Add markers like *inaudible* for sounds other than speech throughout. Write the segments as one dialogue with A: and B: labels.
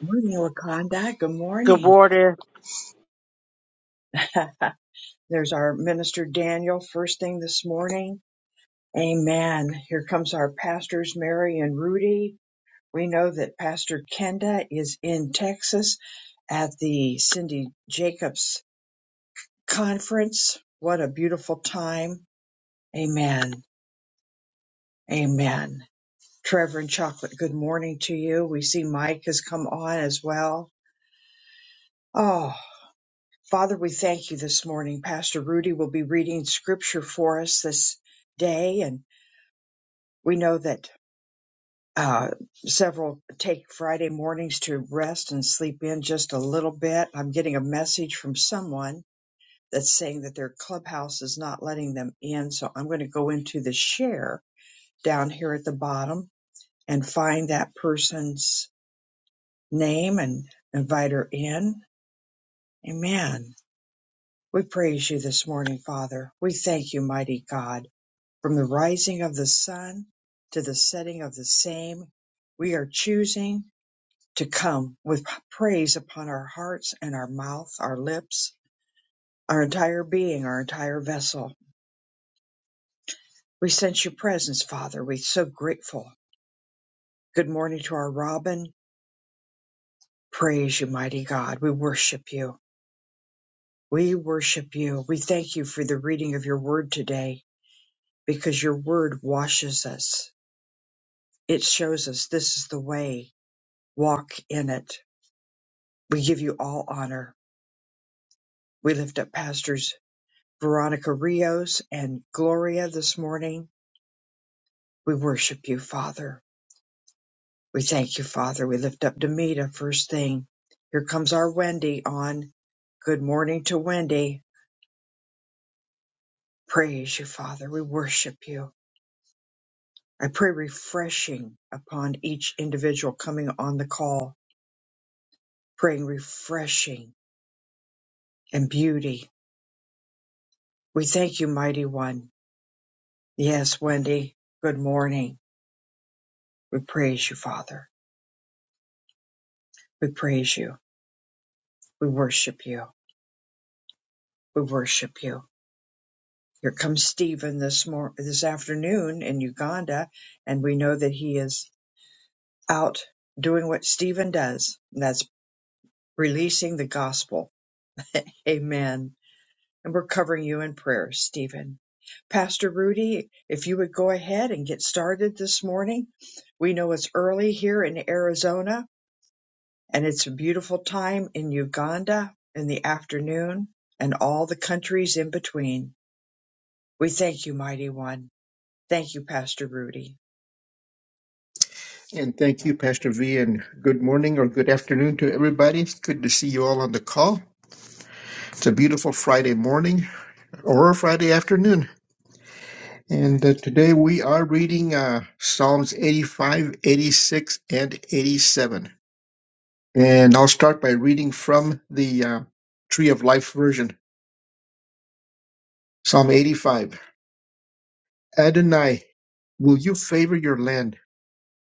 A: Morning, Wakanda. Good
B: Good
A: morning.
B: morning.
A: *laughs* There's our minister Daniel first thing this morning. Amen. Here comes our pastors Mary and Rudy. We know that Pastor Kenda is in Texas at the Cindy Jacobs conference. What a beautiful time. Amen. Amen. Trevor and Chocolate, good morning to you. We see Mike has come on as well. Oh. Father, we thank you this morning. Pastor Rudy will be reading scripture for us this day, and we know that uh, several take Friday mornings to rest and sleep in just a little bit. I'm getting a message from someone that's saying that their clubhouse is not letting them in, so I'm going to go into the share down here at the bottom and find that person's name and invite her in. Amen. We praise you this morning, Father. We thank you, mighty God. From the rising of the sun to the setting of the same, we are choosing to come with praise upon our hearts and our mouth, our lips, our entire being, our entire vessel. We sense your presence, Father. We're so grateful. Good morning to our Robin. Praise you, mighty God. We worship you. We worship you. We thank you for the reading of your word today because your word washes us. It shows us this is the way. Walk in it We give you all honor. We lift up pastors Veronica Rios and Gloria this morning. We worship you, Father. We thank you, Father. We lift up Demita first thing. Here comes our Wendy on. Good morning to Wendy. Praise you, Father. We worship you. I pray refreshing upon each individual coming on the call, praying refreshing and beauty. We thank you, mighty one. Yes, Wendy. Good morning. We praise you, Father. We praise you. We worship you. We worship you. Here comes Stephen this mor- this afternoon in Uganda, and we know that he is out doing what Stephen does, and that's releasing the gospel. Amen. And we're covering you in prayer, Stephen. Pastor Rudy, if you would go ahead and get started this morning. We know it's early here in Arizona, and it's a beautiful time in Uganda in the afternoon and all the countries in between. We thank you, mighty one. Thank you, Pastor Rudy.
C: And thank you, Pastor V, and good morning or good afternoon to everybody. It's good to see you all on the call. It's a beautiful Friday morning or a Friday afternoon. And uh, today we are reading uh, Psalms 85, 86, and 87. And I'll start by reading from the uh, Tree of Life version, Psalm 85. Adonai, will you favor your land?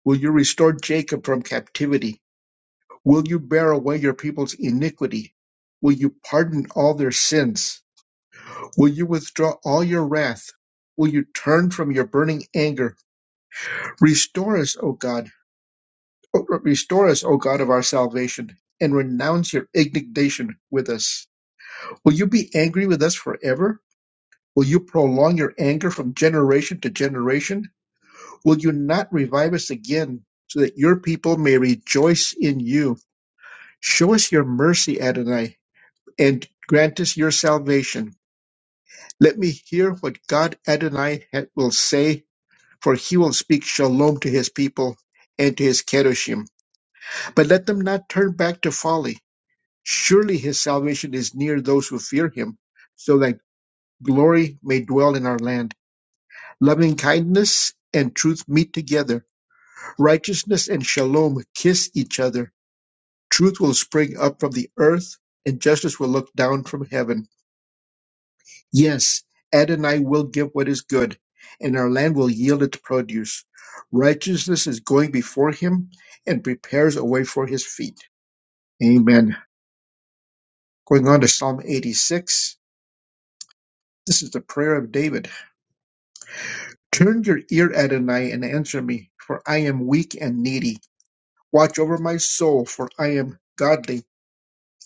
C: Will you restore Jacob from captivity? Will you bear away your people's iniquity? Will you pardon all their sins? Will you withdraw all your wrath? Will you turn from your burning anger? Restore us, O God. Restore us, O God of our salvation, and renounce your indignation with us. Will you be angry with us forever? Will you prolong your anger from generation to generation? Will you not revive us again, so that your people may rejoice in you? Show us your mercy, Adonai and grant us your salvation. Let me hear what God Adonai ha- will say, for he will speak shalom to his people and to his kedoshim. But let them not turn back to folly. Surely his salvation is near those who fear him, so that glory may dwell in our land. Loving kindness and truth meet together. Righteousness and shalom kiss each other. Truth will spring up from the earth, and justice will look down from heaven. Yes, Adonai will give what is good, and our land will yield its produce. Righteousness is going before him and prepares a way for his feet. Amen. Going on to Psalm 86. This is the prayer of David. Turn your ear, Adonai, and answer me, for I am weak and needy. Watch over my soul, for I am godly.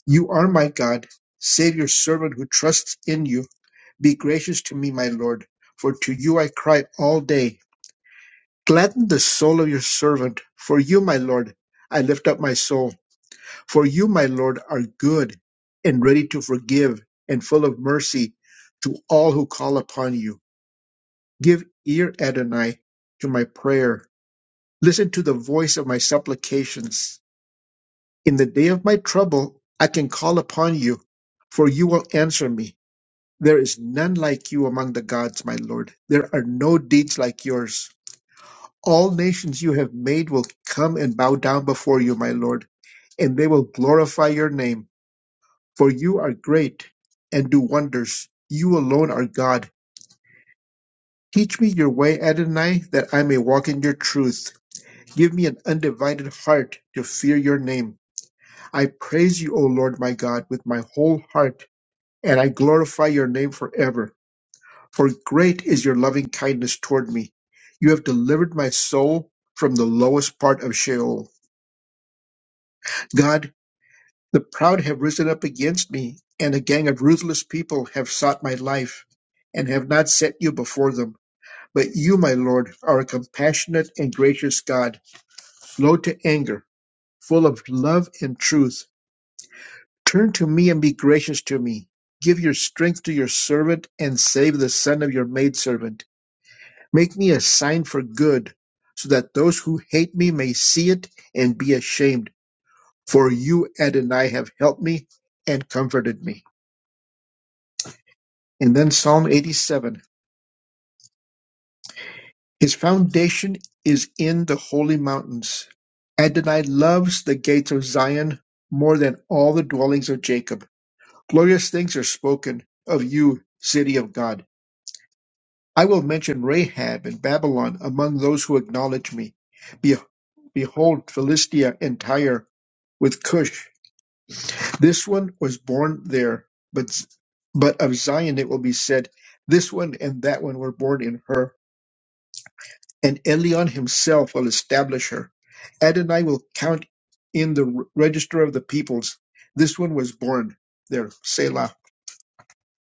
C: You are my God. Save your servant who trusts in you. Be gracious to me, my Lord, for to you I cry all day. Gladden the soul of your servant, for you, my Lord, I lift up my soul. For you, my Lord, are good and ready to forgive and full of mercy to all who call upon you. Give ear, Adonai, to my prayer. Listen to the voice of my supplications. In the day of my trouble, I can call upon you, for you will answer me. There is none like you among the gods, my Lord. There are no deeds like yours. All nations you have made will come and bow down before you, my Lord, and they will glorify your name. For you are great and do wonders. You alone are God. Teach me your way, Adonai, that I may walk in your truth. Give me an undivided heart to fear your name. I praise you, O Lord my God, with my whole heart, and I glorify your name forever. For great is your loving kindness toward me. You have delivered my soul from the lowest part of Sheol. God, The proud have risen up against me, and a gang of ruthless people have sought my life, and have not set you before them. But you, my Lord, are a compassionate and gracious God, slow to anger, full of love and truth. Turn to me and be gracious to me. Give your strength to your servant and save the son of your maidservant. Make me a sign for good, so that those who hate me may see it and be ashamed. For you, Adonai, have helped me and comforted me. And then Psalm 87 His foundation is in the holy mountains. Adonai loves the gates of Zion more than all the dwellings of Jacob. Glorious things are spoken of you, city of God. I will mention Rahab and Babylon among those who acknowledge me. Be- Behold, Philistia and Tyre with Cush. This one was born there, but, but of Zion it will be said, This one and that one were born in her. and Elion himself will establish her. Adonai will count in the re- register of the peoples. This one was born there, Selah.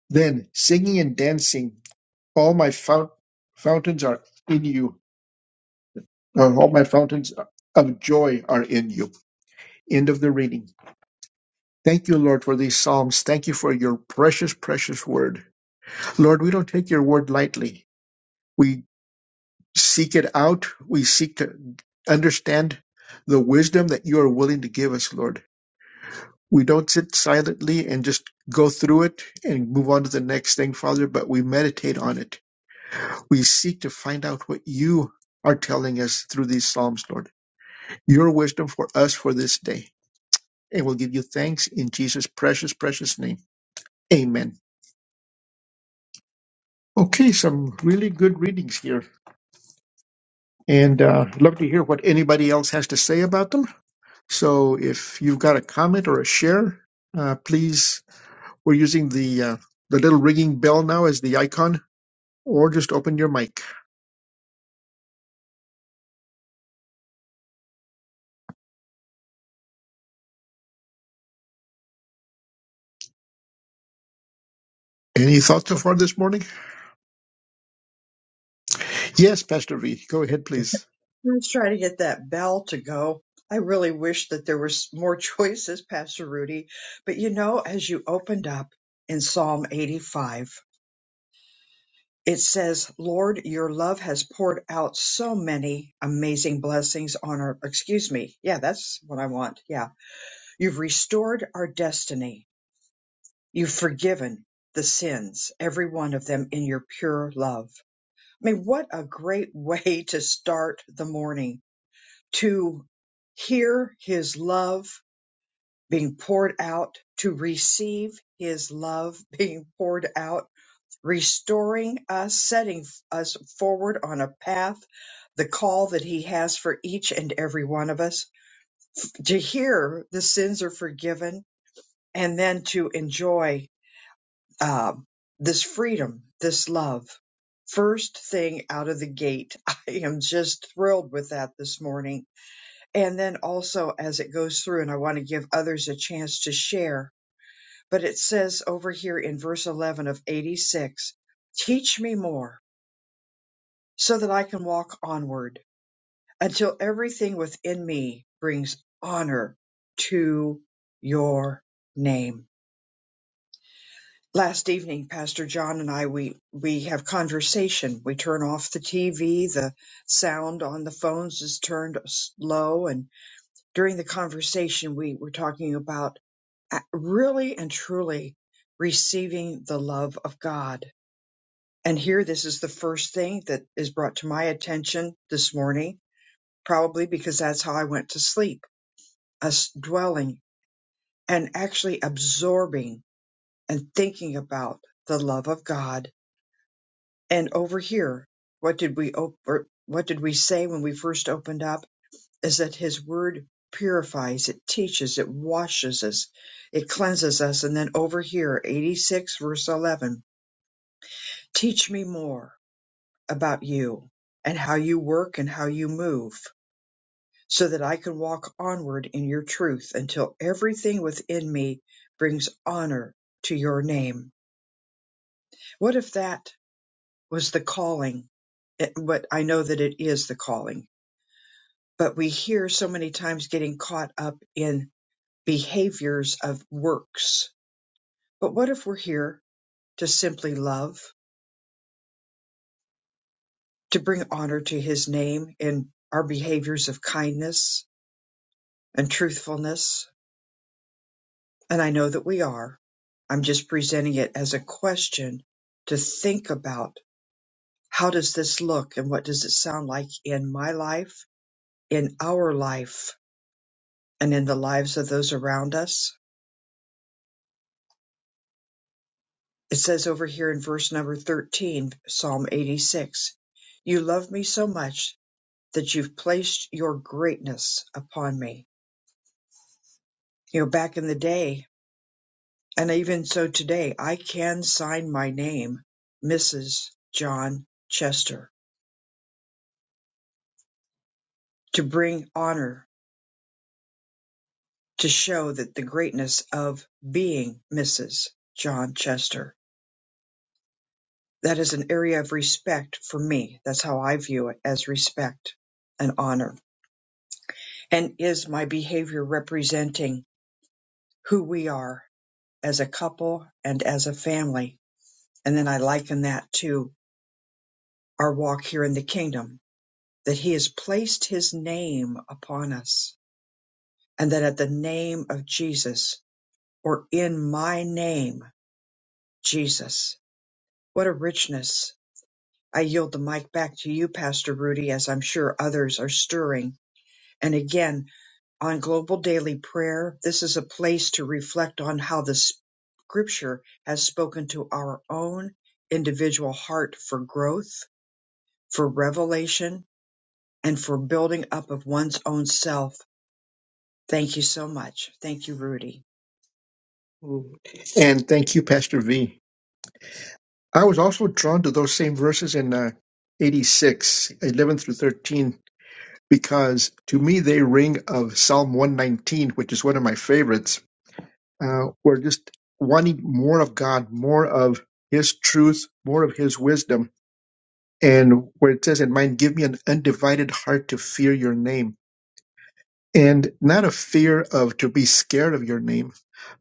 C: Then singing and dancing, all my fount- fountains are in you. Uh, all my fountains of joy are in you. End of the reading. Thank you, Lord, for these psalms. Thank you for your precious, precious word. Lord, we don't take your word lightly. We seek it out. We seek to understand the wisdom that you are willing to give us, Lord. We don't sit silently and just go through it and move on to the next thing, Father, but we meditate on it. We seek to find out what you are telling us through these Psalms, Lord. Your wisdom for us for this day. And we'll give you thanks in Jesus' precious, precious name. Amen. Okay, some really good readings here. And uh, love to hear what anybody else has to say about them. So if you've got a comment or a share, uh, please, we're using the uh, the little ringing bell now as the icon, or just open your mic. Any thoughts so far this morning? Yes, Pastor V, go ahead, please.
A: Let's try to get that bell to go. I really wish that there was more *laughs* choices, Pastor Rudy. But you know, as you opened up in Psalm 85, it says, Lord, your love has poured out so many amazing blessings on our, excuse me. Yeah, that's what I want. Yeah. You've restored our destiny. You've forgiven the sins, every one of them in your pure love. I mean, what a great *laughs* way to start the morning to hear his love being poured out, to receive his love *laughs* being poured out, restoring us, setting us forward on a path, the call that he has for each and every one of us, to hear the sins are forgiven, and then to enjoy uh, this freedom, this love. First thing out of the gate, *laughs* I am just thrilled with that this morning. And then also as it goes through, and I want to give others a chance to share, but it says over here in verse 11 of 86, teach me more so that I can walk onward until everything within me brings honor to your name last evening pastor john and i we we have conversation we turn off the tv the sound on the phones is turned s- low and during the conversation we were talking about a- really and truly receiving the love of god and here this is the first thing that is brought to my attention this morning probably because that's how i went to sleep us dwelling and actually absorbing and thinking about the love of god And over here, what did we op- or what did we say when we first opened up? Is that His Word purifies, it teaches, it washes us, it cleanses us. And then over here, 86 verse 11, teach me more about you and how you work and how you move, so that I can walk onward in your truth until everything within me brings honor to your name. What if that was the calling? It- But I know that it is the calling But we hear so many times getting caught up in behaviors of works. But what if we're here to simply love, to bring honor to his name in our behaviors of kindness and truthfulness? And I know that we are. I'm just presenting it as a question to think about how does this look and what does it sound like in my life, in our life, and in the lives of those around us? It says over here in verse number 13, Psalm 86, You love me so much that you've placed your greatness upon me. You know, back in the day, and even so today, I can sign my name, Mrs. John Chester, to bring honor, to show that the greatness of being Mrs. John Chester. That is an area of respect for me. That's how I view it as respect and honor. And is my behavior representing who we are as a couple and as a family? And then I liken that to our walk here in the kingdom, that he has placed his name upon us and that at the name of Jesus or in my name, Jesus, what a richness. I yield the mic back to you, Pastor Rudy, as I'm sure others are stirring. And again, on Global Daily Prayer, this is a place to reflect on how the scripture has spoken to our own individual heart for growth, for revelation, and for building up of one's own self. Thank you so much. Thank you, Rudy.
C: And thank you, Pastor V. I was also drawn to those same verses in uh, 86, 11 through 13, because to me they ring of Psalm 119, which is one of my favorites Uh, we're just wanting more of God, more of His truth, more of His wisdom. And where it says in mine, give me an undivided heart to fear your name. And not a fear of to be scared of your name,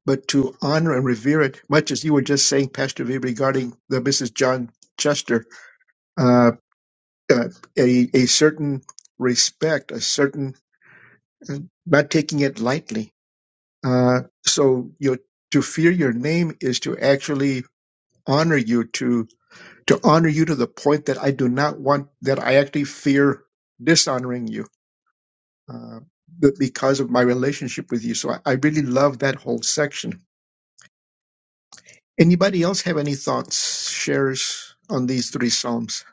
C: but to honor and revere it, much as you were just saying, Pastor V, regarding the Mrs. John Chester, uh, uh, a, a certain respect, a certain uh, not taking it lightly. Uh, so you know, to fear your name is to actually honor you to to honor you to the point that I do not want that I actually fear dishonoring you uh, b- because of my relationship with you. So I, I really love that whole section. Anybody else have any thoughts, shares on these three psalms?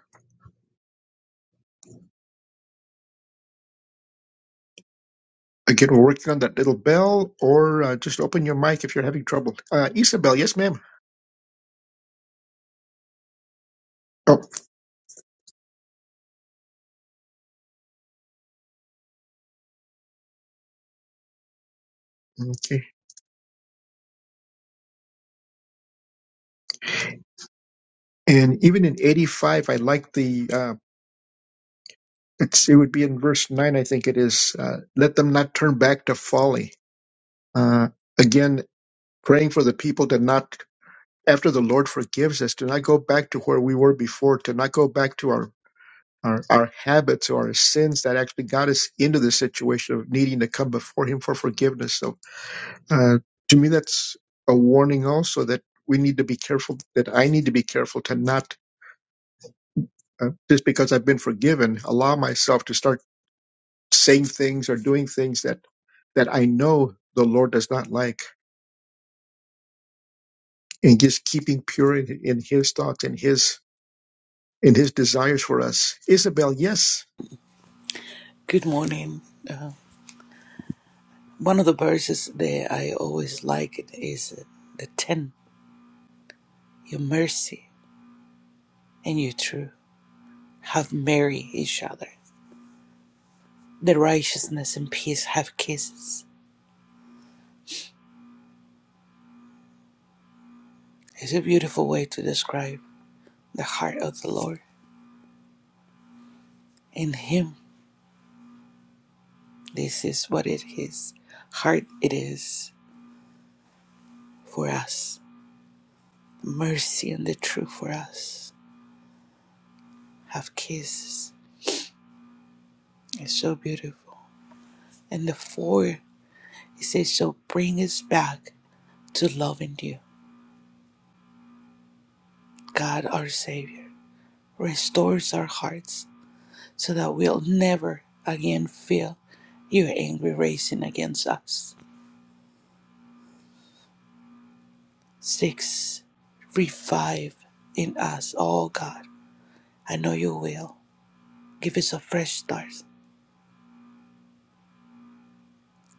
C: Again, we're working on that little bell, or uh, just open your mic if you're having trouble. Uh, Isabel, yes, ma'am. Oh, okay. And even in 85, I like the, uh, it's, it would be in verse 9, I think it is, uh, let them not turn back to folly Uh, again, praying for the people to not, after the Lord forgives us, to not go back to where we were before, to not go back to our, our, our habits or our sins that actually got us into this situation of needing to come before Him for forgiveness. So, uh, to me, that's a warning also that we need to be careful, that I need to be careful to not, uh, just because I've been forgiven, allow myself to start saying things or doing things that, that I know the Lord does not like. and just keeping pure in, in his thoughts and his and his desires for us. Isabel, yes.
D: Good morning. Uh, one of the verses that I always like it is the 10. Your mercy and your truth have married each other. The righteousness and peace have kisses. It's a beautiful way to describe the heart of the Lord. In Him, this is what it is. Heart it is for us. Mercy and the truth for us have kisses. It's so beautiful. And the four, it says, so bring us back to loving you. God, our Savior, restores our hearts so that we'll never again feel your angry racing against us. Six, revive in us, oh God. I know you will. Give us a fresh start.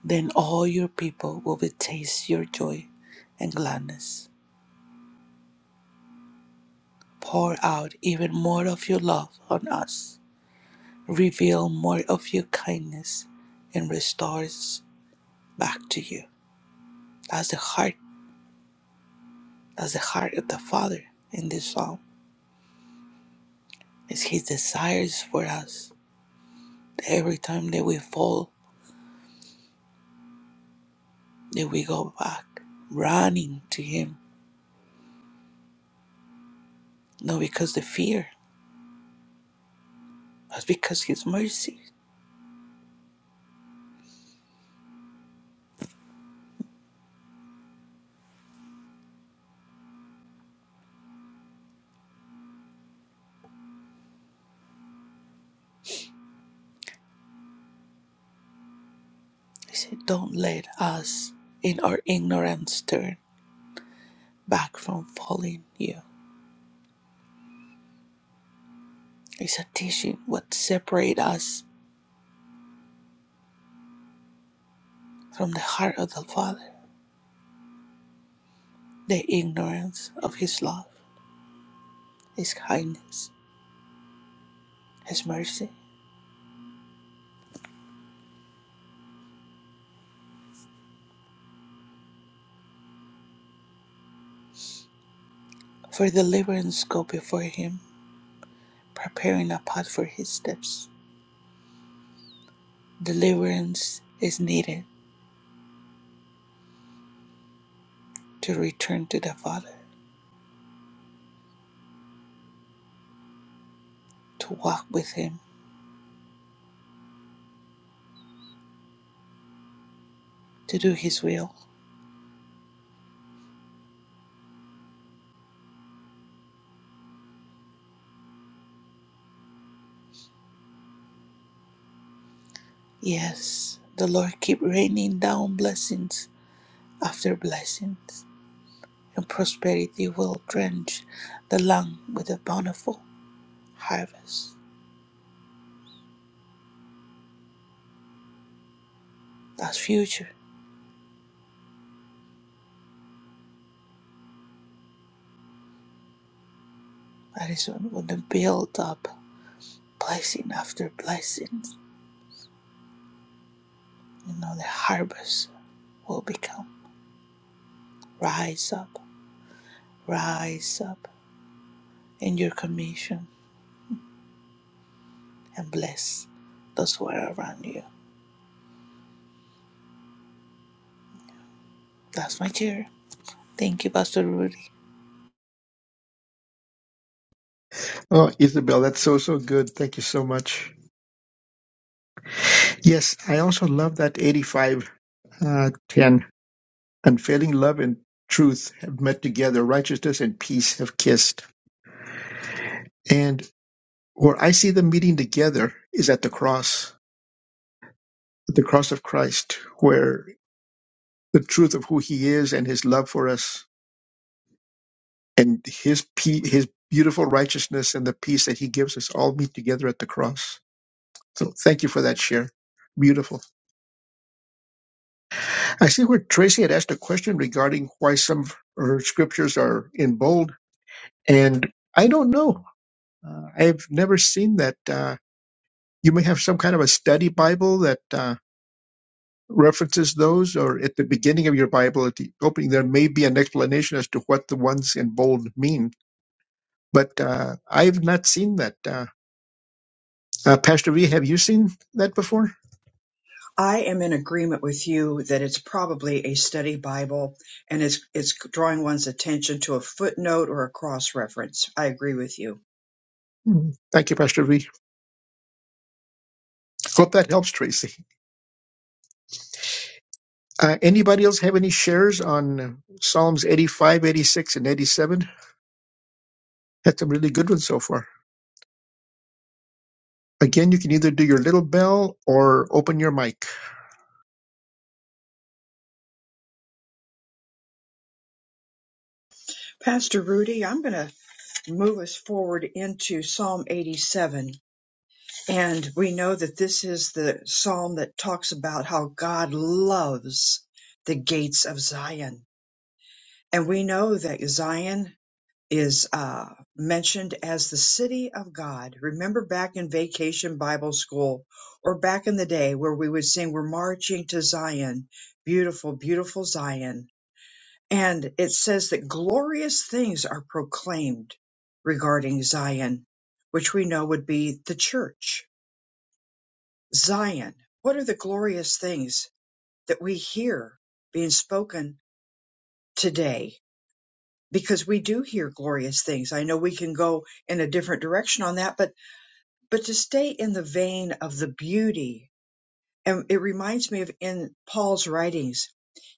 D: Then all your people will taste your joy and gladness. Pour out even more of your love on us. Reveal more of your kindness and restore us back to you. That's the heart. That's the heart of the Father in this psalm. It's His desires for us. Every time that we fall, that we go back, running to Him, not because the fear, but because His mercy. He said, "Don't let us in our ignorance turn back from following You." It's a teaching what separates us from the heart of the Father, the ignorance of His love, His kindness, His mercy. For deliverance go before Him preparing a path for his steps. Deliverance is needed to return to the Father, to walk with him, to do his will. Yes, the Lord keep raining down blessings after blessings, and prosperity will drench the land with a bountiful harvest. That's future. That is when when they build up blessing after blessing. You know the harvest will become. Rise up, rise up. in your commission and bless those who are around you. That's my share. Thank you, Pastor Rudy.
C: Oh, Isabel, that's so so good. Thank you so much. Yes, I also love that 85 uh, 10. Unfailing love and truth have met together, righteousness and peace have kissed. And where I see them meeting together is at the cross, at the cross of Christ, where the truth of who he is and his love for us and his pe- his beautiful righteousness and the peace that he gives us all meet together at the cross. So thank you for that share. Beautiful. I see where Tracy had asked a question regarding why some of her scriptures are in bold, and I don't know. Uh, I've never seen that. Uh, you may have some kind of a study Bible that uh, references those, or at the beginning of your Bible, at the opening, there may be an explanation as to what the ones in bold mean. But uh, I've not seen that. Uh, Uh, Pastor V, have you seen that before?
A: I am in agreement with you that it's probably a study Bible and it's, it's drawing one's attention to a footnote or a cross reference. I agree with you.
C: Mhm. Thank you, Pastor V. Hope that helps, Tracy. Uh, anybody else have any shares on uh, Psalms 85, 86, and 87? Had some really good ones so far. Again, you can either do your little bell or open your mic.
A: Pastor Rudy, I'm going to move us forward into Psalm 87 And we know that this is the psalm that talks about how God loves the gates of Zion. And we know that Zion is uh, mentioned as the city of God. Remember back in vacation Bible school or back in the day where we would sing, We're marching to Zion, beautiful, beautiful Zion. And it says that glorious things are proclaimed regarding Zion, which we know would be the church Zion, what are the glorious things that we hear being spoken today? Because we do hear glorious things. I know we can go in a different direction on that, but but to stay in the vein of the beauty, and it reminds me of in Paul's writings,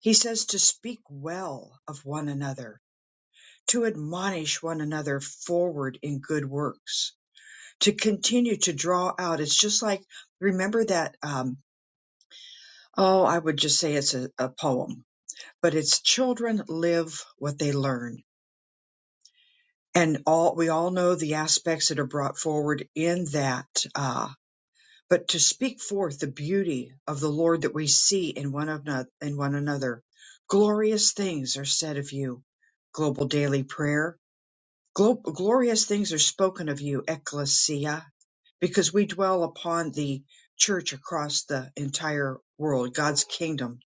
A: he says to speak well of one another, to admonish one another forward in good works, to continue to draw out. It's just like remember that um, Oh, I would just say it's a, a poem. but it's children live what they learn and all we all know the aspects that are brought forward in that uh, but to speak forth the beauty of the lord that we see in one another in one another glorious things are said of you global daily prayer Glo- glorious things are spoken of you ecclesia because we dwell upon the church across the entire world god's kingdom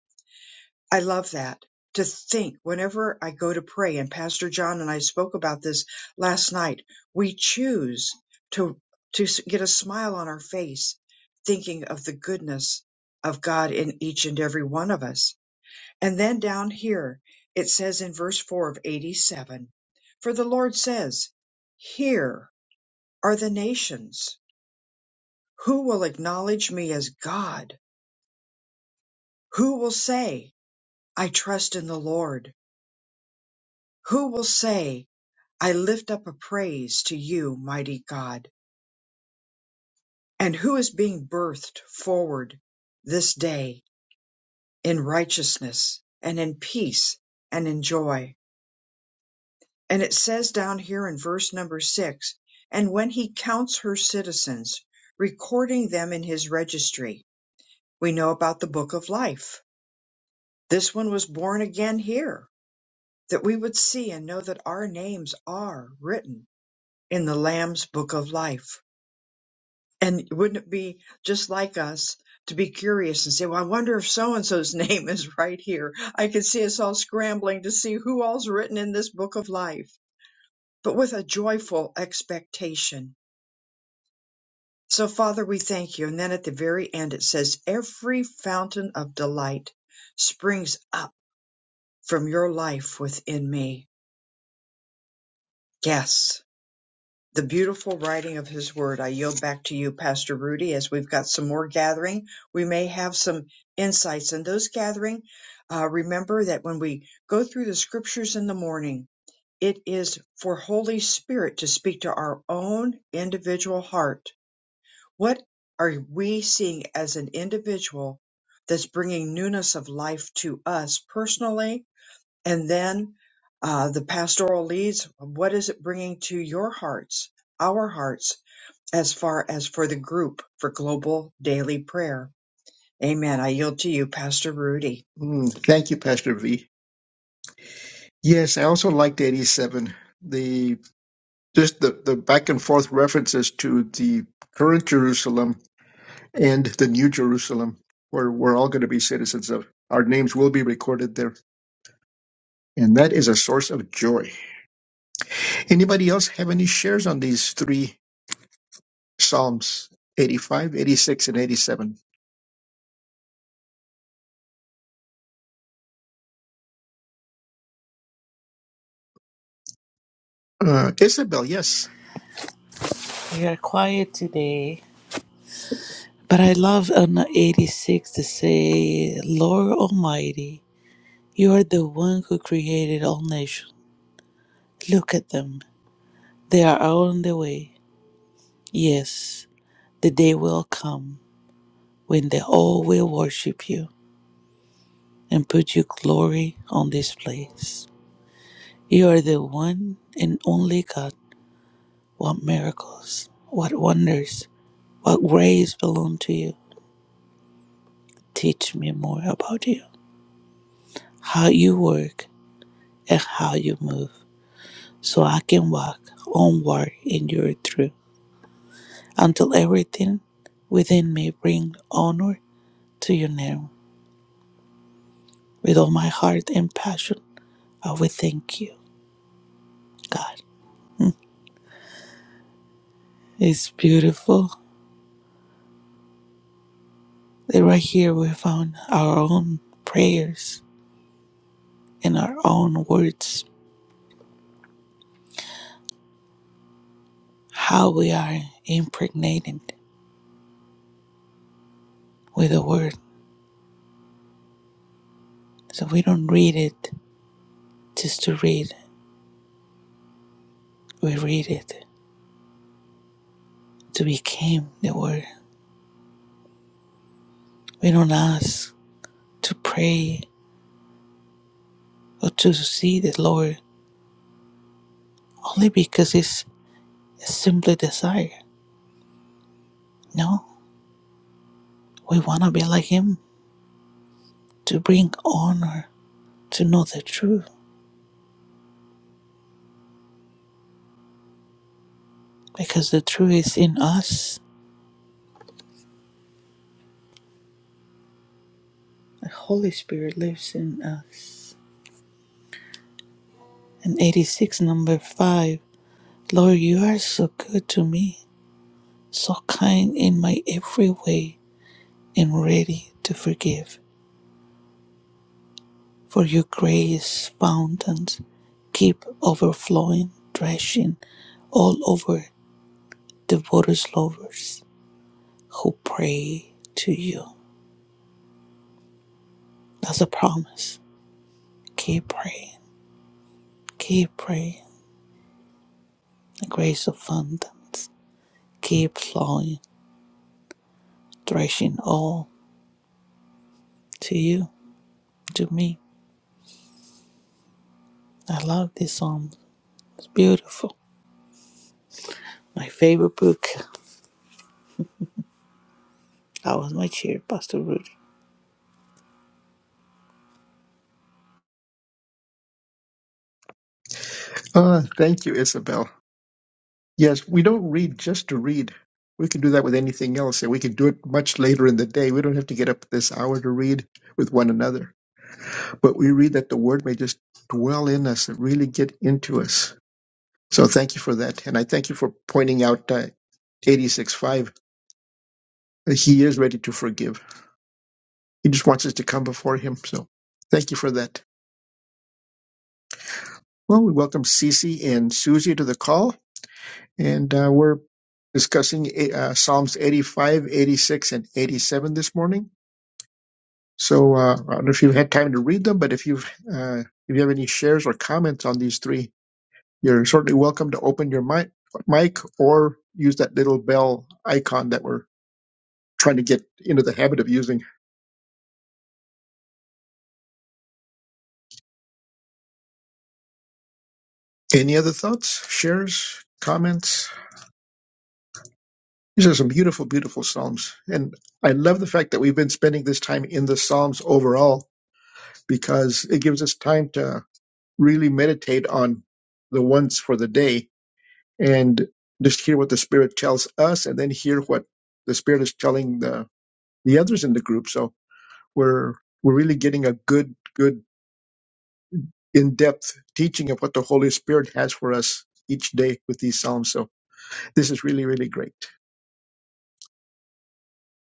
A: I love that. To think whenever I go to pray, and Pastor John and I spoke about this last night, we choose to, to s- get a smile on our face, thinking of the goodness of God in each and every one of us. And then down here, it says in verse 4 of 87 For the Lord says, Here are the nations. Who will acknowledge me as God? Who will say, I trust in the Lord? Who will say, I lift up a praise to you, mighty God, and who is being birthed forward this day in righteousness and in peace and in joy. And it says down here in verse number six, and when he counts her citizens, recording them in his registry, we know about the book of life. This one was born again here, that we would see and know that our names are written in the Lamb's book of life And wouldn't it be just like us to be curious and say, well, I wonder if so and so's *laughs* name is right here? I can see us all scrambling to see who all's written in this book of life, but with a joyful expectation. So, Father, we thank you. And then at the very end, it says, every fountain of delight springs up from your life within me. Yes. the beautiful writing of his word. I yield back to you, Pastor Rudy, as we've got some more gathering. We may have some insights in those gathering. Uh, remember that when we go through the scriptures in the morning, it is for Holy Spirit to speak to our own individual heart. What are we seeing as an individual that's bringing newness of life to us personally? And then uh, the pastoral leads, what is it bringing to your hearts, our hearts? as far as for the group for global daily prayer. Amen. I yield to you, Pastor Rudy.
C: Mm, thank you, Pastor V. Yes, I also liked 87. The just the, the back and forth references to the current Jerusalem and the New Jerusalem, where we're all going to be citizens of. Our names will be recorded there. And that is a source of joy. Anybody else have any shares on these three Psalms 85, 86, and 87? Uh, Isabel, yes.
D: We are quiet today, but I love on 86 to say, Lord Almighty, you are the one who created all nations. Look at them. They are on the way. Yes, the day will come when they all will worship you and put your glory on this place. You are the one and only God What miracles, what wonders, what grace belong to you. Teach me more about you, how you work and how you move, so I can walk onward in your truth until everything within me bring honor to your name. With all my heart and passion, I will thank you, God. It's beautiful that right here we found our own prayers and our own words, how we are impregnated with the word. So we don't read it just to read. We read it to become the word. We don't ask to pray or to see the Lord only because it's a simple desire. No, we want to be like Him to bring honor to know the truth because the truth is in us. The Holy Spirit lives in us. And 86, number 5 Lord, you are so good to me, so kind in my every way. am ready to forgive. For your grace fountains keep overflowing, thrashing all over the waters lovers who pray to you. That's a promise. Keep praying, keep praying. The grace of abundance keep flowing, thrashing all to you, to me. I love this song. It's beautiful. My favorite book. That was my cheer, Pastor Rudy.
C: Uh, thank you, Isabel. Yes, we don't read just to read. We can do that with anything else, and we can do it much later in the day. We don't have to get up this hour to read with one another. But we read that the Word may just dwell in us and really get into us So thank you for that. And I thank you for pointing out uh, 86.5. that He is ready to forgive. He just wants us to come before him. So thank you for that. Well, we welcome Cece and Susie to the call. And uh, we're discussing eh, uh, Psalms 85, 86, and 87 this morning. So uh, I don't know if you've had time to read them, but if you've uh, if you have any shares or comments on these three, you're certainly welcome to open your mic, mic or use that little bell icon that we're trying to get into the habit of using. Any other thoughts, shares, comments? These are some beautiful, beautiful Psalms. And I love the fact that we've been spending this time in the Psalms overall because it gives us time to really meditate on the ones for the day and just hear what the Spirit tells us and then hear what the Spirit is telling the, the others in the group. So we're, we're really getting a good, good in-depth teaching of what the Holy Spirit has for us each day with these Psalms. So This is really, really great.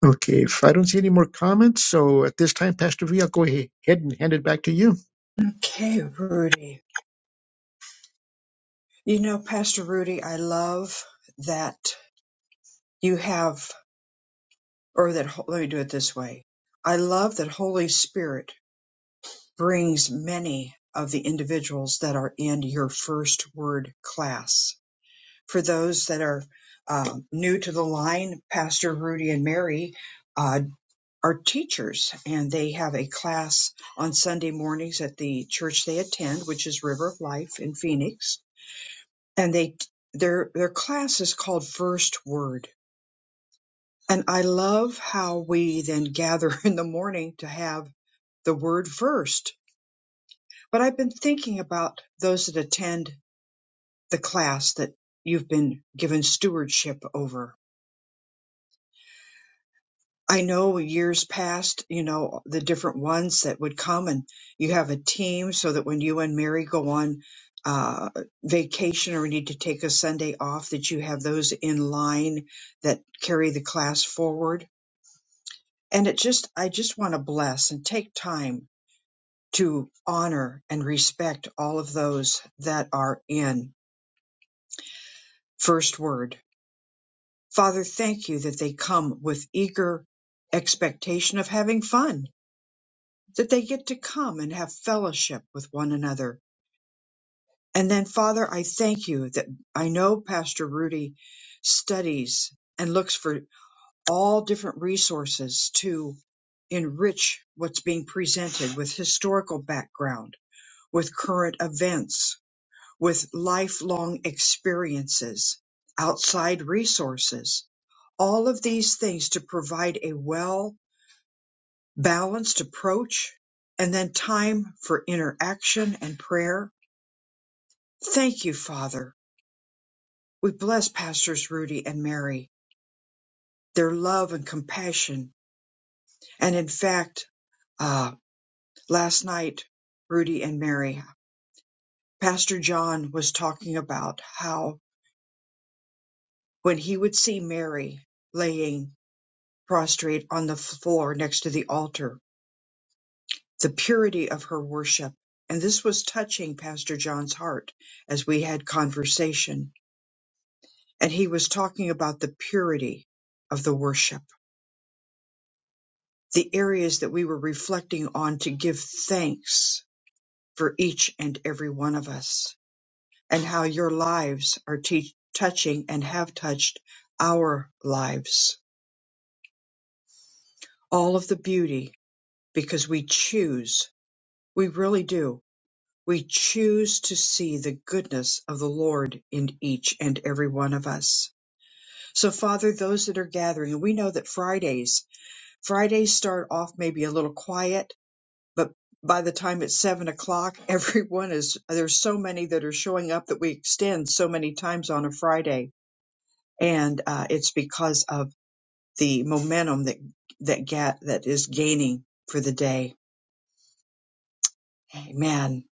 C: Okay, if I don't see any more comments, so at this time, Pastor V, I'll go ahead and hand it back to you.
A: Okay, Rudy. You know, Pastor Rudy, I love that you have, or that, let me do it this way. I love that Holy Spirit brings many of the individuals that are in your first word class. For those that are um, new to the line, Pastor Rudy and Mary uh, are teachers and they have a class on Sunday mornings at the church they attend, which is River of Life in Phoenix. And they their their class is called First Word. And I love how we then *laughs* gather in the morning to have the word first. But I've been thinking about those that attend the class that you've been given stewardship over I know years past, you know, the different ones that would come and you have a team so that when you and Mary go on uh, vacation or need to take a Sunday off, that you have those in line that carry the class forward. And it just, I just want to bless and take time to honor and respect all of those that are in First Word. Father, thank you that they come with eager expectation of having fun that they get to come and have fellowship with one another. And then, Father, I thank you that I know Pastor Rudy studies and looks for all different resources to enrich what's being presented with historical background, with current events, with lifelong experiences, outside resources, all of these things to provide a well balanced approach, and then time for interaction and prayer. Thank you, Father. We bless Pastors Rudy and Mary, their love and compassion. And in fact, uh, last night, Rudy and Mary, Pastor John was talking about how when he would see Mary laying prostrate on the floor next to the altar, the purity of her worship. And this was touching Pastor John's heart as we had conversation and he was talking about the purity of the worship, the areas that we were reflecting on to give thanks for each and every one of us, and how your lives are te- touching and have touched our lives. All of the beauty, because we choose, we really do. We choose to see the goodness of the Lord in each and every one of us. So, Father, those that are gathering, and we know that Fridays Fridays start off maybe a little quiet, but by the time it's seven o'clock, *laughs* everyone is there's so many that are showing up that we extend so many times on a Friday, and uh, it's because of the momentum that that get that is gaining for the day. Amen.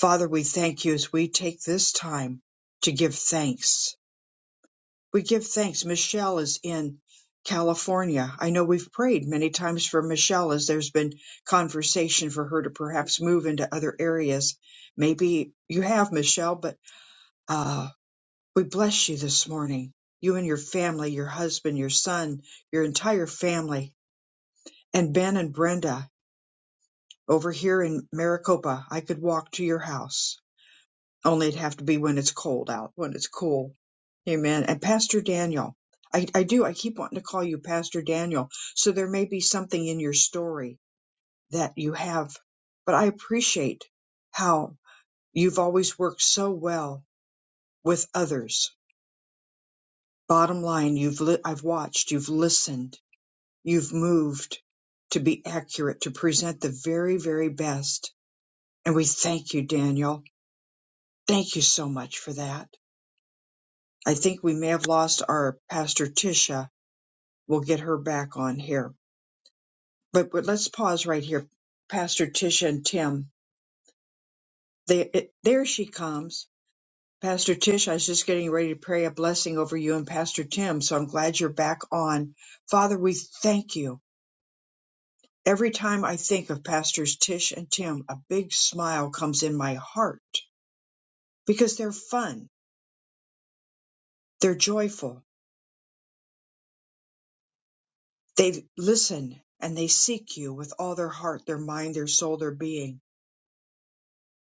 A: Father, we thank you as we take this time to give thanks We give thanks. Michelle is in California. I know we've prayed many times for Michelle as there's been conversation for her to perhaps move into other areas. Maybe you have, Michelle, but uh, we bless you this morning. You and your family, your husband, your son, your entire family, and Ben and Brenda over here in Maricopa. I could walk to your house, only it'd have to be when it's cold out, when it's cool Amen. And Pastor Daniel, I, I do, I keep wanting to call you Pastor Daniel. So there may be something in your story that you have, but I appreciate how you've always worked so well with others. Bottom line, you've, li- I've watched, you've listened, you've moved to be accurate, to present the very, very best. And we thank you, Daniel. Thank you so much for that. I think we may have lost our Pastor Tisha. We'll get her back on here But but let's pause right here, Pastor Tish and Tim. They, it, there she comes. Pastor Tish, I was just getting ready to pray a blessing over you and Pastor Tim, so I'm glad you're back on. Father, we thank you. Every time I think of Pastors Tish and Tim, a big smile comes in my heart because they're fun, they're joyful, they listen and they seek you with all their heart, their mind, their soul, their being.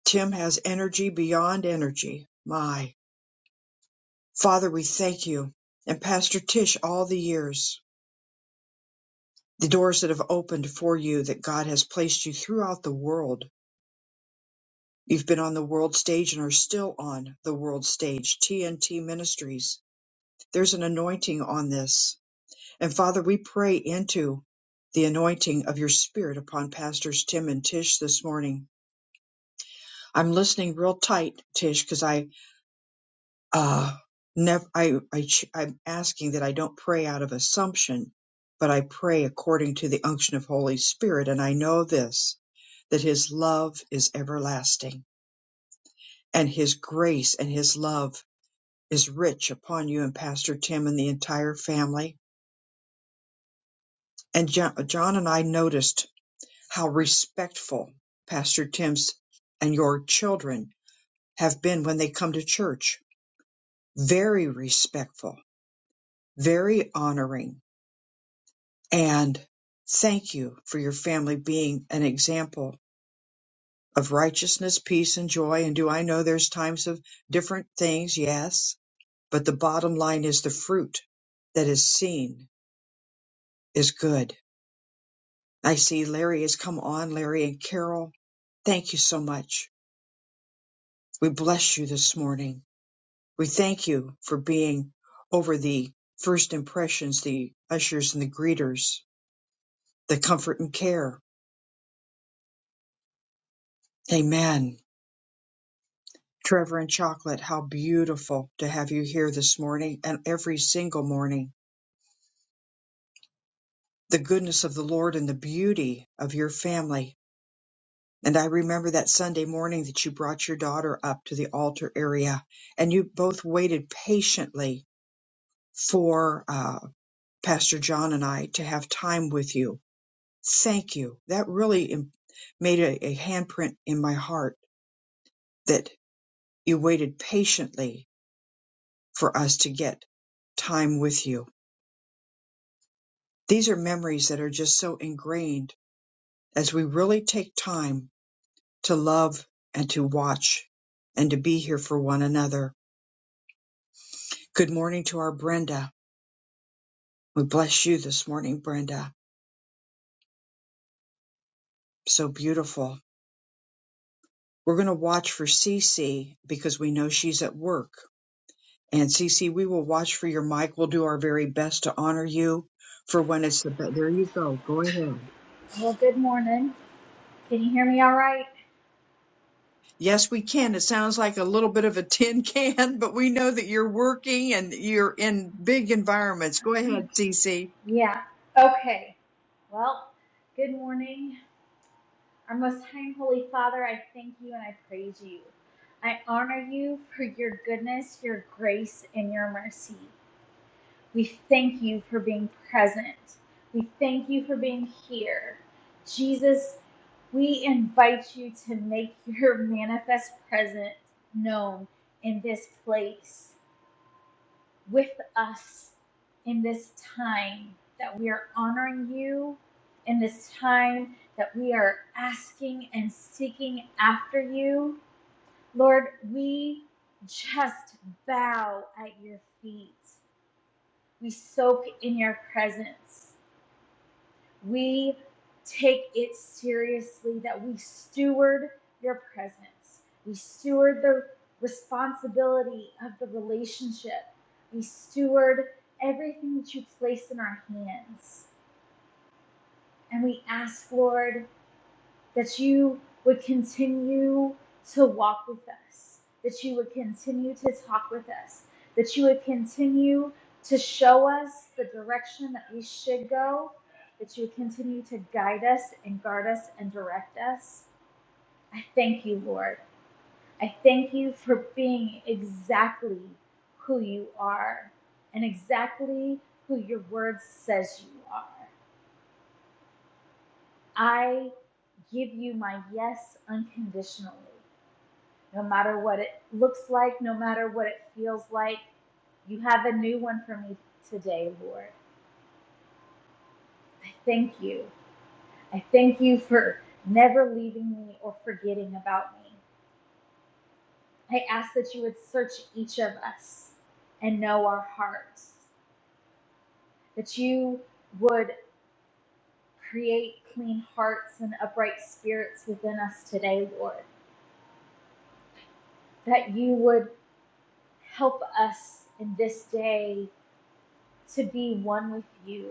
A: Tim has energy beyond energy. My. Father, we thank you. And Pastor Tish, all the years, the doors that have opened for you that God has placed you throughout the world. You've been on the world stage and are still on the world stage, TNT Ministries. There's an anointing on this. And Father, we pray into the anointing of your spirit upon Pastors Tim and Tish this morning. I'm listening real tight, Tish, because I uh, nev- I, I, ch- I'm asking that I don't pray out of assumption, but I pray according to the unction of Holy Spirit. And I know this, that his love is everlasting and his grace and his love is rich upon you and Pastor Tim and the entire family. And Jo- John and I noticed how respectful Pastor Tim's and your children have been when they come to church. Very respectful, very honoring And thank you for your family being an example of righteousness, peace, and joy. And do I know there's times of different things? Yes. But the bottom line is the fruit that is seen is good. I see Larry has come on, Larry and Carol. Thank you so much. We bless you this morning. We thank you for being over the first impressions, the ushers and the greeters, the comfort and care. Amen. Trevor and Chocolate, how beautiful to have you here this morning and every single morning. The goodness of the Lord and the beauty of your family. And I remember that Sunday morning that you brought your daughter up to the altar area and you both waited patiently for uh, Pastor John and I to have time with you. Thank you. That really im- made a, a handprint in my heart that you waited patiently for us to get time with you These are memories that are just so ingrained as we really take time to love and to watch and to be here for one another. Good morning to our Brenda. We bless you this morning, Brenda. So beautiful. We're going to watch for Cece because we know she's at work. And Cece, we will watch for your mic. We'll do our very best to honor you for when it's the. best. There you go. Go ahead.
E: Well, good morning. Can you hear me all right?
A: Yes, we can. It sounds like a little bit of a tin can, *laughs* but we know that you're working and you're in big environments. Go ahead, Cece.
E: Yeah. Okay. Well, good morning. Our most high and holy Father, I thank you and I praise you. I honor you for your goodness, your grace, and your mercy. We thank you for being present. We thank you for being here. Jesus, we invite you to make your manifest presence known in this place. with us in this time that we are honoring you, in this time that we are asking and seeking after you. Lord, we just bow at your feet. We soak in your presence we take it seriously that we steward your presence. We steward the responsibility of the relationship. We steward everything that you place in our hands. And we ask, Lord, that you would continue to walk with us, that you would continue to talk with us, that you would continue to show us the direction that we should go, that you would continue to guide us and guard us and direct us. I thank you, Lord. I thank you for being exactly who you are and exactly who your word says you are. I give you my yes unconditionally. no matter what it looks like, no matter what it feels like. You have a new one for me today, Lord. I thank you. I thank you for never leaving me or forgetting about me. I ask that you would search each of us and know our hearts, that you would create clean hearts and upright spirits within us today, Lord, that you would help us in this day to be one with you,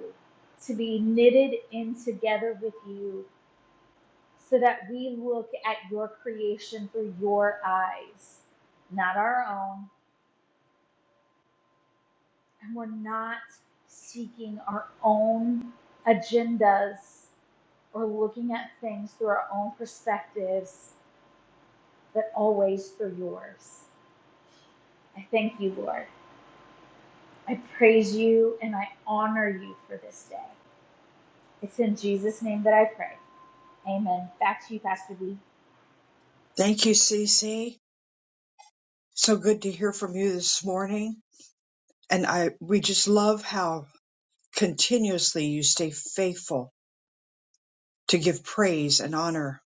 E: to be knitted in together with you, so that we look at your creation through your eyes, not our own. And we're not seeking our own agendas or looking at things through our own perspectives, but always through yours. I thank you, Lord. I praise you and I honor you for this day. It's in Jesus' name that I pray. Amen. Back to you, Pastor B.
A: Thank you, Cece. So good to hear from you this morning. And I, we just love how continuously you stay faithful to give praise and honor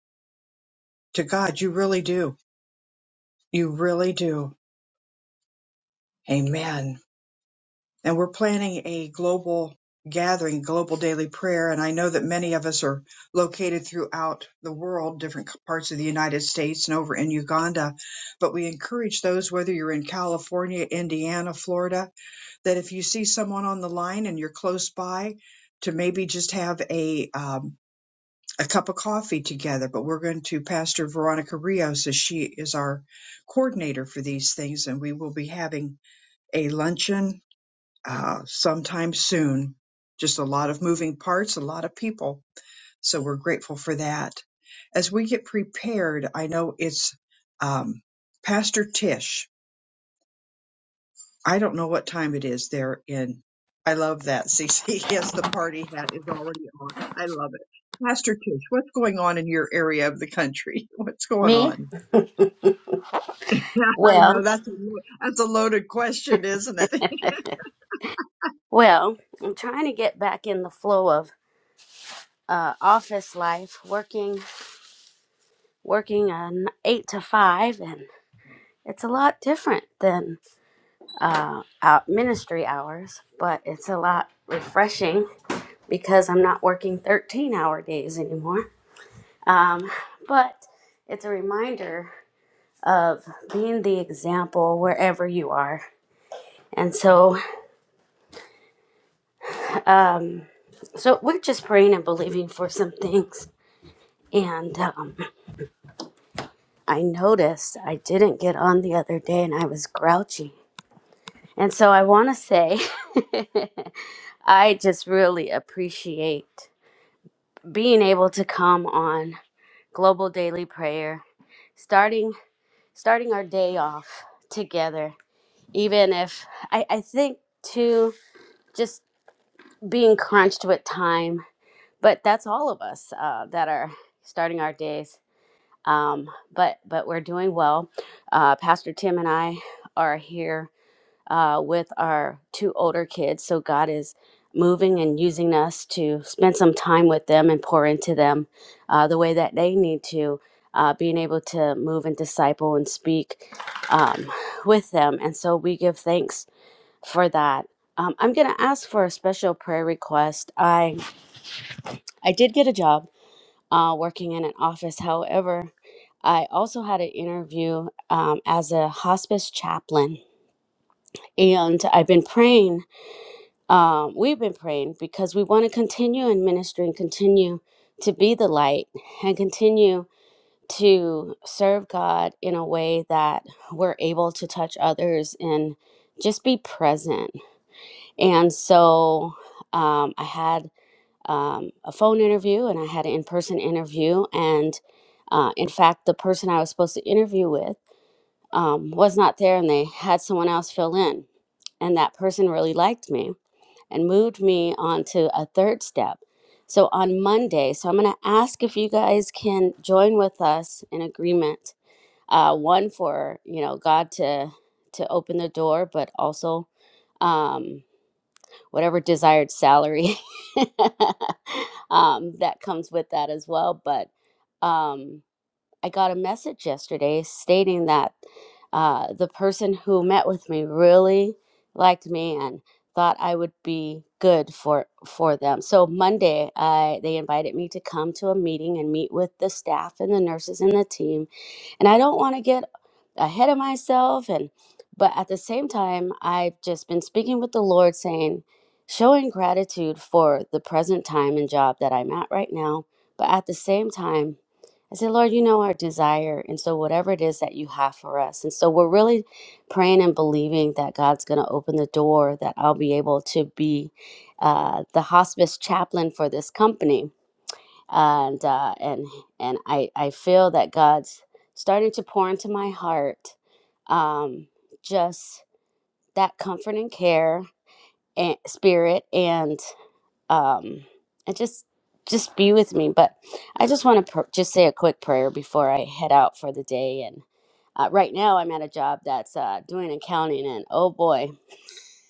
A: to God. You really do. You really do. Amen. and we're planning a global gathering, global daily prayer. And I know that many of us are located throughout the world, different parts of the United States and over in Uganda. But we encourage those, whether you're in California, Indiana, Florida, that if you see someone on the line and you're close by, to maybe just have a um, a cup of coffee together, but we're going to Pastor Veronica Rios as she is our coordinator for these things, and we will be having a luncheon uh, sometime soon. Just a lot of moving parts, a lot of people. So we're grateful for that. As we get prepared, I know it's um, Pastor Tish. I don't know what time it is there in. I love that, CC. *laughs* Yes, the party hat is already on. I love it. Pastor Tish, what's going on in your area of the country? *laughs* What's going
F: Me?
A: on? *laughs* Yeah, I know
F: Well,
A: that's a, lo- that's a loaded question, isn't it? *laughs*
F: *laughs* well, I'm trying to get back in the flow of uh, office life, working working an eight to five, and it's a lot different than uh, out ministry hours, but it's a lot refreshing because I'm not working 13 hour days anymore. Um, but it's a reminder of being the example wherever you are, and so um, so we're just praying and believing for some *laughs* things And um, I noticed I didn't get on the other day and I was grouchy. And so I want to say, *laughs* I just really appreciate being able to come on Global Daily Prayer, starting starting our day off together, even if I, I think too just being crunched with time, but that's all of us uh, that are starting our days um, but but we're doing well. Uh, Pastor Tim and I are here uh, with our two older kids, so God is moving and using us to spend some time with them and pour into them uh, the way that they need to, uh, being able to move and disciple and speak um, with them, and so we give thanks for that. Um, I'm going to ask for a special prayer request. I I did get a job uh, working in an office. However, I also had an interview um, as a hospice chaplain, and I've been praying. Um, we've been praying because we want to continue in ministry and continue to be the light and continue to serve God in a way that we're able to touch others and just be present. And so um, I had um, a phone interview and I had an in person interview. And uh, in fact, the person I was supposed to interview with um, was not there and they had someone else fill in. And that person really liked me and moved me on to a third step. So on Monday, so I'm going to ask if you guys can join with us in agreement. Uh, one for you know God to to open the door, but also um, whatever desired salary *laughs* um, that comes with that as well. But um, I got a message yesterday stating that uh, the person who met with me really liked me and thought I would be good for for them. So Monday, I they invited me to come to a meeting and meet with the staff and the nurses and the team and I don't want to get ahead of myself and but at the same time I've just been speaking with the Lord saying showing gratitude for the present time and job that I'm at right now but at the same time I said Lord you know our desire and so whatever it is that you have for us and so we're really praying and believing that God's going to open the door that I'll be able to be uh, the hospice chaplain for this company and uh, and and I I feel that God's starting to pour into my heart, um, just that comfort and care and spirit, and um, and just just be with me. But I just want to pr- just say a quick prayer before I head out for the day. And uh, right now I'm at a job that's uh, doing accounting, and oh boy,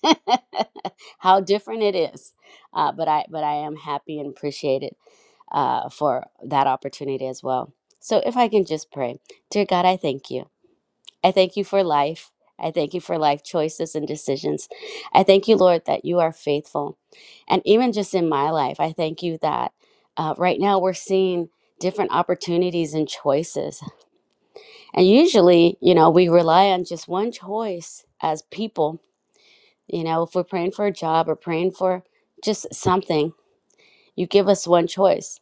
F: *laughs* how different it is. Uh, but I but I am happy and appreciated uh, for that opportunity as well. So, if I can just pray, dear God, I thank you. I thank you for life. I thank you for life choices and decisions. I thank you, Lord, that you are faithful. And even just in my life, I thank you that uh, right now we're seeing different opportunities and choices. And usually, you know, we rely on just one choice as people. You know, if we're praying for a job or praying for just something, you give us one choice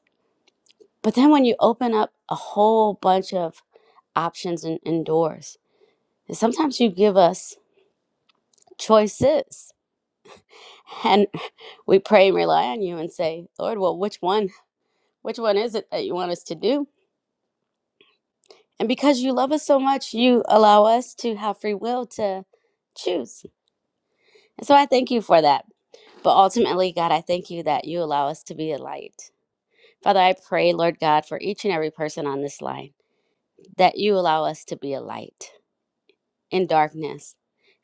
F: But then when you open up a whole bunch of options and, and doors, and sometimes you give us choices *laughs* and we pray and rely on you and say, Lord, well, which one? Which one is it that you want us to do? And because you love us so much, you allow us to have free will to choose. And so I thank you for that. But ultimately, God, I thank you that you allow us to be a light. Father, I pray, Lord God, for each and every person on this line, that you allow us to be a light in darkness.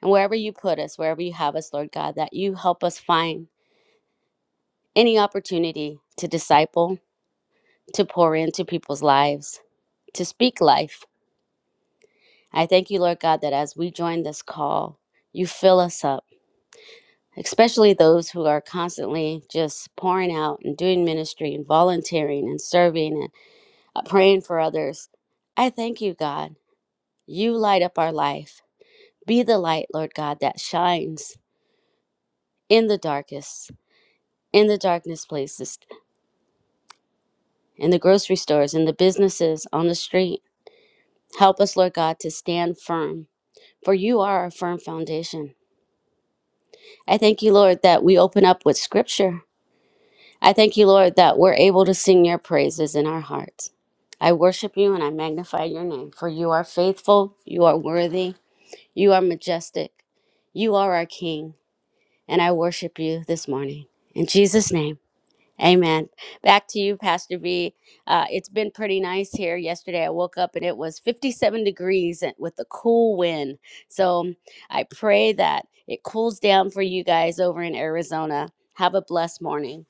F: And wherever you put us, wherever you have us, Lord God, that you help us find any opportunity to disciple, to pour into people's lives, to speak life. I thank you, Lord God, that as we join this call, you fill us up, especially those who are constantly just pouring out and doing ministry and volunteering and serving and uh, praying for others. I thank you, God. You light up our life. Be the light, Lord God, that shines in the darkest. in the darkness places, in the grocery stores, in the businesses, on the street. Help us, Lord God, to stand firm, for you are our firm foundation. I thank you, Lord, that we open up with scripture. I thank you, Lord, that we're able to sing your praises in our hearts. I worship you and I magnify your name, for you are faithful, you are worthy, you are majestic, you are our King, and I worship you this morning. In Jesus' name. Amen. Back to you, Pastor V. Uh, it's been pretty nice here. Yesterday, I woke up and it was 57 degrees and- with a cool wind. So I pray that it cools down for you guys over in Arizona. Have a blessed morning.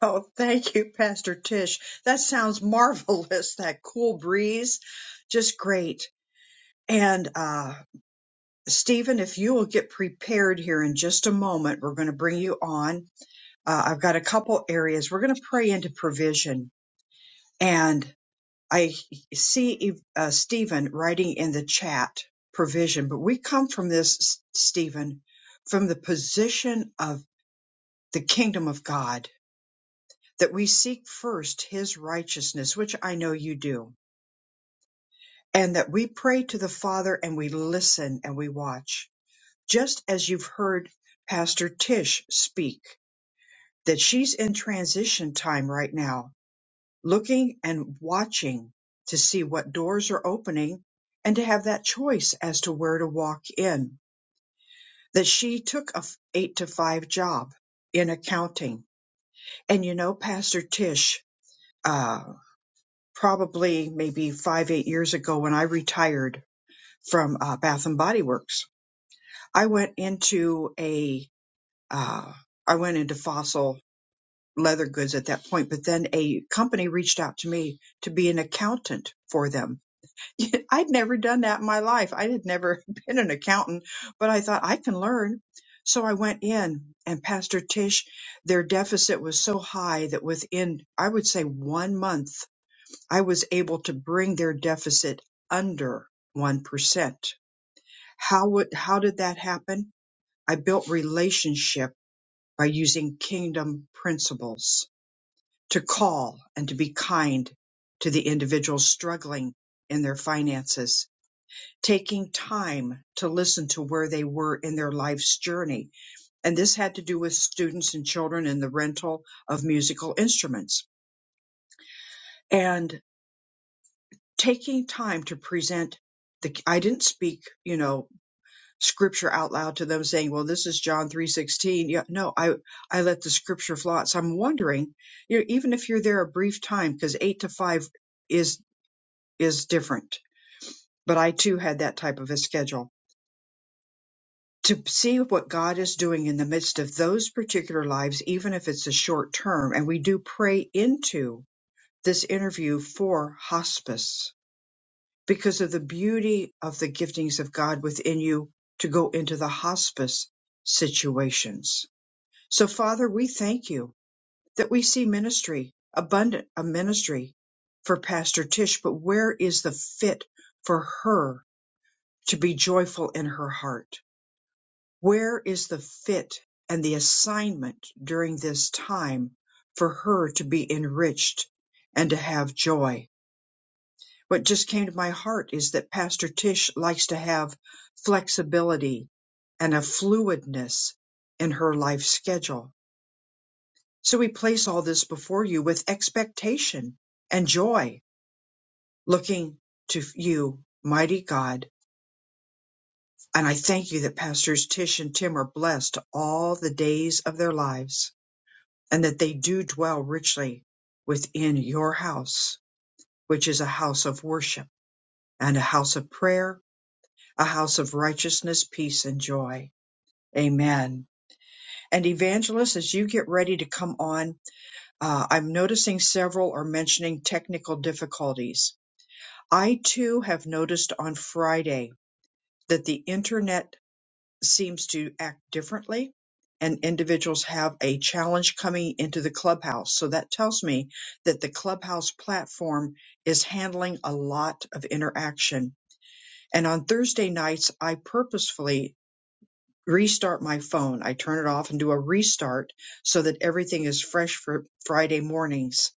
A: Oh, thank you, Pastor Tish. That sounds marvelous. That cool breeze. Just great. And, uh, Stephen, if you will get prepared here in just a moment, we're going to bring you on. Uh, I've got a couple areas. We're going to pray into provision. And I see E, uh, Stephen writing in the chat provision, but we come from this, S- Stephen, from the position of the kingdom of God that we seek first his righteousness, which I know you do, and that we pray to the Father and we listen and we watch. Just as you've heard Pastor Tish speak, that she's in transition time right now, looking and watching to see what doors are opening and to have that choice as to where to walk in. That she took a f- eight to five job in accounting. And you know, Pastor Tish, uh, probably maybe five, eight years ago when I retired from uh, Bath and Body Works. I went into a, uh, I went into fossil leather goods at that point, but then a company reached out to me to be an accountant for them. *laughs* I'd never done that in my life. I had never *laughs* been an accountant, but I thought I can learn. So I went in and Pastor Tish, their deficit was so high that within, I would say one month, I was able to bring their deficit under 1%. How would, how did that happen? I built relationship by using kingdom principles to call and to be kind to the individuals struggling in their finances, taking time to listen to where they were in their life's journey. And this had to do with students and children in the rental of musical instruments. And taking time to present the I didn't speak, you know, scripture out loud to them saying, "Well, this is John 3:16." Yeah, no, I I let the scripture flow. So I'm wondering, you know, even if you're there a brief time because 8 to 5 is is different. But I too had that type of a schedule to see what God is doing in the midst of those particular lives, even if it's a short term. And we do pray into this interview for hospice because of the beauty of the giftings of God within you to go into the hospice situations. So, Father, we thank you that we see ministry, abundant a ministry for Pastor Tish, but where is the fit for her to be joyful in her heart? Where is the fit and the assignment during this time for her to be enriched and to have joy? What just came to my heart is that Pastor Tish likes to have flexibility and a fluidness in her life schedule. So we place all this before you with expectation and joy, looking to you, mighty God. And I thank you that Pastors Tish and Tim are blessed all the days of their lives and that they do dwell richly within your house, which is a house of worship and a house of prayer a house of righteousness, peace, and joy. Amen. And evangelist, as you get ready to come on, uh, I'm noticing several are mentioning technical difficulties. I too have noticed on Friday that the internet seems to act differently and individuals have a challenge coming into the clubhouse. So that tells me that the clubhouse platform is handling a lot of interaction. And on Thursday nights, I purposefully restart my phone. I turn it off and do a restart so that everything is fresh for Friday mornings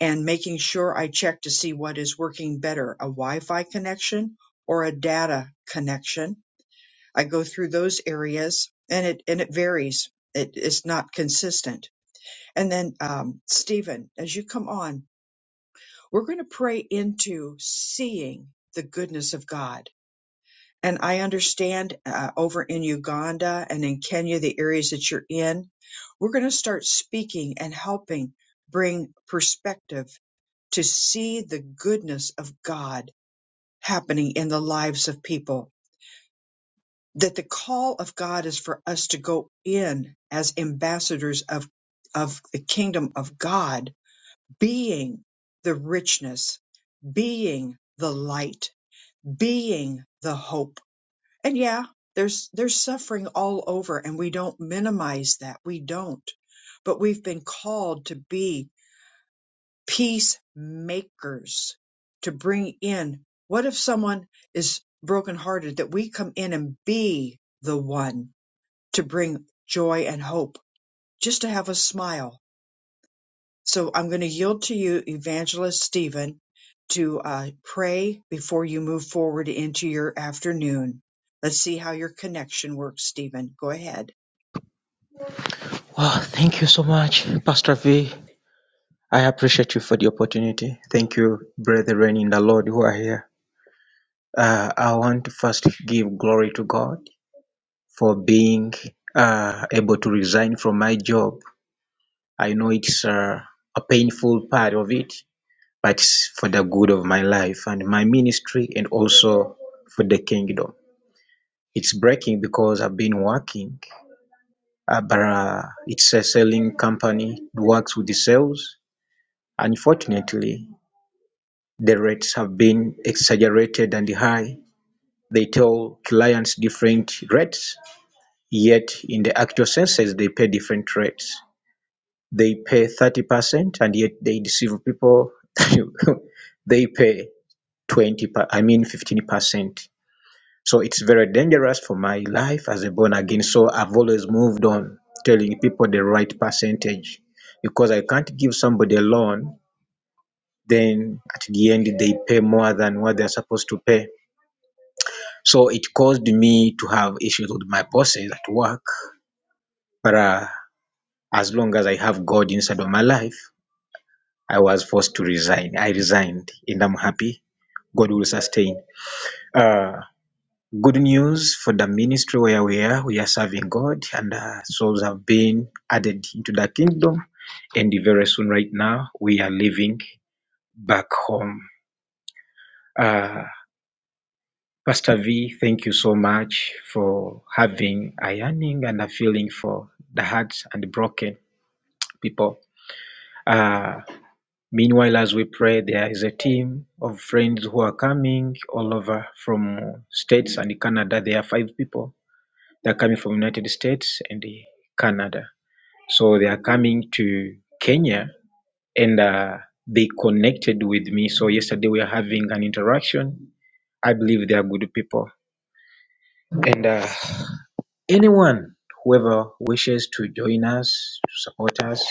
A: and making sure I check to see what is working better, a Wi-Fi connection or a data connection. I go through those areas and it, and it varies. It is not consistent. And then, um, Stephen, as you come on, we're going to pray into seeing the goodness of God and I understand uh, over in Uganda and in Kenya, the areas that you're in, we're going to start speaking and helping bring perspective to see the goodness of God happening in the lives of people. That the call of God is for us to go in as ambassadors of, of the kingdom of God, being the richness, being the light, being the hope And yeah, there's there's suffering all over and we don't minimize that. We don't. But we've been called to be peacemakers, to bring in what if someone is brokenhearted that we come in and be the one to bring joy and hope, just to have a smile so I'm going to yield to you, Evangelist Stephen, to uh, pray before you move forward into your afternoon. Let's see how your connection works, Stephen. Go ahead.
G: Well, thank you so much, Pastor V. I appreciate you for the opportunity. Thank you, brethren in the Lord who are here. Uh, I want to first give glory to God for being uh, able to resign from my job. I know it's uh, a painful part of it, but it's for the good of my life and my ministry and also for the kingdom. It's breaking because I've been working, uh, but uh, it's a selling company, works with the sales. Unfortunately, The rates have been exaggerated and high; they tell clients different rates, yet in the actual census they pay different rates. They pay 30% and yet they deceive people. *laughs* They pay 20, per- I mean 15%. So it's very dangerous for my life as a born again. So I've always moved on telling people the right percentage because I can't give somebody a loan, then at the end they pay more than what they're supposed to pay. So it caused me to have issues with my bosses at work. But uh, as long as I have God inside of my life, I was forced to resign. I resigned and I'm happy. God will sustain. Uh, good news for the ministry where we are. We are serving God and uh, souls have been added into the kingdom. And very soon, right now, we are leaving back home. Uh, Pastor V, thank you so much for having a yearning and a feeling for the hearts and the broken people. Uh, meanwhile, as we pray, there is a team of friends who are coming all over from states and Canada. There are five people. They're coming from United States and the Canada. So they are coming to Kenya and uh, they connected with me. So yesterday we are having an interaction. I believe they are good people. And uh, Anyone, whoever wishes to join us, to support us.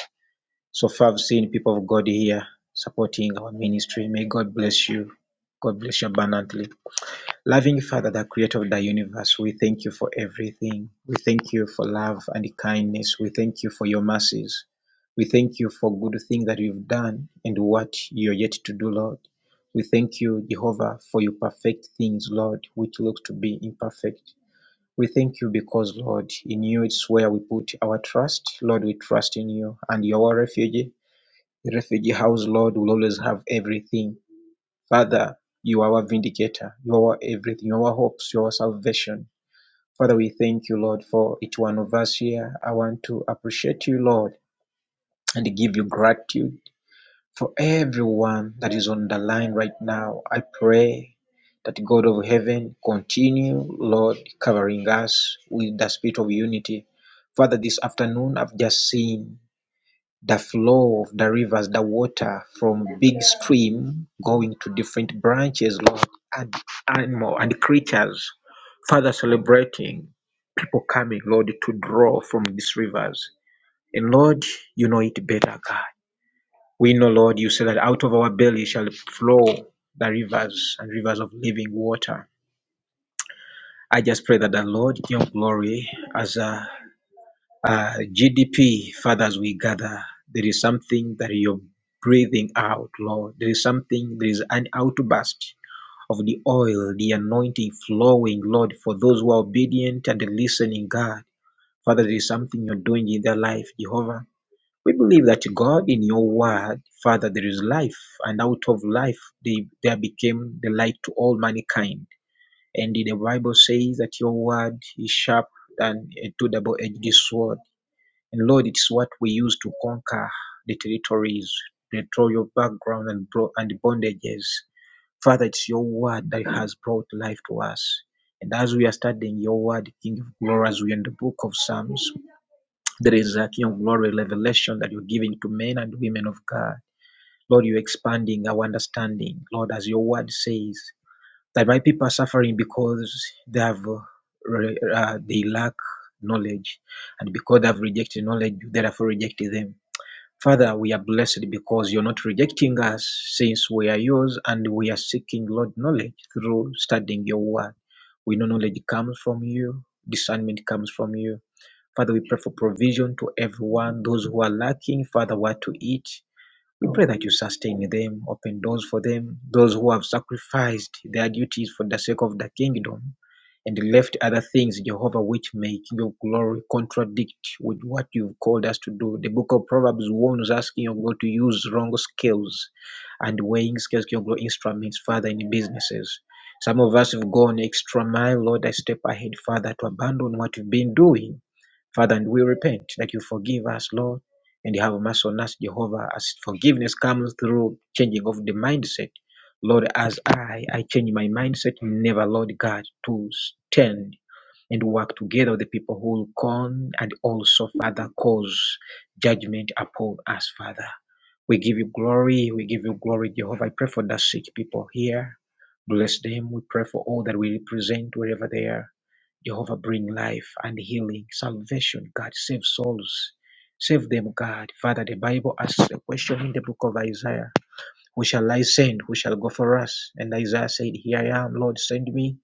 G: So far, I've seen people of God here supporting our ministry. May God bless you. God bless you abundantly. Loving Father, the creator of the universe, we thank you for everything. We thank you for love and kindness. We thank you for your mercies. We thank you for good things that you've done and what you're yet to do, Lord. We thank you, Jehovah, for your perfect things, Lord, which looks to be imperfect. We thank you because, Lord, in you it's where we put our trust. Lord, we trust in you and you are our refuge. The refugee house, Lord, will always have everything. Father, you are our vindicator. You are our everything. You are our hopes. You are our salvation. Father, we thank you, Lord, for each one of us here. I want to appreciate you, Lord, and give you gratitude for everyone that is on the line right now, I pray that God of heaven continue, Lord, covering us with the spirit of unity. Father, this afternoon I've just seen the flow of the rivers, the water from big stream going to different branches, Lord, and animal and creatures. Father, celebrating people coming, Lord, to draw from these rivers. And Lord, you know it better, God. We know, Lord, you said that out of our belly shall flow the rivers and rivers of living water. I just pray that the Lord, your glory, as a, GDP, Father, as we gather, there is something that you're breathing out, Lord. There is something, there is an outburst of the oil, the anointing flowing, Lord, for those who are obedient and listening, God. Father, there is something you're doing in their life, Jehovah. We believe that God, in your word, Father, there is life, and out of life they, there became the light to all mankind. And the Bible says that your word is sharp than a two double edged sword. And Lord, it's what we use to conquer the territories, the royal background, and, bro- and bondages. Father, it's your word that has brought life to us. And as we are studying your word, King of Glory, as we are in the book of Psalms, there is a King of Glory revelation that you're giving to men and women of God. Lord, you're expanding our understanding. Lord, as your word says, that my people are suffering because they have uh, re- uh, they lack knowledge, and because they have rejected knowledge, you therefore rejected them. Father, we are blessed because you're not rejecting us, since we are yours, and we are seeking, Lord, knowledge through studying your word. We know knowledge comes from you, discernment comes from you. Father, we pray for provision to everyone, those who are lacking, Father, what to eat. We pray that you sustain them, open doors for them, those who have sacrificed their duties for the sake of the kingdom and left other things, Jehovah, which make your glory contradict with what you've called us to do. The book of Proverbs warns us, King of God, to use wrong scales and weighing scales, King of God, instruments, Father, in businesses. Some of us have gone extra mile, Lord, I step ahead, Father, to abandon what you've been doing. Father, and we repent that you forgive us, Lord, and you have mercy on us, Jehovah, as forgiveness comes through changing of the mindset Lord, as I, I change my mindset, never, Lord God, to stand and work together with the people who will come and also, Father, cause judgment upon us, Father. We give you glory. We give you glory, Jehovah. I pray for the sick people here. Bless them. We pray for all that we represent wherever they are. Jehovah, bring life and healing, salvation, God. Save souls. Save them, God. Father, the Bible asks the question in the book of Isaiah. Who shall I send? Who shall go for us? And Isaiah said, Here I am, Lord, send me.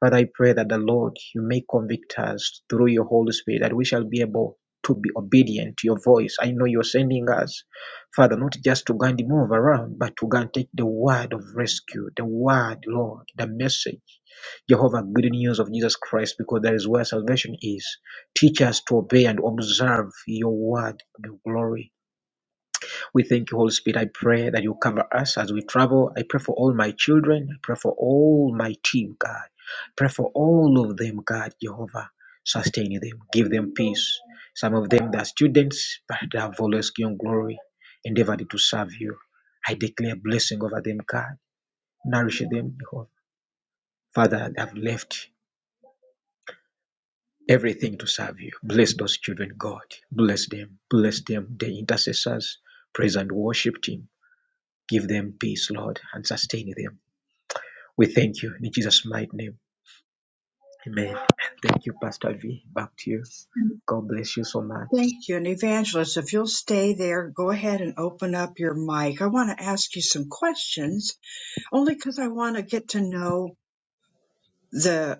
G: Father, I pray that the Lord, you may convict us through your Holy Spirit, that we shall be able to be obedient to your voice. I know you're sending us, Father, not just to go and move around, but to go and take the word of rescue, the word, Lord, the message, Jehovah, good news of Jesus Christ, because that is where salvation is. Teach us to obey and observe your word, the glory. We thank you, Holy Spirit. I pray that you cover us as we travel. I pray for all my children. I pray for all my team, God. Pray for all of them, God, Jehovah. Sustain them. Give them peace. Some of them, they're students, but they have always given glory, endeavored to serve you. I declare blessing over them, God. Nourish them, Jehovah. Father, they have left everything to serve you. Bless those children, God. Bless them. Bless them, the intercessors. Praise and worship team. Give them peace, Lord, and sustain them. We thank you in Jesus' mighty name. Amen. Thank you, Pastor V. Back to you. God bless you so much.
A: Thank you. And Evangelist, if you'll stay there, go ahead and open up your mic. I want to ask you some questions only because I want to get to know the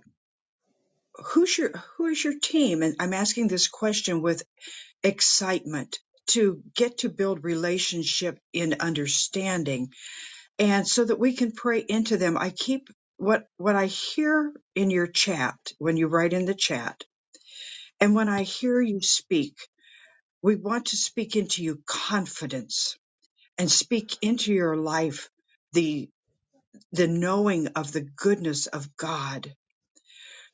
A: who's your who is your team and I'm asking this question with excitement to get to build relationship in understanding and so that we can pray into them i keep what what i hear in your chat when you write in the chat and when i hear you speak we want to speak into you confidence and speak into your life the the knowing of the goodness of god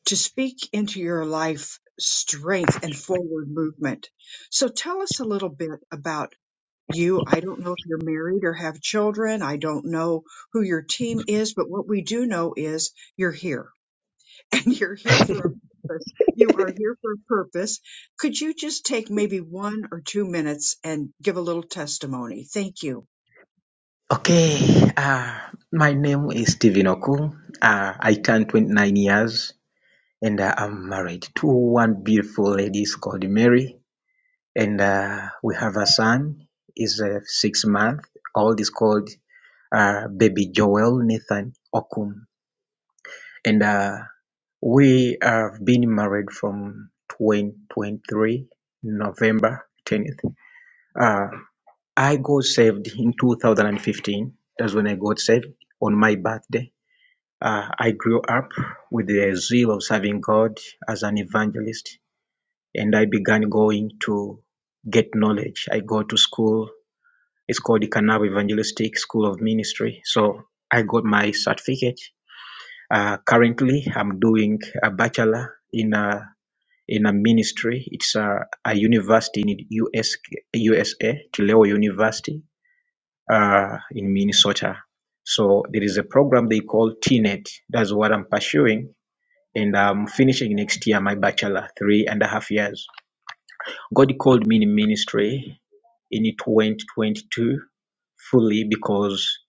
A: to speak into your life strength and forward movement so tell us a little bit about you i don't know if you're married or have children i don't know who your team is but what we do know is you're here *laughs* and you're here for a purpose you are here for a purpose could you just take maybe one or two minutes and give a little testimony thank you
G: Okay, uh, my name is Stephen Oku. Uh, I turned 29 years and uh, I'm married to one beautiful lady called Mary. And uh, we have a son, he's uh, six months old, is called uh, baby Joel Nathan Okum. And uh, We have been married from 2023, November 10th. Uh, I got saved in 2015. That's when I got saved on my birthday. Uh, I grew up with the zeal of serving God as an evangelist, and I began going to get knowledge. I go to school. It's called the Kanab Evangelistic School of Ministry. So I got my certificate. Uh, currently, I'm doing a bachelor in uh, in a ministry. It's a, a university in US USA, Tuleo University uh, in Minnesota. So there is a program they call TNET. That's what I'm pursuing. And I'm finishing next year my bachelor, three and a half years. God called me in ministry in 2022 fully because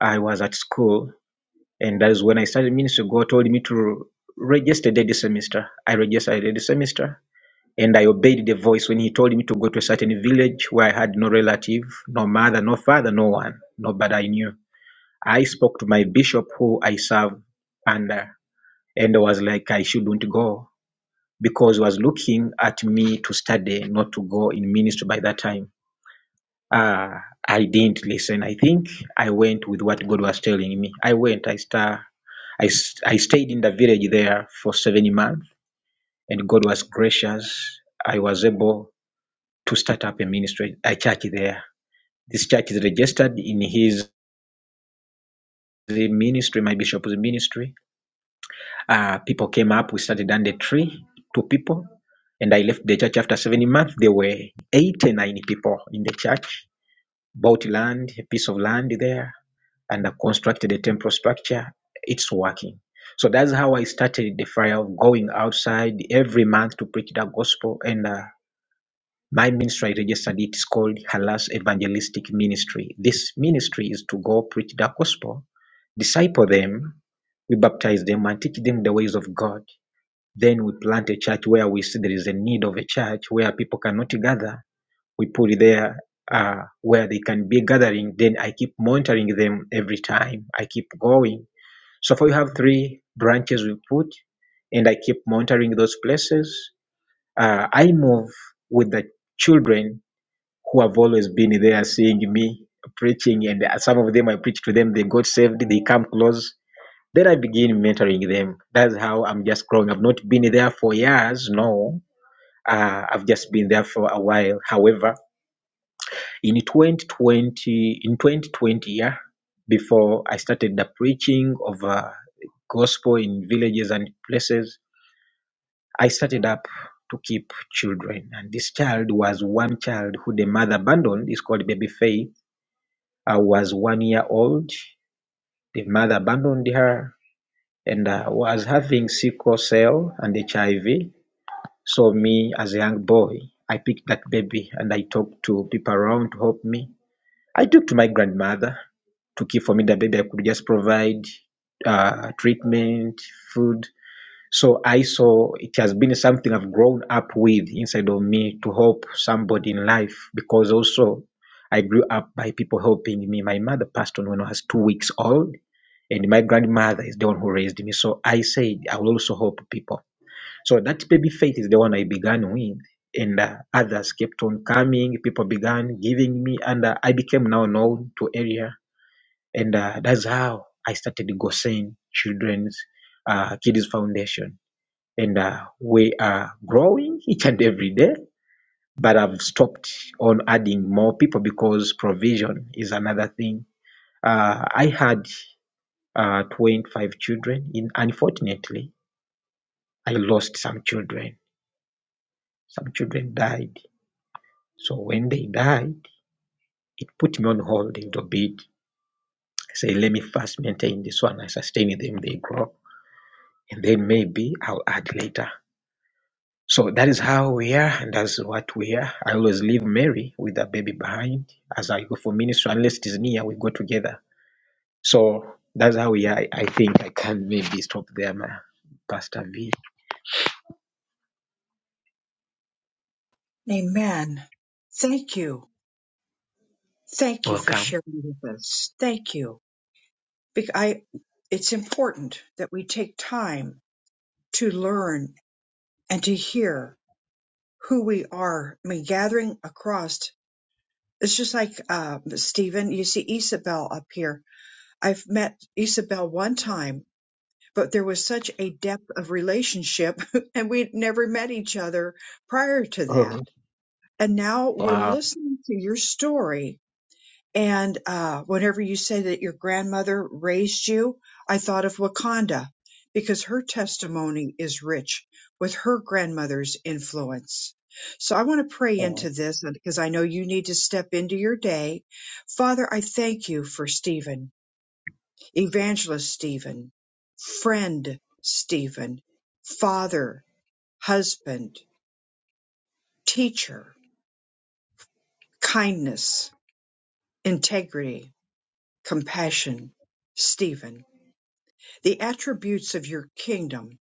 G: I was at school. And that is when I started ministry. God told me to register the semester. I registered the semester and I obeyed the voice when he told me to go to a certain village where I had no relative, no mother, no father, no one, nobody I knew. I spoke to my bishop who I serve under and I was like I shouldn't go because he was looking at me to study, not to go in ministry by that time. Uh, I didn't listen. I think I went with what God was telling me. I went, I star I, s- I stayed in the village there for seven months and God was gracious. I was able to start up a ministry, a church there. This church is registered in his the ministry, my bishop's ministry. Uh, people came up, we started under three, two people, and I left the church after seven months. There were eight people in the church, bought land, a piece of land there, and I constructed a temple structure. It's working. So that's how I started the fire of going outside every month to preach the gospel and uh, My ministry, I registered it, is called Halas Evangelistic Ministry. This ministry is to go preach the gospel, disciple them, we baptize them and teach them the ways of God. Then we plant a church where we see there is a need of a church where people cannot gather. We put it there uh, where they can be gathering. Then I keep monitoring them every time. I keep going. So far, we have three branches we put, and I keep monitoring those places. Uh, I move with the children who have always been there seeing me preaching, and some of them I preach to them, they got saved, they come close. Then I begin mentoring them. That's how I'm just growing. I've not been there for years, no. Uh, I've just been there for a while. However, in 2020, in 2020, yeah, before I started the preaching of uh, gospel in villages and places, I started up to keep children. And this child was one child who the mother abandoned. It's called Baby Faith I was one year old. The mother abandoned her and I was having sickle cell and HIV. So me as a young boy, I picked that baby and I talked to people around to help me. I took to my grandmother to care for me the baby. I could just provide uh, treatment, food. So I saw it has been something I've grown up with inside of me to help somebody in life because also I grew up by people helping me. My mother passed on when I was two weeks old, and my grandmother is the one who raised me. So I said I will also help people. So that baby faith is the one I began with, and uh, others kept on coming. People began giving me, and uh, I became now known to area, and uh, that's how I started Gosen Children's uh, Kids Foundation and uh, we are growing each and every day. But I've stopped on adding more people because provision is another thing. Uh, I had uh, 25 children. In unfortunately, I lost some children. Some children died. So when they died, it put me on hold a little bit. I say, let me first maintain this one. I sustain them. They grow, and then maybe I'll add later. So that is how we are, and that's what we are. I always leave Mary with the baby behind as I go for ministry, unless it is near, we go together. So that's how we are. I I think I can maybe stop there, ma. Pastor V.
A: amen thank you thank you for
G: Welcome.
A: sharing with us thank you because i it's important that we take time to learn and to hear who we are i mean gathering across It's just like um, Stephen, you see Isabel up here. I've met Isabel one time, but there was such a depth of relationship, *laughs* and we'd never met each other prior to that.
G: Oh,
A: And now we're
G: Wow.
A: listening to your story and uh, whenever you say that your grandmother raised you, I thought of Wakanda because her testimony is rich with her grandmother's influence. So I want to pray
G: Wow.
A: into this because I know you need to step into your day. Father, I thank you for Stephen, evangelist Stephen, friend Stephen, father, husband, teacher, kindness, integrity, compassion, Stephen. the attributes of your kingdom,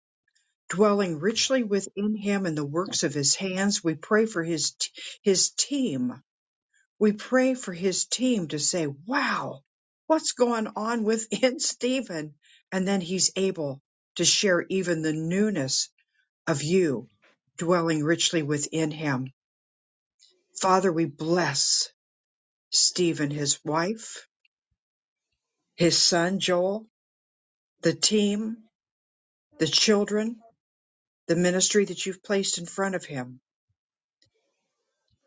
A: dwelling richly within him and the works of his hands. We pray for his his team. We pray for his team to say, "Wow, what's going on within *laughs* Stephen?" And then he's able to share even the newness of you dwelling richly within him. Father, we bless Stephen, his wife, his son Joel, the team, the children, the ministry that you've placed in front of him.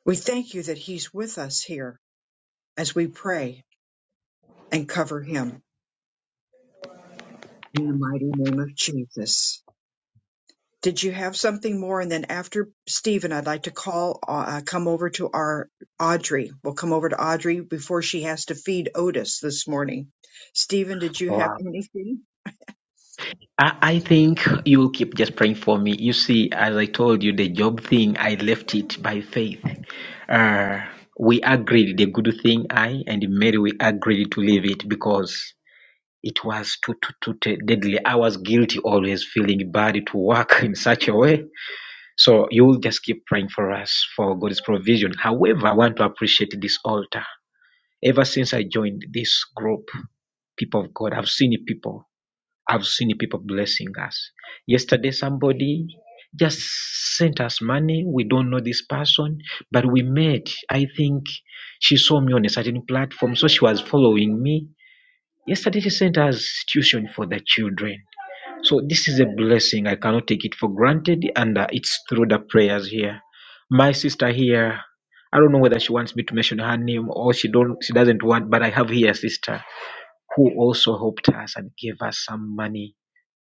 A: We thank you that He's with us here as we pray and cover Him in the mighty name of Jesus. Did you have something more? And then after Stephen, I'd like to call, uh, come over to our Audrey. We'll come over to Audrey before she has to feed Otis this morning. Stephen, did you have
G: Wow.
A: anything?
G: I, I think you will keep just praying for me. You see, as I told you, the job thing, I left it by faith. Uh, we agreed the good thing, I and Mary, we agreed to leave it because It was too, too, too deadly. I was guilty, always feeling bad to work *laughs* in such a way. So you'll just keep praying for us for God's provision. However, I want to appreciate this altar. Ever since I joined this group, people of God, I've seen people. I've seen people blessing us. Yesterday, somebody just sent us money. We don't know this person, but we met. I think she saw me on a certain platform, so she was following me. Yesterday, she sent us tuition for the children. So this is a blessing. I cannot take it for granted. And uh, it's through the prayers here. My sister here, I don't know whether she wants me to mention her name or she don't. She doesn't want. But I have here a sister who also helped us and gave us some money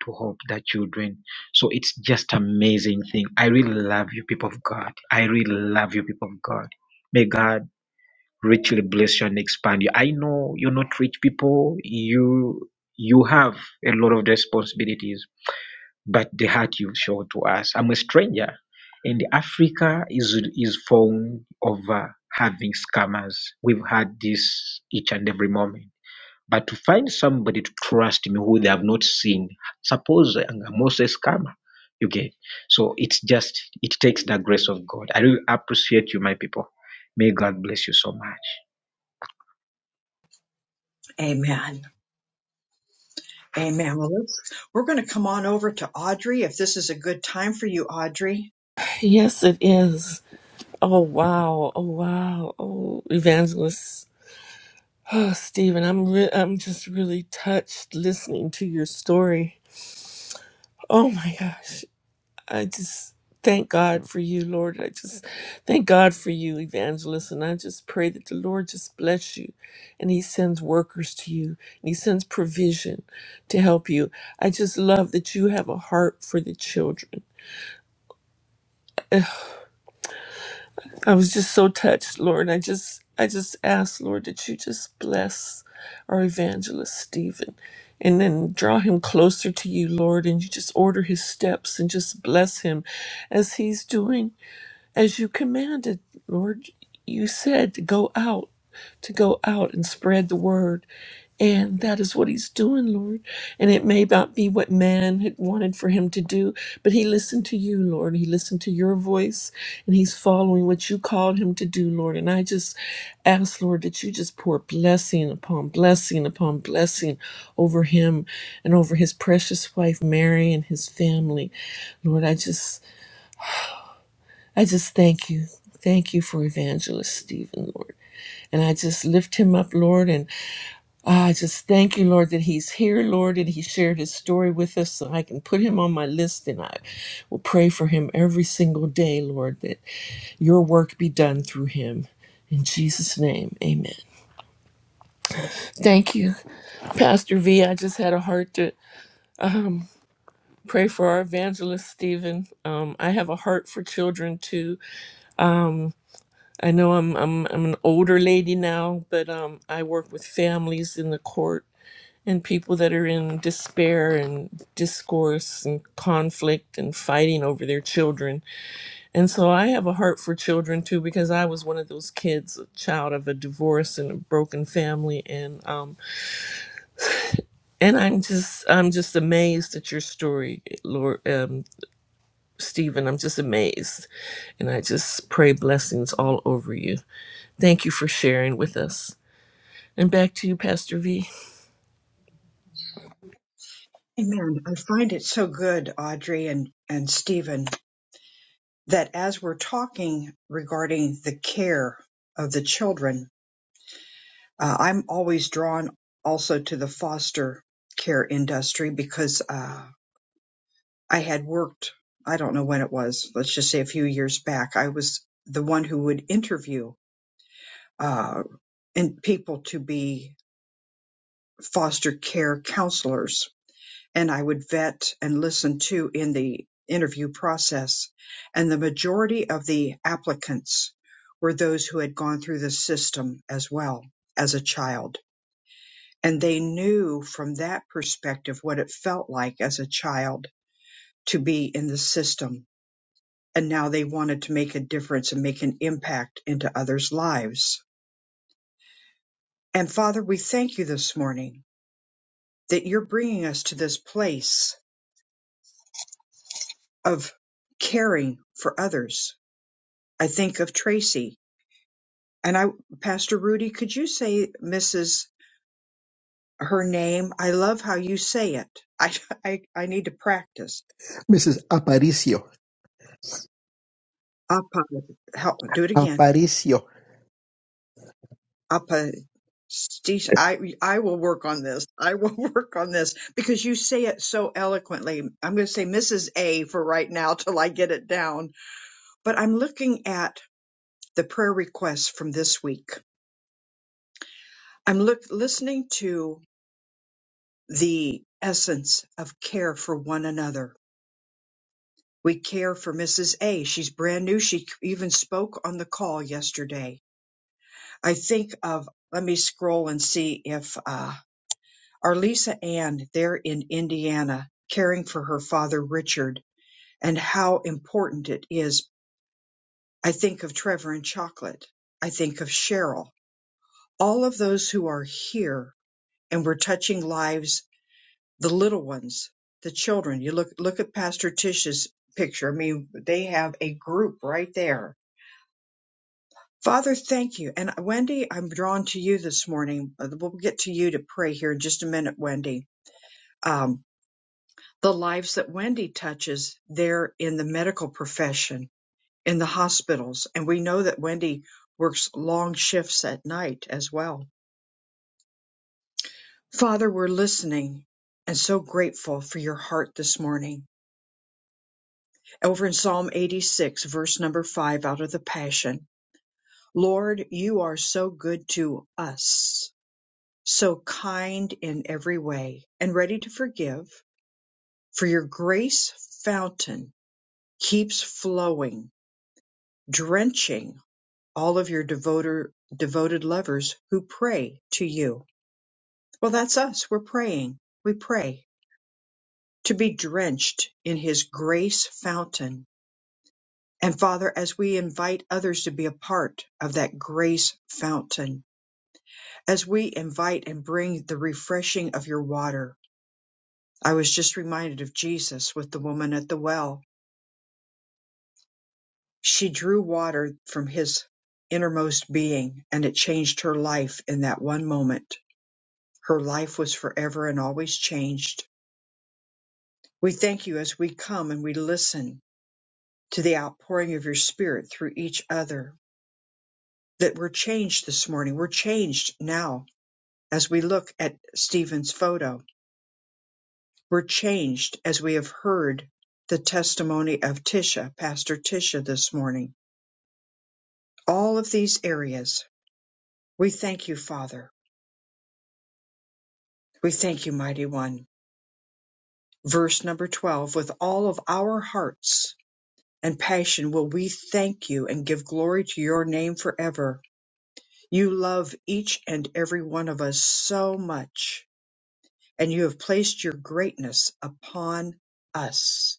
G: to help the children. So it's just amazing thing. I really love you, people of God. I really love you, people of God. May God richly bless you and expand you. I know you're not rich people. You you have a lot of responsibilities but the heart you show to us. I'm a stranger, and Africa is is phone over having scammers. We've had this each and every moment. But to find somebody to trust me who they have not seen, suppose I'm also a scammer. You get so it's just it takes the grace of God. I really appreciate you, my people. May God bless you so much.
A: Amen. Amen. Well, let's, we're going to come on over to Audrey if this is a good time for you, Audrey.
H: Yes, it is. Oh wow! Oh wow! Oh, evangelist *sighs* oh, Stephen, I'm re- I'm just really touched listening to your story. Oh my gosh! I just thank God for you, Lord. I just thank God for you, evangelist, and I just pray that the Lord just bless you, and He sends workers to you, and He sends provision to help you. I just love that you have a heart for the children. I was just so touched, Lord. I just I just asked, Lord, that you just bless our evangelist Stephen and then draw him closer to you, Lord, and you just order his steps and just bless him as he's doing as you commanded, Lord. You said to go out, to go out and spread the word. And that is what he's doing, Lord. And it may not be what man had wanted for him to do, but he listened to you, Lord. He listened to your voice and he's following what you called him to do, Lord. And I just ask, Lord, that you just pour blessing upon blessing upon blessing over him and over his precious wife, Mary, and his family. Lord, I just, I just thank you. Thank you for Evangelist Stephen, Lord. And I just lift him up, Lord, Ah, I just thank you, Lord, that he's here, Lord, and he shared his story with us so I can put him on my list and I will pray for him every single day, Lord, that your work be done through him. In Jesus' name, amen. Thank you, Pastor V. I just had a heart to pray for our evangelist, Stephen. Um, I have a heart for children too. I know I'm, I'm, I'm an older lady now, but um, I work with families in the court and people that are in despair and discourse and conflict and fighting over their children. And so I have a heart for children too because I was one of those kids, a child of a divorce and a broken family, and um and I'm just I'm just amazed at your story, Lord um, Stephen. I'm just amazed, and I just pray blessings all over you. Thank you for sharing with us. And back to you, Pastor V.
A: Amen. I find it so good, Audrey and, and Stephen. that as we're talking regarding the care of the children, uh, I'm always drawn also to the foster care industry because uh, I had worked, I don't know when it was, let's just say a few years back, I was the one who would interview uh, and people to be foster care counselors and I would vet and listen to in the interview process. And the majority of the applicants were those who had gone through the system as well as a child. And they knew from that perspective what it felt like as a child to be in the system. And now they wanted to make a difference and make an impact into others' lives. And Father, we thank you this morning that you're bringing us to this place of caring for others I think of Tracy. And I, Pastor Rudy, could you say Mrs. her name? I love how you say it. *laughs* I, I, I need to practice.
C: Mrs. Aparicio.
A: Apa, help, do it again.
C: Aparicio.
A: Apa, Steve, I, I will work on this. I will *laughs* work on this because you say it so eloquently. I'm going to say Mrs. A for right now till I get it down. But I'm looking at the prayer requests from this week. I'm look, listening to the essence of care for one another We care for Mrs. A. She's brand new. She even spoke on the call yesterday. I think of, let me scroll and see if, uh, our Lisa Ann there in Indiana caring for her father Richard and how important it is. I think of Trevor and Chocolate. I think of Cheryl. All of those who are here and we're touching lives, the little ones, the children. You look, look at Pastor Tish's picture. I mean, they have a group right there Father, thank you. And Wendy, I'm drawn to you this morning. Uh, We'll get to you to pray here in just a minute, Wendy. Um, the lives that Wendy touches there in the medical profession, in the hospitals. And we know that Wendy works long shifts at night as well. Father, we're listening and so grateful for your heart this morning. Over in Psalm 86, verse number five out of the Passion. Lord, you are so good to us. so kind in every way and ready to forgive, for your grace fountain keeps flowing, drenching all of your devoter, devoted lovers who pray to you. Well, that's us. We're praying. We pray to be drenched in his grace fountain. And Father, as we invite others to be a part of that grace fountain, as we invite and bring the refreshing of your water, I was just reminded of Jesus with the woman at the well. She drew water from his innermost being, and it changed her life in that one moment. Her life was forever and always changed. We thank you as we come and we listen to the outpouring of your spirit through each other, that we're changed this morning. We're changed now as we look at Stephen's photo. We're changed as we have heard the testimony of Tisha, Pastor Tisha, this morning all of these areas. We thank you, Father. We thank you, Mighty One. Verse number 12 With all of our hearts and passion will we thank you and give glory to your name forever. You love each and every one of us so much, and you have placed your greatness upon us.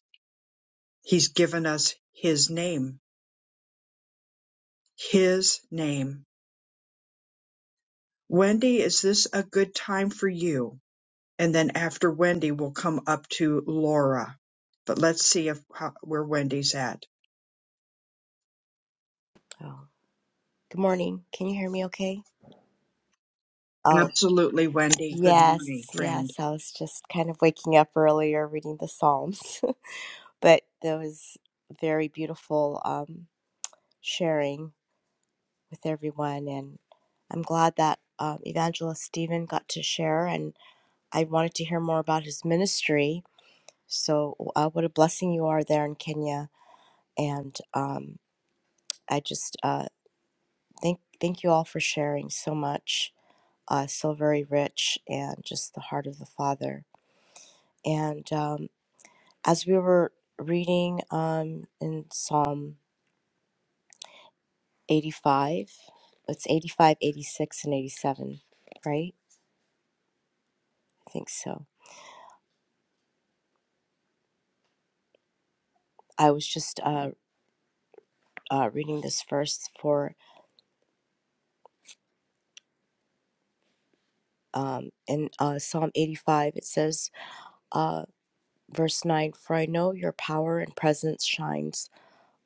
A: He's given us His name, His name. Wendy, is this a good time for you? and then after Wendy, we'll come up to Laura. But let's see if how, where Wendy's at.
I: Oh, good morning. Can you hear me okay? Oh,
A: Absolutely, Wendy. Good morning,
I: yes,
A: friend.
I: yes. I was just kind of waking up earlier reading the Psalms, *laughs* but there was very beautiful um, sharing with everyone. And I'm glad that um, Evangelist Stephen got to share, and I wanted to hear more about his ministry. So, uh, what a blessing you are there in Kenya. And um, I just uh, thank, thank you all for sharing so much. uh, so very rich and just the heart of the Father. And um, as we were reading um, in Psalm 85, it's 85, 86, and 87, right? I think so. I was just uh, uh, reading this verse for um, in uh, Psalm 85. It says, uh, verse 9 For I know your power and presence shines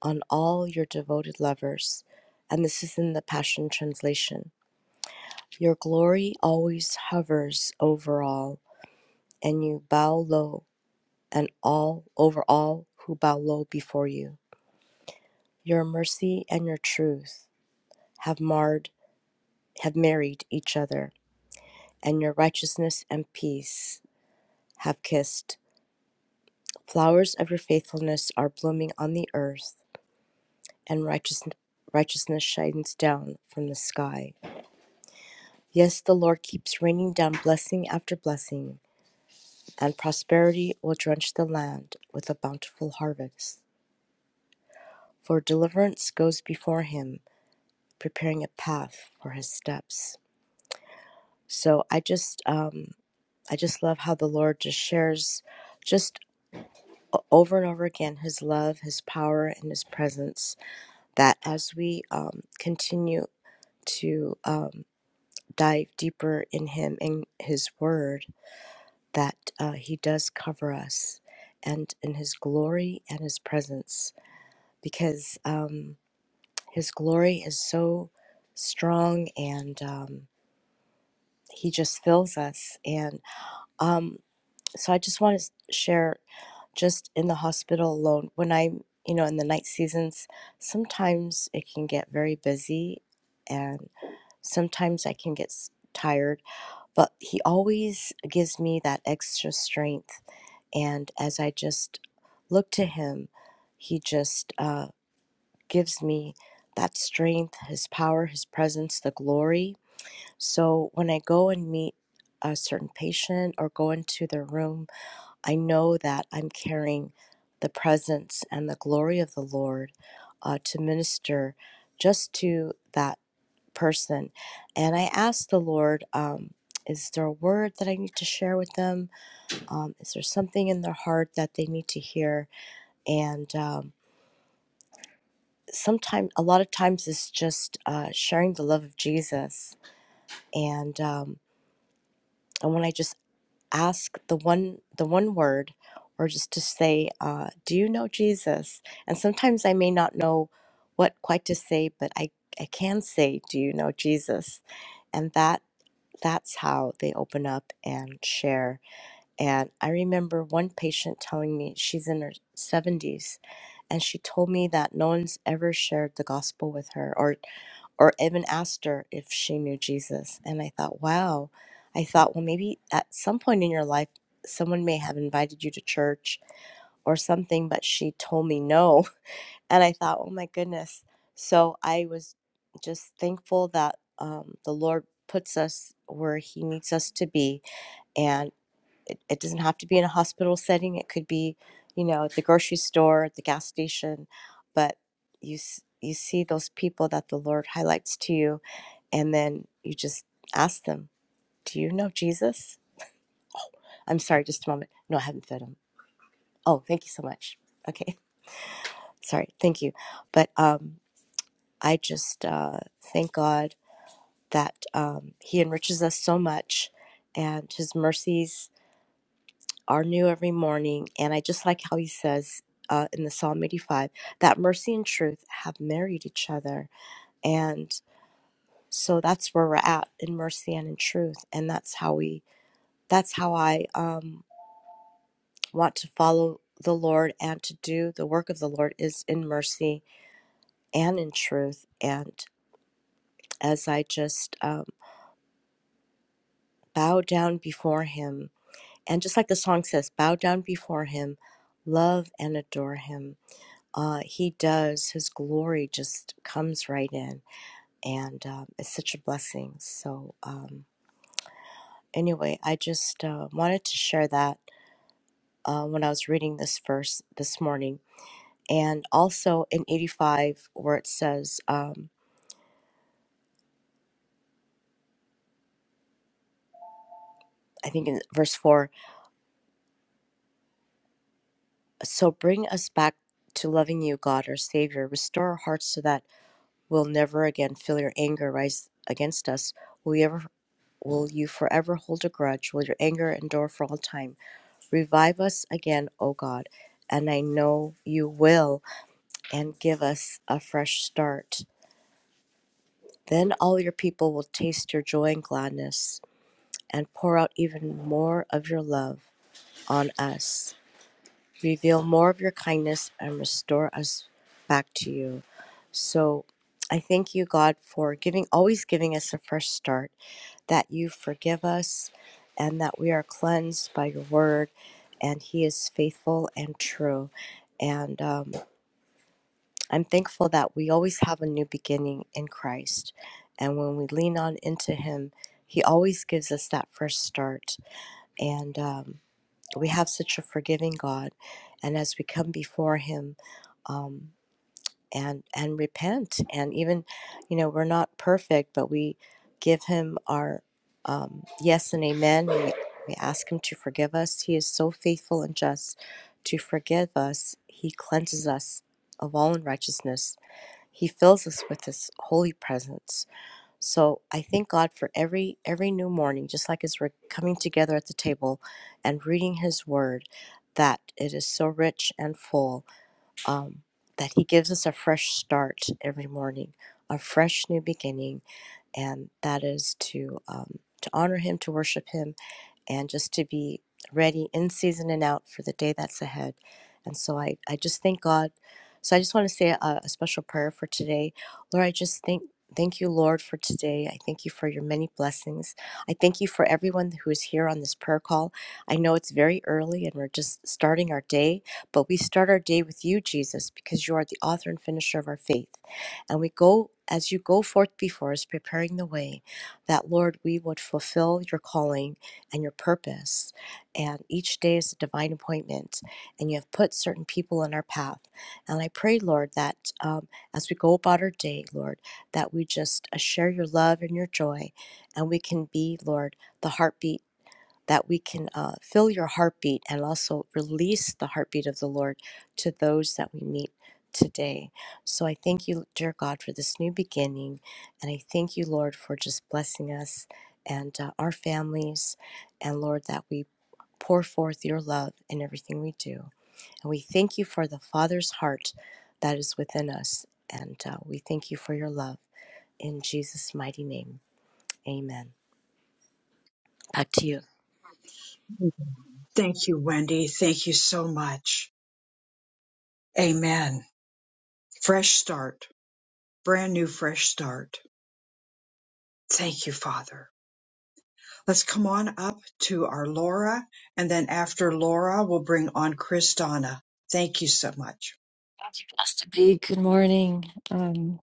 I: on all your devoted lovers. And this is in the Passion Translation. Your glory always hovers over all, and you bow low and all over all who bow low before you. Your mercy and your truth have marred have married each other, and your righteousness and peace have kissed. Flowers of your faithfulness are blooming on the earth, and righteous righteousness shines down from the sky. Yes, the Lord keeps raining down blessing after blessing And prosperity will drench the land with a bountiful harvest. For deliverance goes before him, preparing a path for his steps. So I just, um, I just love how the Lord just shares, just over and over again, His love, His power, and His presence. That as we um, continue to um, dive deeper in Him and His Word, that uh, He does cover us, and in His glory and His presence because um, His glory is so strong and um, He just fills us. And um, so I just want to share just in the hospital alone, when I'm, you know, in the night seasons, sometimes it can get very busy and sometimes I can get s- tired, but He always gives me that extra strength. And as I just look to Him, He just, uh, gives me that strength, His power, His presence, the glory. So when I go and meet a certain patient or go into their room, I know that I'm carrying the presence and the glory of the Lord uh, to minister just to that person. And I ask the Lord, um, is there a word that I need to share with them? Um, is there something in their heart that they need to hear? And um, sometimes a lot of times it's just uh, sharing the love of jesus and um, and when i just ask the one the one word or just to say uh, do you know jesus and sometimes i may not know what quite to say but i i can say do you know jesus and that that's how they open up and share and i remember one patient telling me she's in her 70s and she told me that no one's ever shared the gospel with her or or even asked her if she knew Jesus. And I thought, wow. I thought, well, maybe at some point in your life, someone may have invited you to church or something, but she told me no. *laughs* And I thought, oh my goodness. So I was just thankful that um, the Lord puts us where He needs us to be. And it, it doesn't have to be in a hospital setting. It could be, you know, at the grocery store, at the gas station, but you s- you see those people that the Lord highlights to you, and then you just ask them, "Do you know Jesus?" I'm sorry, just a moment. No, I haven't fed him. Oh, thank you so much. Okay, *laughs* sorry, thank you, but um, I just uh, thank God that um, He enriches us so much, and His mercies are new every morning. And I just like how he says uh, in the Psalm 85 that mercy and truth have married each other. And so that's where we're at in mercy and in truth. And that's how we, that's how I um, want to follow the Lord and to do the work of the Lord is in mercy and in truth. And as I just um, bow down before him, and just like the song says, bow down before him, love and adore him uh, he does, his glory just comes right in, and um, it's such a blessing. So, um, anyway, I just uh, wanted to share that uh, when I was reading this verse this morning, and also in 85, where it says, um, I think in verse 4, so bring us back to loving you, God, our Savior. Restore our hearts so that we'll never again feel your anger rise against us. Will you ever? Will you forever hold a grudge? Will your anger endure for all time? Revive us again, O God, and I know you will, and give us a fresh start. Then all your people will taste your joy and gladness, and pour out even more of your love on us. Reveal more of your kindness and restore us back to you. So I thank you, God, for giving always giving us a fresh start that you forgive us and that we are cleansed by your word, and He is faithful and true. And um, I'm thankful that we always have a new beginning in Christ. And when we lean on into Him, He always gives us that first start. And um, we have such a forgiving God. And as we come before Him, um, and and repent and even you know we're not perfect but we give him our um, yes and amen we, we ask him to forgive us he is so faithful and just to forgive us he cleanses us of all unrighteousness he fills us with his holy presence so i thank god for every every new morning just like as we're coming together at the table and reading his word that it is so rich and full um, that He gives us a fresh start every morning, a fresh new beginning, and that is to um, to honor Him, to worship Him, and just to be ready in season and out for the day that's ahead. And so I, I just thank God. So I just want to say a, a special prayer for today. Lord, I just thank thank you, Lord, for today. I thank you for your many blessings. I thank you for everyone who is here on this prayer call. I know it's very early and we're just starting our day, but we start our day with you, Jesus, because you are the author and finisher of our faith. And we go as you go forth before us, preparing the way, that Lord, we would fulfill your calling and your purpose. And each day is a divine appointment, and you have put certain people in our path. And I pray, Lord, that um, as we go about our day, Lord, that we just uh, share your love and your joy, and we can be, Lord, the heartbeat that we can uh, feel your heartbeat and also release the heartbeat of the Lord to those that we meet today. So I thank you, dear God, for this new beginning. And I thank you, Lord, for just blessing us and uh, our families. And Lord, that we pour forth your love in everything we do. And we thank you for the Father's heart that is within us. And uh, we thank you for your love. In Jesus' mighty name, amen. Back to you.
A: Thank you, Wendy. Thank you so much. Amen. Fresh start, brand new fresh start. Thank you, Father. Let's come on up to our Laura, and then after Laura, we'll bring on Chris Donna. Thank you so much.
J: Blessed be. Good morning. Um,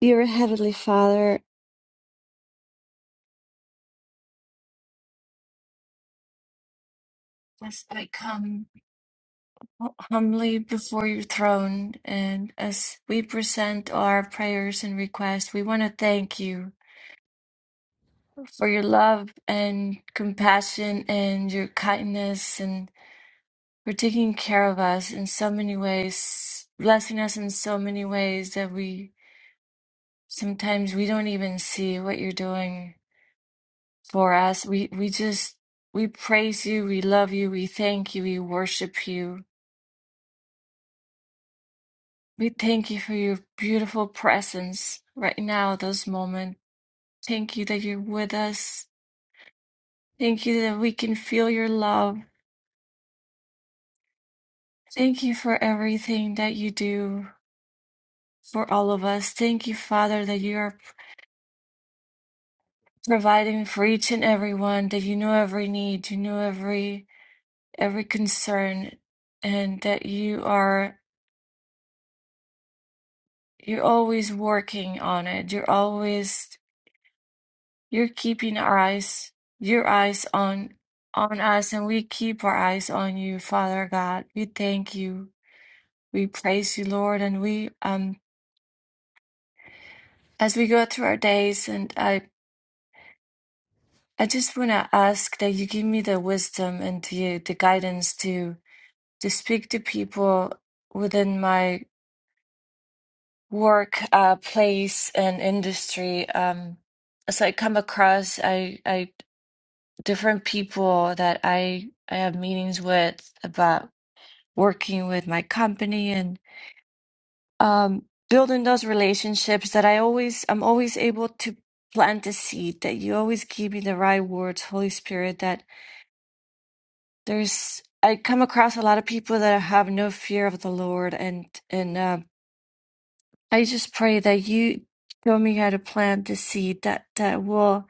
J: dear Heavenly Father, as I come humbly before your throne and as we present our prayers and requests, we want to thank you for your love and compassion and your kindness and for taking care of us in so many ways, blessing us in so many ways that we sometimes we don't even see what you're doing for us. We we just we praise you, we love you, we thank you, we worship you. We thank you for your beautiful presence right now, this moment. Thank you that you're with us. Thank you that we can feel your love. Thank you for everything that you do for all of us. Thank you, Father, that you are providing for each and every one, that you know every need, you know every every concern, and that you are You're always working on it. You're always you're keeping our eyes your eyes on on us and we keep our eyes on you, Father God. We thank you. We praise you, Lord, and we um as we go through our days and I I just want to ask that you give me the wisdom and the the guidance to to speak to people within my work uh place and industry um as I come across I I different people that I I have meetings with about working with my company and um, building those relationships that I always I'm always able to plant a seed that you always give me the right words, Holy Spirit, that there's I come across a lot of people that have no fear of the Lord and and um I just pray that you show me how to plant the seed that that will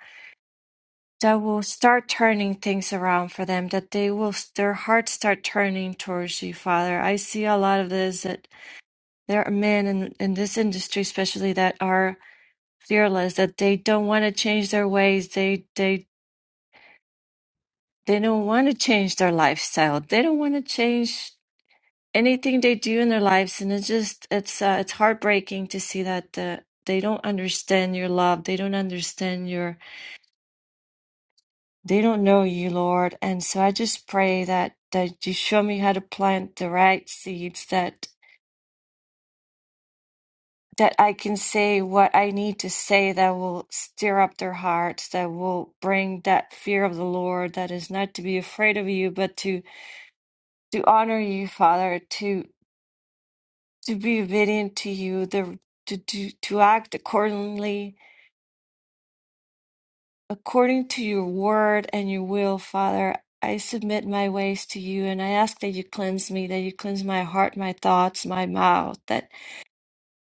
J: that will start turning things around for them that they will their hearts start turning towards you father i see a lot of this that there are men in, in this industry especially that are fearless that they don't want to change their ways they they they don't want to change their lifestyle they don't want to change anything they do in their lives and it's just it's uh, it's heartbreaking to see that uh, they don't understand your love they don't understand your They don't know you, Lord. And so I just pray that that you show me how to plant the right seeds that that I can say what I need to say that will stir up their hearts, that will bring that fear of the Lord, that is not to be afraid of you, but to to honor you, Father, to to be obedient to you, the to to, to act accordingly According to your word and your will, Father, I submit my ways to you and I ask that you cleanse me, that you cleanse my heart, my thoughts, my mouth, that,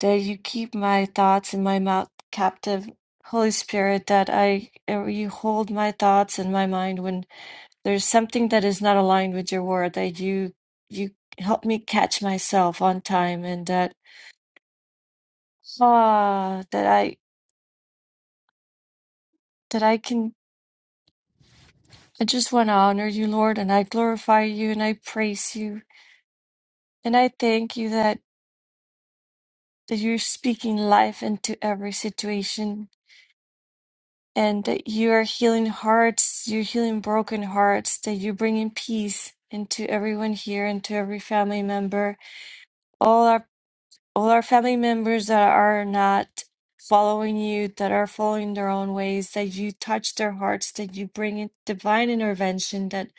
J: that you keep my thoughts and my mouth captive. Holy Spirit, that I uh, you hold my thoughts and my mind when there's something that is not aligned with your word, that you you help me catch myself on time and that ah that I that I can I just want to honor you, Lord, and I glorify you and I praise you And I thank you that, that you're speaking life into every situation and that you are healing hearts, you're healing broken hearts, that you're bringing peace into everyone here and to every family member. All our all our family members that are not following you, that are following their own ways, that you touch their hearts, that you bring in divine intervention, that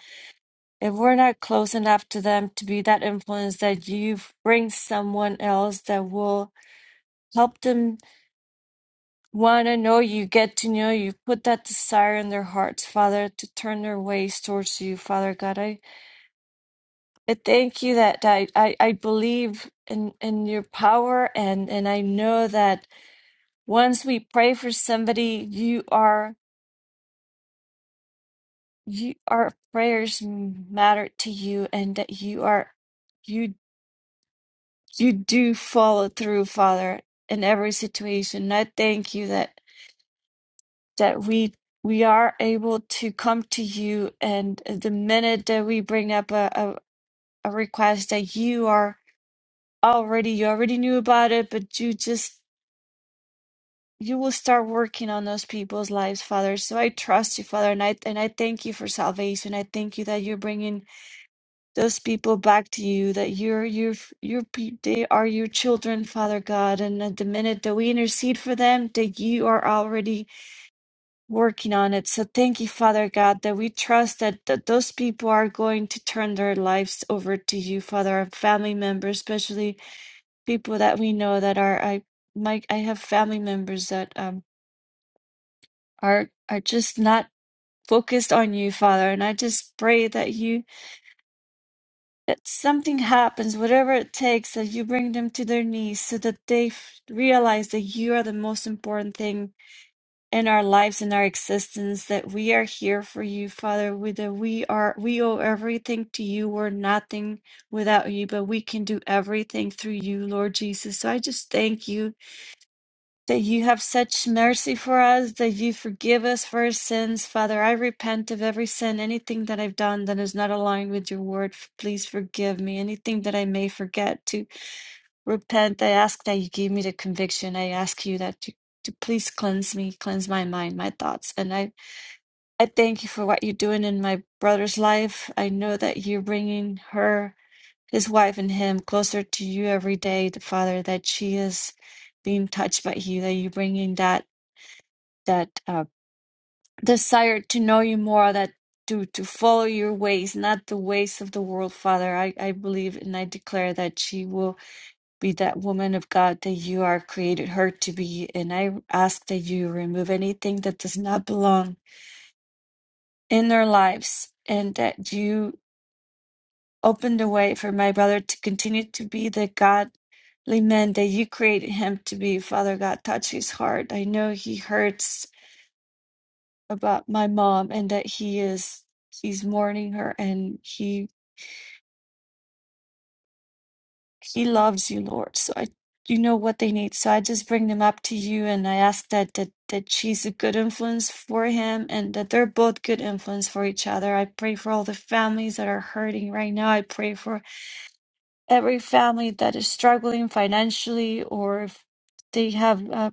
J: if we're not close enough to them to be that influence, that you bring someone else that will help them want to know you, get to know you. Put that desire in their hearts, Father, to turn their ways towards you, Father God. I, I thank you that I, I, I believe in, in your power and, and I know that once we pray for somebody, you are you our prayers matter to you and that you are you you do follow through, Father, in every situation. And I thank you that that we we are able to come to you and the minute that we bring up a, a, a request that you are already you already knew about it but you just you will start working on those people's lives father so i trust you father and i and i thank you for salvation i thank you that you're bringing those people back to you that you're you're you're pe- they are your children father god and at the minute that we intercede for them that you are already working on it. So thank you, Father God, that we trust that, that those people are going to turn their lives over to you, Father, our family members, especially people that we know that are I my I have family members that um are are just not focused on you, Father. And I just pray that you that something happens, whatever it takes, that you bring them to their knees so that they f- realize that you are the most important thing in our lives in our existence that we are here for you, Father. We, that we are we owe everything to you. We're nothing without you, but we can do everything through you, Lord Jesus. So I just thank you that you have such mercy for us, that you forgive us for our sins, Father. I repent of every sin, anything that I've done that is not aligned with your word. Please forgive me. Anything that I may forget to Repent, I ask that you give me the conviction. I ask you that you to please cleanse me, cleanse my mind, my thoughts. And I, I thank you for what you're doing in my brother's life. I know that you're bringing her, his wife, and him closer to you every day, the Father, that she is being touched by you, that you're bringing that, that uh, desire to know you more, that to, to follow your ways, not the ways of the world, Father. I, I believe and I declare that she will be that woman of God that you are created her to be. And I ask that you remove anything that does not belong in their lives and that you open the way for my brother to continue to be the godly man that you created him to be. Father God, touch his heart. I know he hurts about my mom and that he is he's mourning her and he He loves you, Lord. So I, you know what they need. So I just bring them up to you, and I ask that that that she's a good influence for him, and that they're both good influence for each other. I pray for all the families that are hurting right now. I pray for every family that is struggling financially, or if they have uh,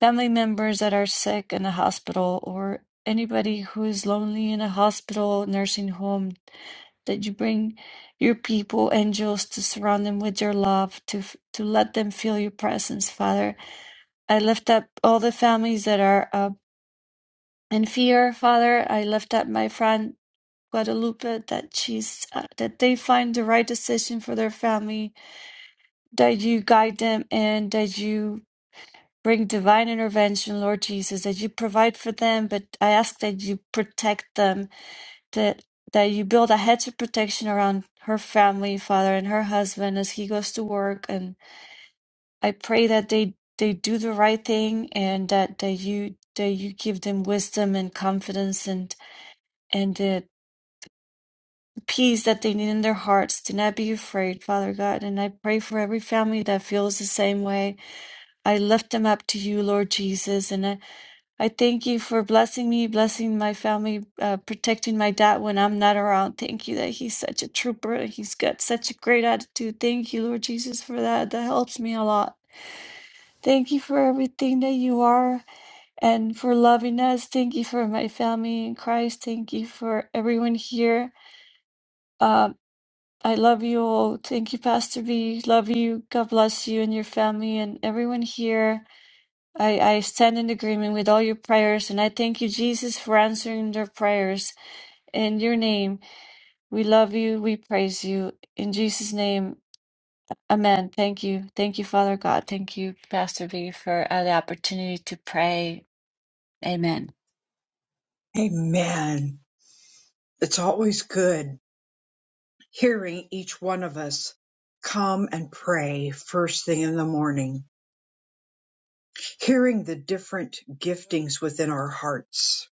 J: family members that are sick in the hospital, or anybody who is lonely in a hospital, nursing home that you bring your people, angels, to surround them with your love, to f- to let them feel your presence, Father. I lift up all the families that are uh, in fear, Father. I lift up my friend Guadalupe that she's uh, that they find the right decision for their family, that you guide them, and that you bring divine intervention, Lord Jesus, that you provide for them. But I ask that you protect them that that you build a hedge of protection around her family, father, and her husband as he goes to work. And I pray that they they do the right thing and that that you that you give them wisdom and confidence and and the peace that they need in their hearts. Do not be afraid, Father God. And I pray for every family that feels the same way. I lift them up to you, Lord Jesus, and I I thank you for blessing me, blessing my family, uh, protecting my dad when I'm not around. Thank you that he's such a trooper. He's got such a great attitude. Thank you, Lord Jesus, for that. That helps me a lot. Thank you for everything that you are and for loving us. Thank you for my family in Christ. Thank you for everyone here. Um, I love you all. Thank you, Pastor B. Love you. God bless you and your family and everyone here. I, I stand in agreement with all your prayers, and I thank you, Jesus, for answering their prayers. In your name, we love you, we praise you. In Jesus' name, amen. Thank you. Thank you, Father God. Thank you, Pastor B, for uh, the opportunity to pray. Amen.
A: Amen. It's always good hearing each one of us come and pray first thing in the morning, hearing the different giftings within our hearts,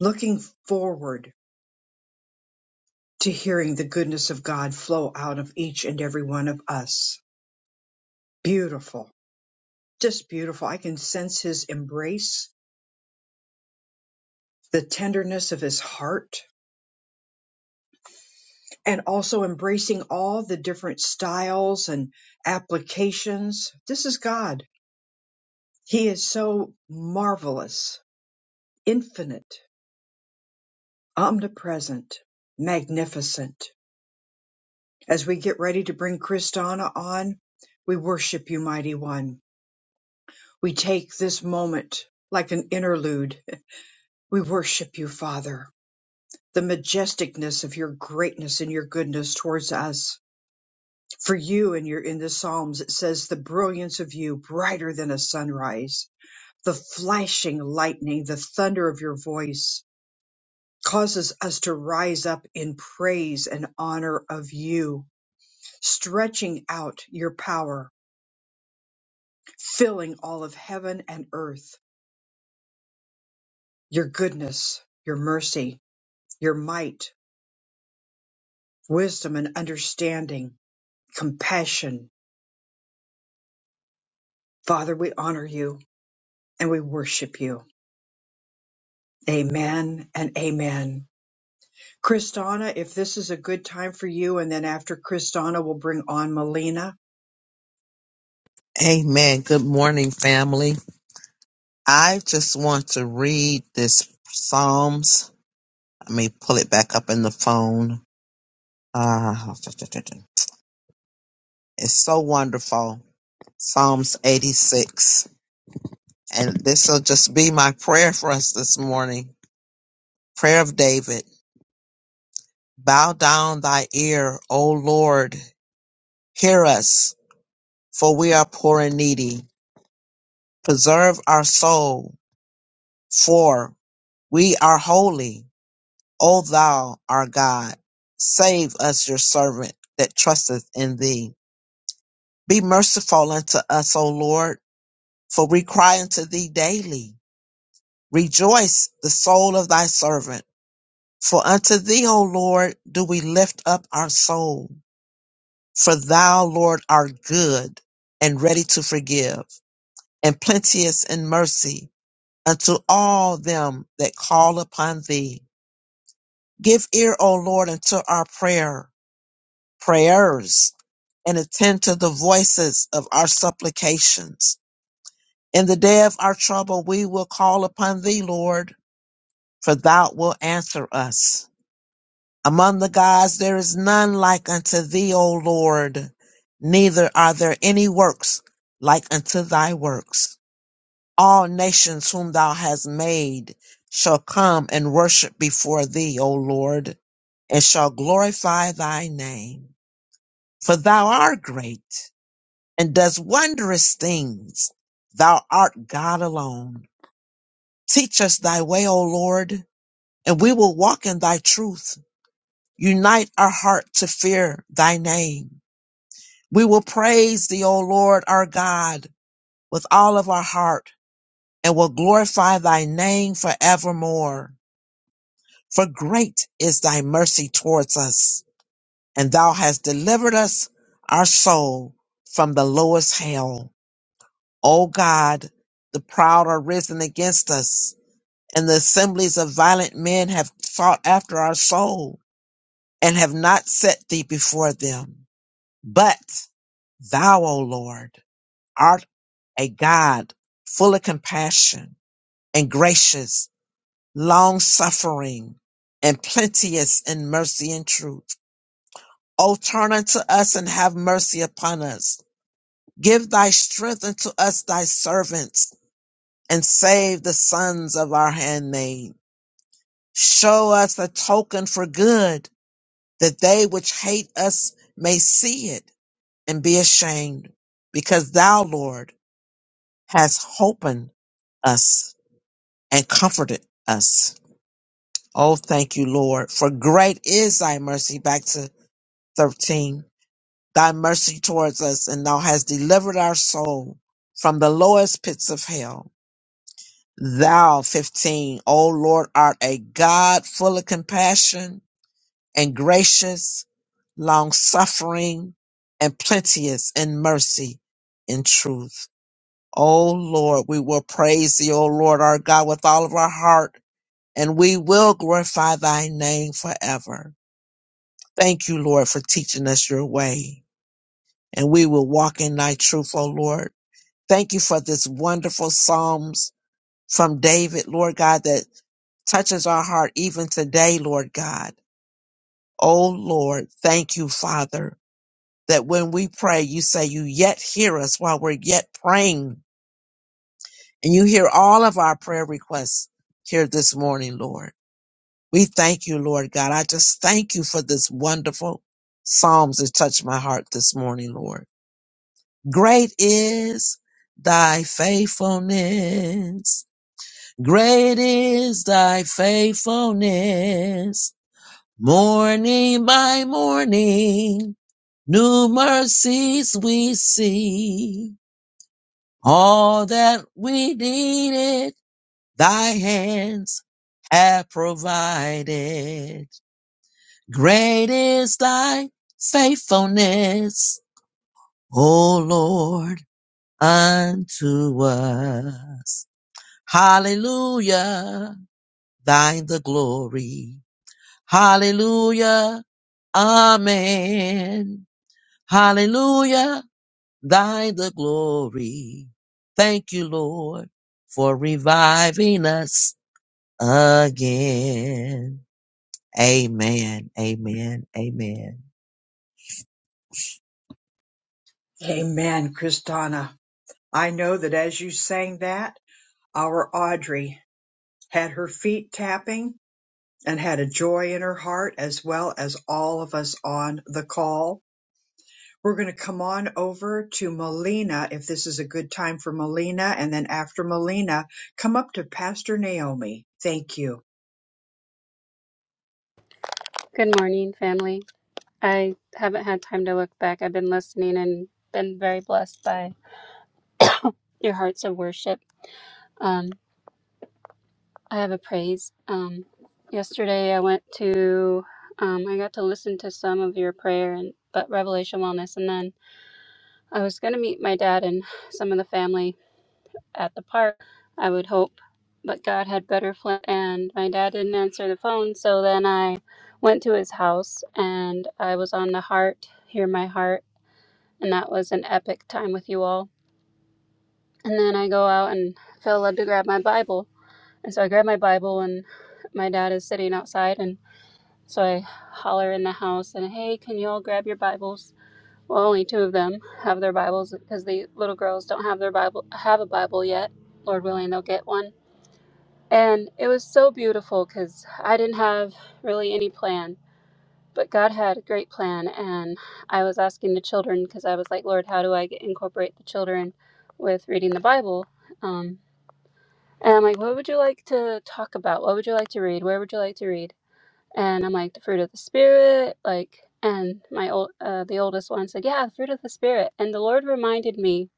A: looking forward to hearing the goodness of God flow out of each and every one of us. Beautiful, just beautiful. I can sense his embrace, the tenderness of his heart, and also embracing all the different styles and applications. This is God. He is so marvelous, infinite omnipresent, magnificent. As we get ready to bring Kristana on, we worship you, mighty one. We take this moment like an interlude. We worship you, Father, the majesticness of your greatness and your goodness towards us. For you and your in the Psalms it says the brilliance of you brighter than a sunrise, the flashing lightning, the thunder of your voice causes us to rise up in praise and honor of you stretching out your power, filling all of heaven and earth, your goodness, your mercy, your might, wisdom and understanding, compassion. Father, we honor you and we worship you. Amen and amen. Kristana, if this is a good time for you, and then after Kristana, we'll bring on Melina.
K: Amen. Good morning, family. I just want to read this Psalms. Let me pull it back up in the phone. Ah, it's so wonderful. Psalms 86. And this will just be my prayer for us this morning. Prayer of David. Bow down thy ear, O Lord. Hear us, for we are poor and needy. Preserve our soul, for we are holy. O thou our God, save us your servant that trusteth in thee. Be merciful unto us, O Lord, for we cry unto thee daily. Rejoice the soul of thy servant, for unto thee, O Lord, do we lift up our soul. For thou, Lord, art good and ready to forgive, and plenteous in mercy unto all them that call upon thee. Give ear, O Lord, unto our prayer prayers and attend to the voices of our supplications. In the day of our trouble, we will call upon thee, Lord, for thou wilt answer us. Among the gods, there is none like unto thee, O Lord, neither are there any works like unto thy works. All nations whom thou hast made shall come and worship before thee, O Lord, and shall glorify thy name. For thou art great and does wondrous things. Thou art God alone. Teach us thy way, O Lord, and we will walk in thy truth. Unite our heart to fear thy name. We will praise thee, O Lord, our God, with all of our heart and will glorify thy name forevermore. For great is thy mercy towards us, and thou hast delivered us, our soul, from the lowest hell. O God, the proud are risen against us, and the assemblies of violent men have sought after our soul, and have not set thee before them. But thou, O Lord, art a God full of compassion and gracious, long suffering, and plenteous in mercy and truth. O turn unto us and have mercy upon us. Give thy strength unto us, thy servants and save the sons of our handmaid. Show us a token for good, that they which hate us may see it and be ashamed, because thou, Lord, hast holpen us and comforted us. Oh, thank you, Lord, for great is thy mercy. Back to 13. Thy mercy towards us, and thou hast delivered our soul from the lowest pits of hell Thou 15, O Lord, art a God full of compassion and gracious, long suffering and plenteous in mercy and truth. O Lord, we will praise thee, O Lord our God, with all of our heart, and we will glorify thy name forever. Thank you, Lord, for teaching us your way, and we will walk in thy truth, O Lord. Thank you for this wonderful Psalms from David, Lord God, that touches our heart even today, Lord God. Oh Lord, thank you, Father, that when we pray, you say you yet hear us while we're yet praying. And you hear all of our prayer requests here this morning, Lord. We thank you, Lord God. I just thank you for this wonderful Psalms that touched my heart this morning, Lord. Great is thy faithfulness. Great is thy faithfulness. Morning by morning, new mercies we see. All that we needed, thy hands have provided. Great is thy faithfulness, O Lord, unto us. Hallelujah, thine the glory. Hallelujah, amen. Hallelujah, thy the glory. Thank you, Lord, for reviving us again. Amen, amen, amen.
A: Amen, Kristana. I know that as you sang that, our Audrey had her feet tapping and had a joy in her heart, as well as all of us on the call. We're going to come on over to Melina if this is a good time for Melina. And then after Melina, come up to Pastor Naomi. Thank you.
L: Good morning, family. I haven't had time to look back. I've been listening and been very blessed by your hearts of worship. Um, I have a praise. Um, yesterday, I went to, um, I got to listen to some of your prayer and but Revelation Wellness, and then I was going to meet my dad and some of the family at the park. I would hope, but God had better plan, and my dad didn't answer the phone. So then I went to his house, and I was on the heart. Hear my heart and that was an epic time with you all. And then I go out and feel led to grab my Bible. And so I grab my Bible and my dad is sitting outside and so I holler in the house and hey, can you all grab your Bibles? Well, only two of them have their Bibles because the little girls don't have their Bible have a Bible yet. Lord willing, they'll get one. And it was so beautiful because I didn't have really any plans. but God had a great plan, and I was asking the children because I was like, Lord, how do I get, incorporate the children with reading the Bible? Um, and I'm like, what would you like to talk about? What would you like to read? Where would you like to read? And I'm like, the fruit of the spirit, like. And my old, uh, the oldest one said, "Yeah, the fruit of the spirit." And the Lord reminded me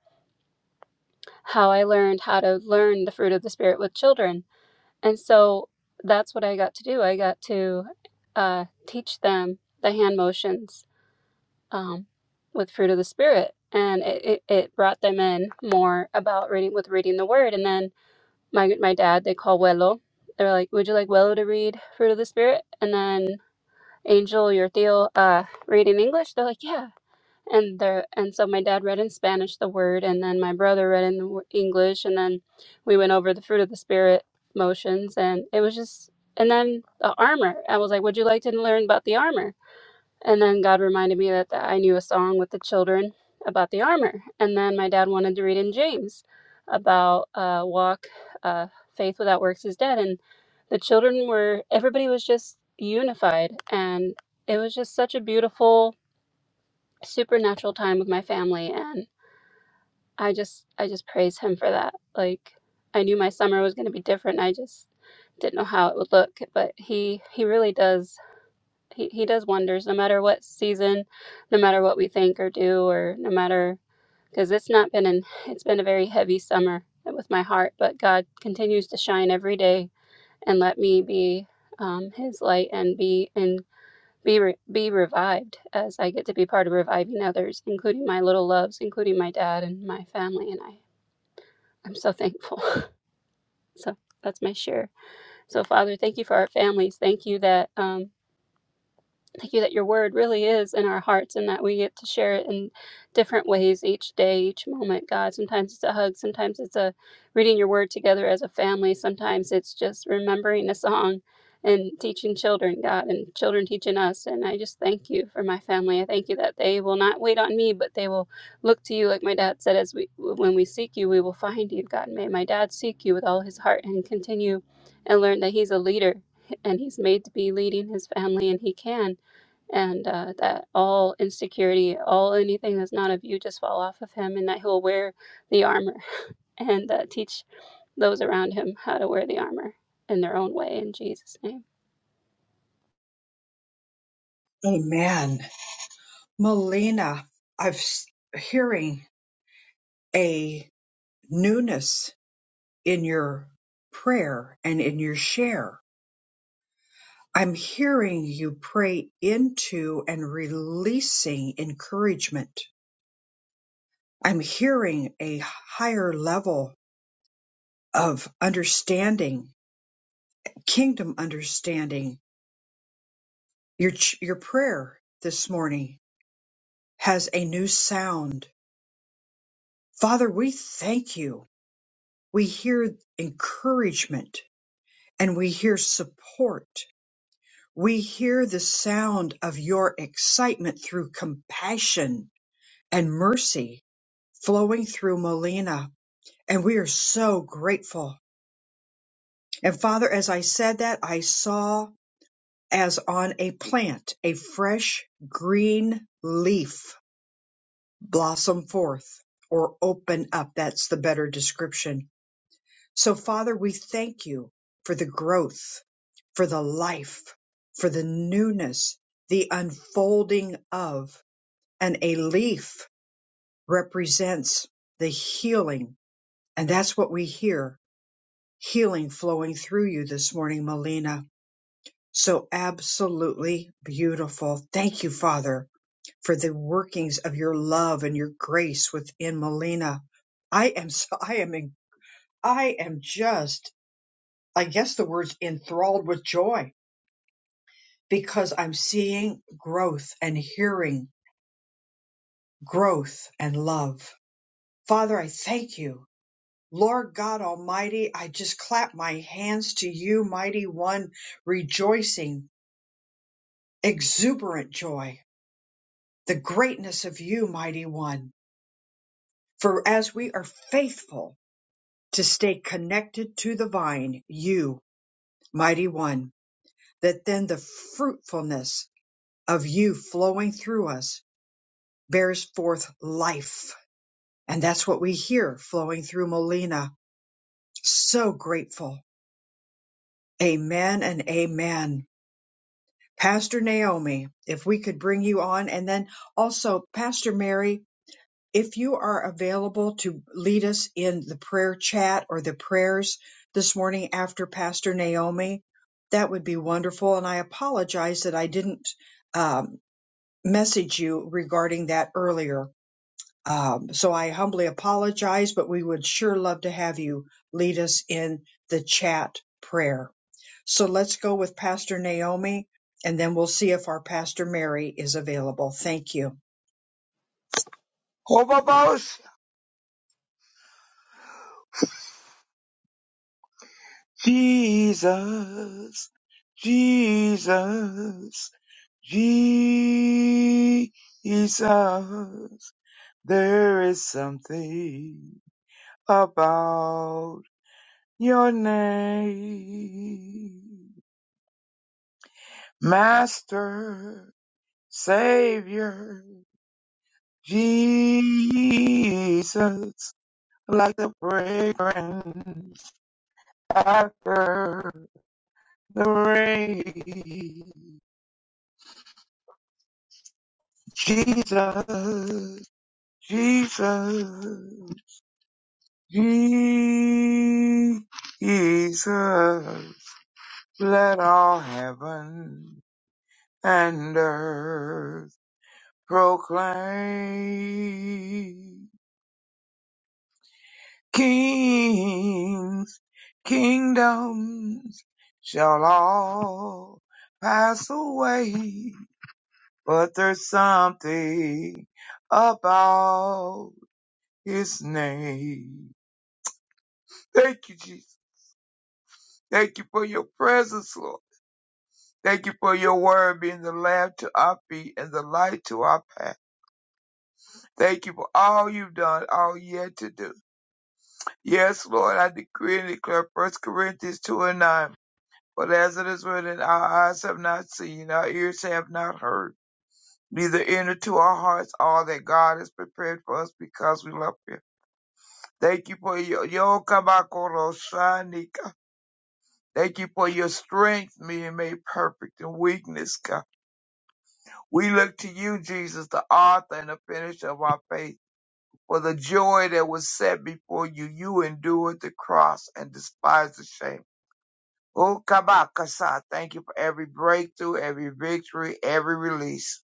L: how I learned how to learn the fruit of the spirit with children, and so that's what I got to do. I got to uh, teach them the hand motions um, with fruit of the spirit, and it, it, it brought them in more about reading with reading the word. And then my my dad, they call Wello. They were like, "Would you like Wello to read fruit of the spirit?" And then Angel, your Theo, uh, read in English. They're like, "Yeah." And there, and so my dad read in Spanish the word, and then my brother read in the w- English, and then we went over the fruit of the spirit motions, and it was just. And then the armor. I was like, "Would you like to learn about the armor?" And then God reminded me that, that I knew a song with the children about the armor. And then my dad wanted to read in James about uh, walk, uh, faith without works is dead. And the children were, everybody was just unified. And it was just such a beautiful supernatural time with my family. And I just, I just praise him for that. Like, I knew my summer was going to be different. I just didn't know how it would look, but he, he really does he, he does wonders no matter what season no matter what we think or do or no matter because it's not been an it's been a very heavy summer with my heart but god continues to shine every day and let me be um, his light and be and be re- be revived as i get to be part of reviving others including my little loves including my dad and my family and i i'm so thankful *laughs* so that's my share so father thank you for our families thank you that um, Thank you that your word really is in our hearts and that we get to share it in different ways each day, each moment, God. Sometimes it's a hug, sometimes it's a reading your word together as a family, sometimes it's just remembering a song and teaching children, God, and children teaching us. And I just thank you for my family. I thank you that they will not wait on me, but they will look to you, like my dad said, as we when we seek you, we will find you, God. May my dad seek you with all his heart and continue and learn that he's a leader and he's made to be leading his family and he can and uh, that all insecurity, all anything that's not of you, just fall off of him, and that he'll wear the armor *laughs* and uh, teach those around him how to wear the armor in their own way in Jesus' name.
A: Amen. Melina, i am hearing a newness in your prayer and in your share. I'm hearing you pray into and releasing encouragement I'm hearing a higher level of understanding, kingdom understanding. Your ch- your prayer this morning has a new sound. Father, we thank you. We hear encouragement and we hear support. We hear the sound of your excitement through compassion and mercy flowing through Melina. And we are so grateful. And Father, as I said that, I saw as on a plant a fresh green leaf blossom forth or open up. That's the better description. So, Father, we thank you for the growth, for the life, for the newness, the unfolding of, and a leaf represents the healing. And that's what we hear healing flowing through you this morning, Melina. So absolutely beautiful. Thank you, Father for the workings of your love and your grace within Melina. I am so I am in, I am just I guess the word's enthralled with joy because I'm seeing growth and hearing growth and love. Father, I thank you. Lord God Almighty, I just clap my hands to you, mighty one, rejoicing, exuberant joy, the greatness of you, mighty one. For as we are faithful to stay connected to the vine, you, mighty one, that then the fruitfulness of you flowing through us bears forth life. And that's what we hear flowing through Molina. So grateful. Amen and amen. Pastor Naomi, if we could bring you on, and then also Pastor Mary, if you are available to lead us in the prayer chat or the prayers this morning after Pastor Naomi, that would be wonderful. And I apologize that I didn't um, message you regarding that earlier. Um, so I humbly apologize, but we would sure love to have you lead us in the chat prayer. So let's go with Pastor Naomi, and then we'll see if our Pastor Mary is available. Thank you.
M: Hobabos, Jesus, Jesus, Jesus. There is something about your name, Master, Savior, Jesus. Like the fragrance after the rain. Jesus, Jesus, Jesus, let all heaven and earth proclaim. Kings, kingdoms shall all pass away, but there's something about his name. Thank you, Jesus. Thank you for your presence, Lord. Thank you for your word being the lamp to our feet and the light to our path. Thank you for all you've done, all yet to do. Yes, Lord, I decree and declare First Corinthians 2 and 9. But as it is written, our eyes have not seen, our ears have not heard, neither entered to our hearts all that God has prepared for us because we love Him. Thank you for your yo shanika. Thank you for your strength being made perfect in weakness, God. We look to you, Jesus, the author and the finisher of our faith. For the joy that was set before you, you endured the cross and despised the shame. Oh, Kabakasa, thank you for every breakthrough, every victory, every release.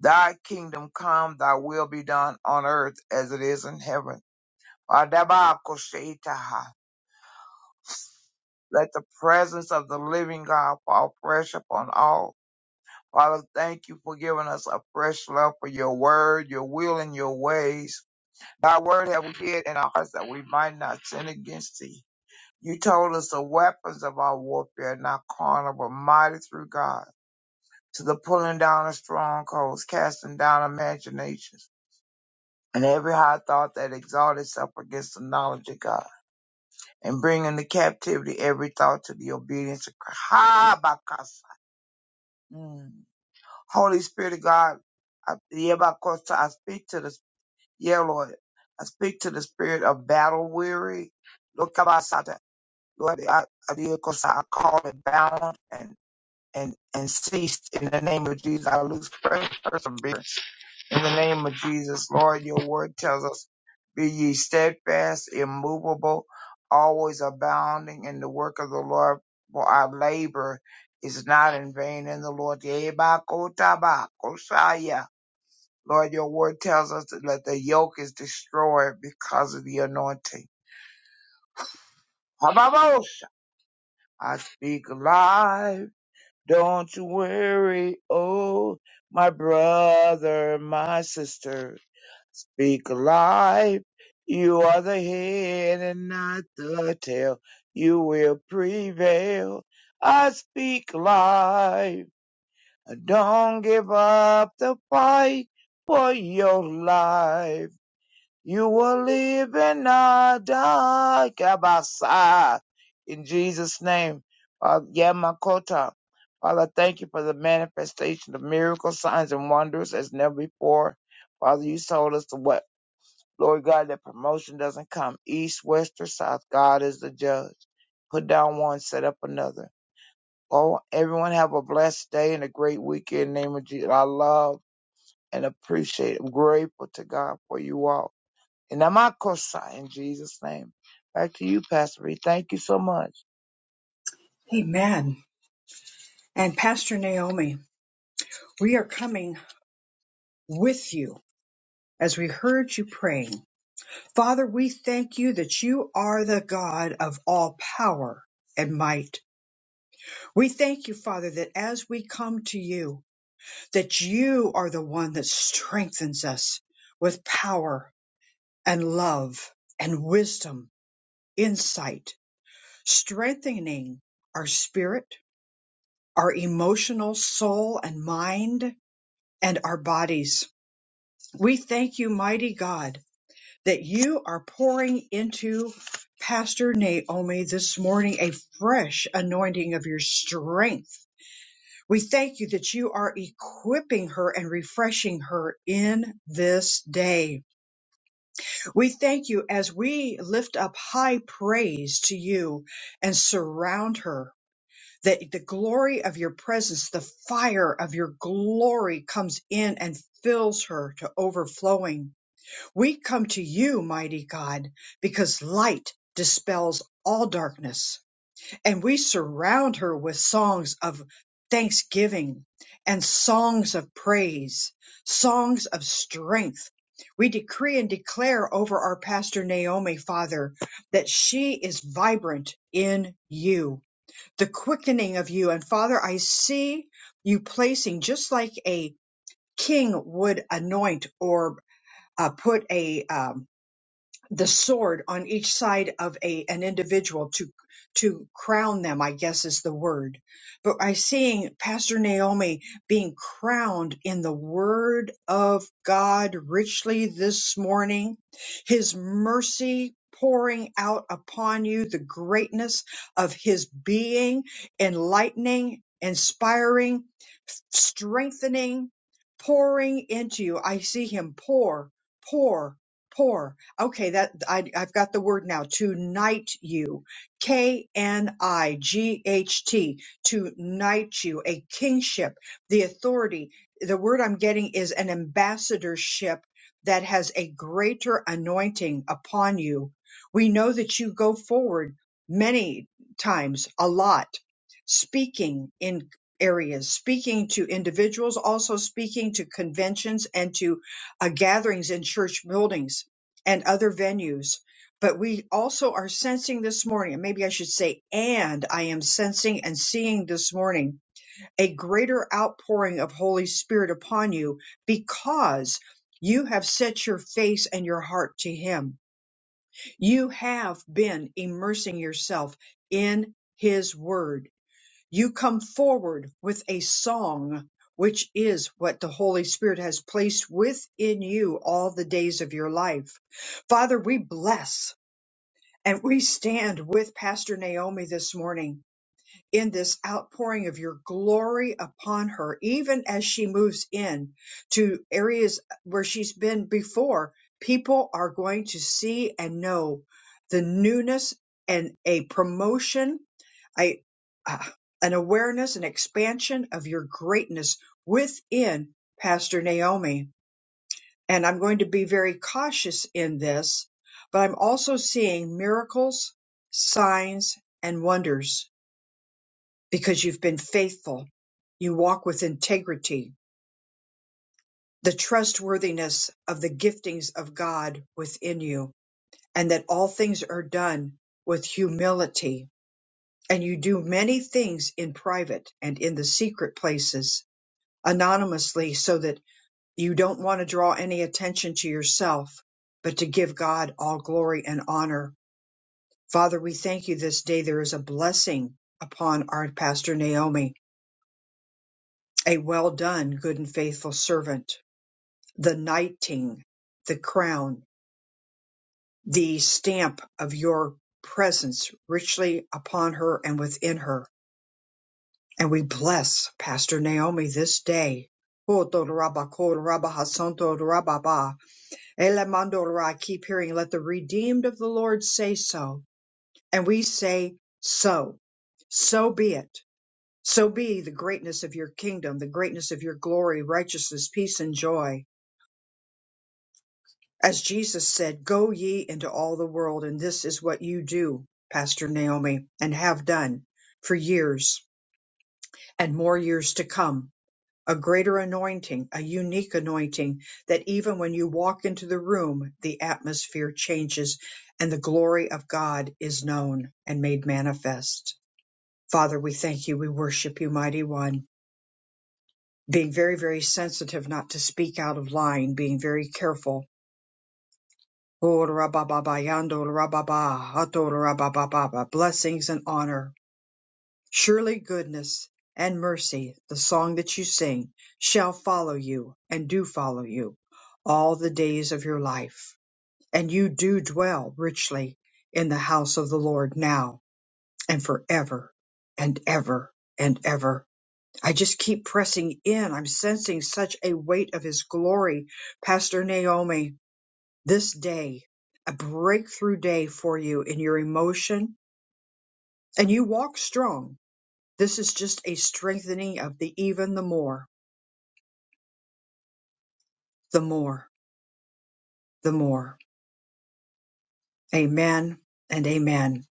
M: Thy kingdom come, thy will be done on earth as it is in heaven. Adabakosheitaha. Let the presence of the living God fall fresh upon all Father, thank you for giving us a fresh love for your word, your will, and your ways. Thy word have we hid in our hearts that we might not sin against thee. You told us the weapons of our warfare are not carnal, but mighty through God, to the pulling down of strongholds, casting down imaginations, and every high thought that exalts itself against the knowledge of God, and bringing the captivity every thought to the obedience of Christ. Ha, Bakasa. Mm. Holy Spirit of God, I, Yebakosa, I speak to the, yeah, Lord, I speak to the spirit of battle weary. Lord, Kabasata, Lord, I, I Yebakosa, I call it balance and, and, and ceased in the name of Jesus. I lose fresh perseverance in the name of Jesus, Lord, your word tells us, be ye steadfast, immovable, always abounding in the work of the Lord, for our labor is not in vain in the Lord. Lord, your word tells us that the yoke is destroyed because of the anointing. I speak life. Don't you worry, oh, my brother, my sister. Speak life. You are the head and not the tail. You will prevail. I speak life. Don't give up the fight for your life. You will live and not die. Kabasa. In Jesus' name. Father Yamakota. Father, thank you for the manifestation of miracles, signs, and wonders as never before. Father, you told us what. Lord God, that promotion doesn't come east, west, or south. God is the judge. Put down one, set up another. Oh, everyone have a blessed day and a great weekend. In the name of Jesus. I love and appreciate. I'm grateful to God for you all. And I'm out, in Jesus' name. Back to you, Pastor B. Thank you so much.
A: Amen. And Pastor Naomi. We are coming with you as we heard you praying. Father, we thank you that you are the God of all power and might. We thank you, Father, that as we come to you, that you are the one that strengthens us with power and love and wisdom, insight, strengthening our spirit, our emotional soul and mind, and our bodies. We thank you, mighty God, that you are pouring into Pastor Naomi this morning a fresh anointing of your strength. We thank you that you are equipping her and refreshing her in this day. We thank you as we lift up high praise to you and surround her, that the glory of your presence, the fire of your glory comes in and fills her to overflowing. We come to you, mighty God, because light dispels all darkness, and we surround her with songs of thanksgiving and songs of praise, songs of strength. We decree and declare over our pastor Naomi, Father, that she is vibrant in you, the quickening of you. And Father, I see you placing just like a king would anoint or uh, put a um, the sword on each side of a an individual to to crown them i guess is the word but i seeing pastor naomi being crowned in the word of god richly this morning his mercy pouring out upon you the greatness of his being enlightening inspiring strengthening, pouring into you. I see him pour, pour, pour. Okay, that I, I've got the word now. To knight you, K N I G H T. To knight you, a kingship, the authority. The word I'm getting is an ambassadorship that has a greater anointing upon you. We know that you go forward many times, a lot, speaking in areas, speaking to individuals, also speaking to conventions and to uh, gatherings in church buildings and other venues. But we also are sensing this morning, and maybe I should say, and I am sensing and seeing this morning a greater outpouring of Holy Spirit upon you because you have set your face and your heart to Him. You have been immersing yourself in His Word you come forward with a song, which is what the Holy Spirit has placed within you all the days of your life. Father, we bless and we stand with Pastor Naomi this morning in this outpouring of your glory upon her, even as she moves in to areas where she's been before. People are going to see and know the newness and a promotion, a, uh, an awareness and expansion of your greatness within Pastor Naomi. And I'm going to be very cautious in this, but I'm also seeing miracles, signs, and wonders because you've been faithful. You walk with integrity, the trustworthiness of the giftings of God within you, and that all things are done with humility. And you do many things in private and in the secret places anonymously so that you don't want to draw any attention to yourself, but to give God all glory and honor. Father, we thank you this day. There is a blessing upon our pastor Naomi A well done, good and faithful servant, the knighting, the crown, the stamp of your presence richly upon her and within her. And we bless Pastor Naomi this day. I keep hearing, let the redeemed of the Lord say so. And we say, so, so be it. So be the greatness of your kingdom, the greatness of your glory, righteousness, peace, and joy As Jesus said, Go ye into all the world, and this is what you do, Pastor Naomi, and have done for years and more years to come. A greater anointing, a unique anointing that even when you walk into the room, the atmosphere changes and the glory of God is known and made manifest. Father, we thank you. We worship you, mighty one. Being very, very sensitive not to speak out of line, being very careful Oh, rabababa, yando, rababa, ato, rabababa, blessings and honor. Surely goodness and mercy, the song that you sing, shall follow you and do follow you all the days of your life. And you do dwell richly in the house of the Lord now and forever and ever and ever. I just keep pressing in. I'm sensing such a weight of his glory, Pastor Naomi this day, a breakthrough day for you in your emotion, and you walk strong. This is just a strengthening of the even the more, the more, the more. Amen and amen.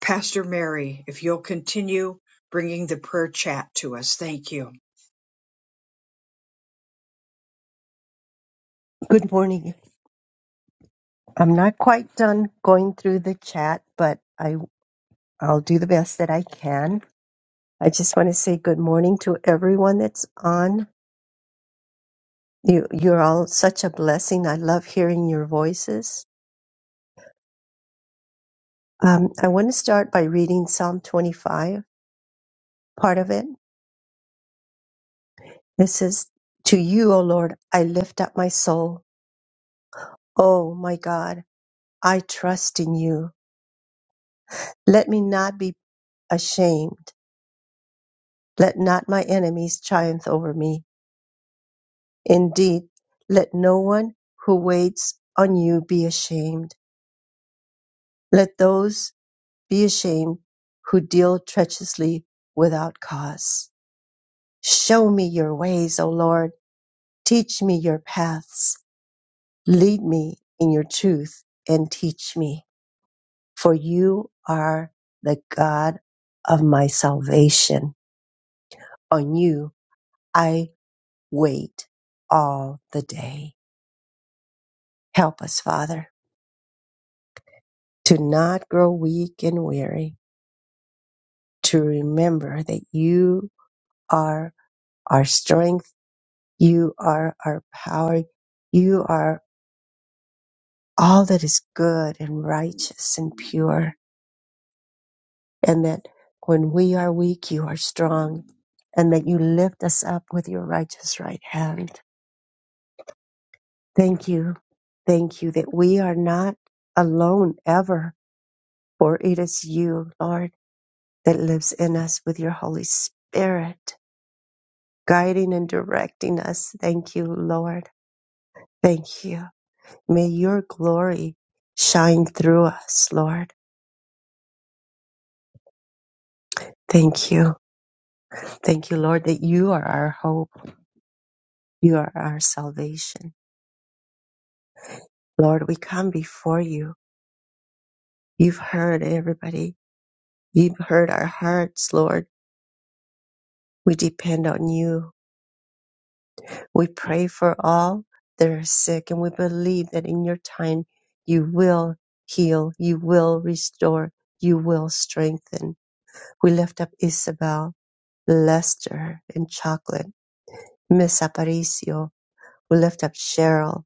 A: Pastor Mary, if you'll continue bringing the prayer chat to us, thank you.
C: Good morning. I'm not quite done going through the chat, but I, I'll do the best that I can. I just want to say good morning to everyone that's on. You, you're all such a blessing. I love hearing your voices. Um, I want to start by reading Psalm 25, part of it. This is to you, O Lord, I lift up my soul. O my God, I trust in you. Let me not be ashamed. Let not my enemies triumph over me. Indeed, let no one who waits on you be ashamed. Let those be ashamed who deal treacherously without cause. Show me your ways, O Lord. Teach me your paths. Lead me in your truth and teach me. for you are the God of my salvation. On you I wait all the day. Help us, Father, to not grow weak and weary, to remember that you are our strength, you are our power, you are all that is good and righteous and pure, and that when we are weak, you are strong, and that you lift us up with your righteous right hand. Thank you. Thank you that we are not alone ever, for it is you, Lord, that lives in us with your Holy Spirit, guiding and directing us. Thank you, Lord. Thank you. May your glory shine through us, Lord. Thank you. Thank you, Lord, that you are our hope. You are our salvation. Lord, we come before you. You've heard everybody. You've heard our hearts, Lord. We depend on you. We pray for all that are sick, and we believe that in your time you will heal, you will restore, you will strengthen. We lift up Isabel, Lester, and Chocolate, Miss Aparicio. We lift up Cheryl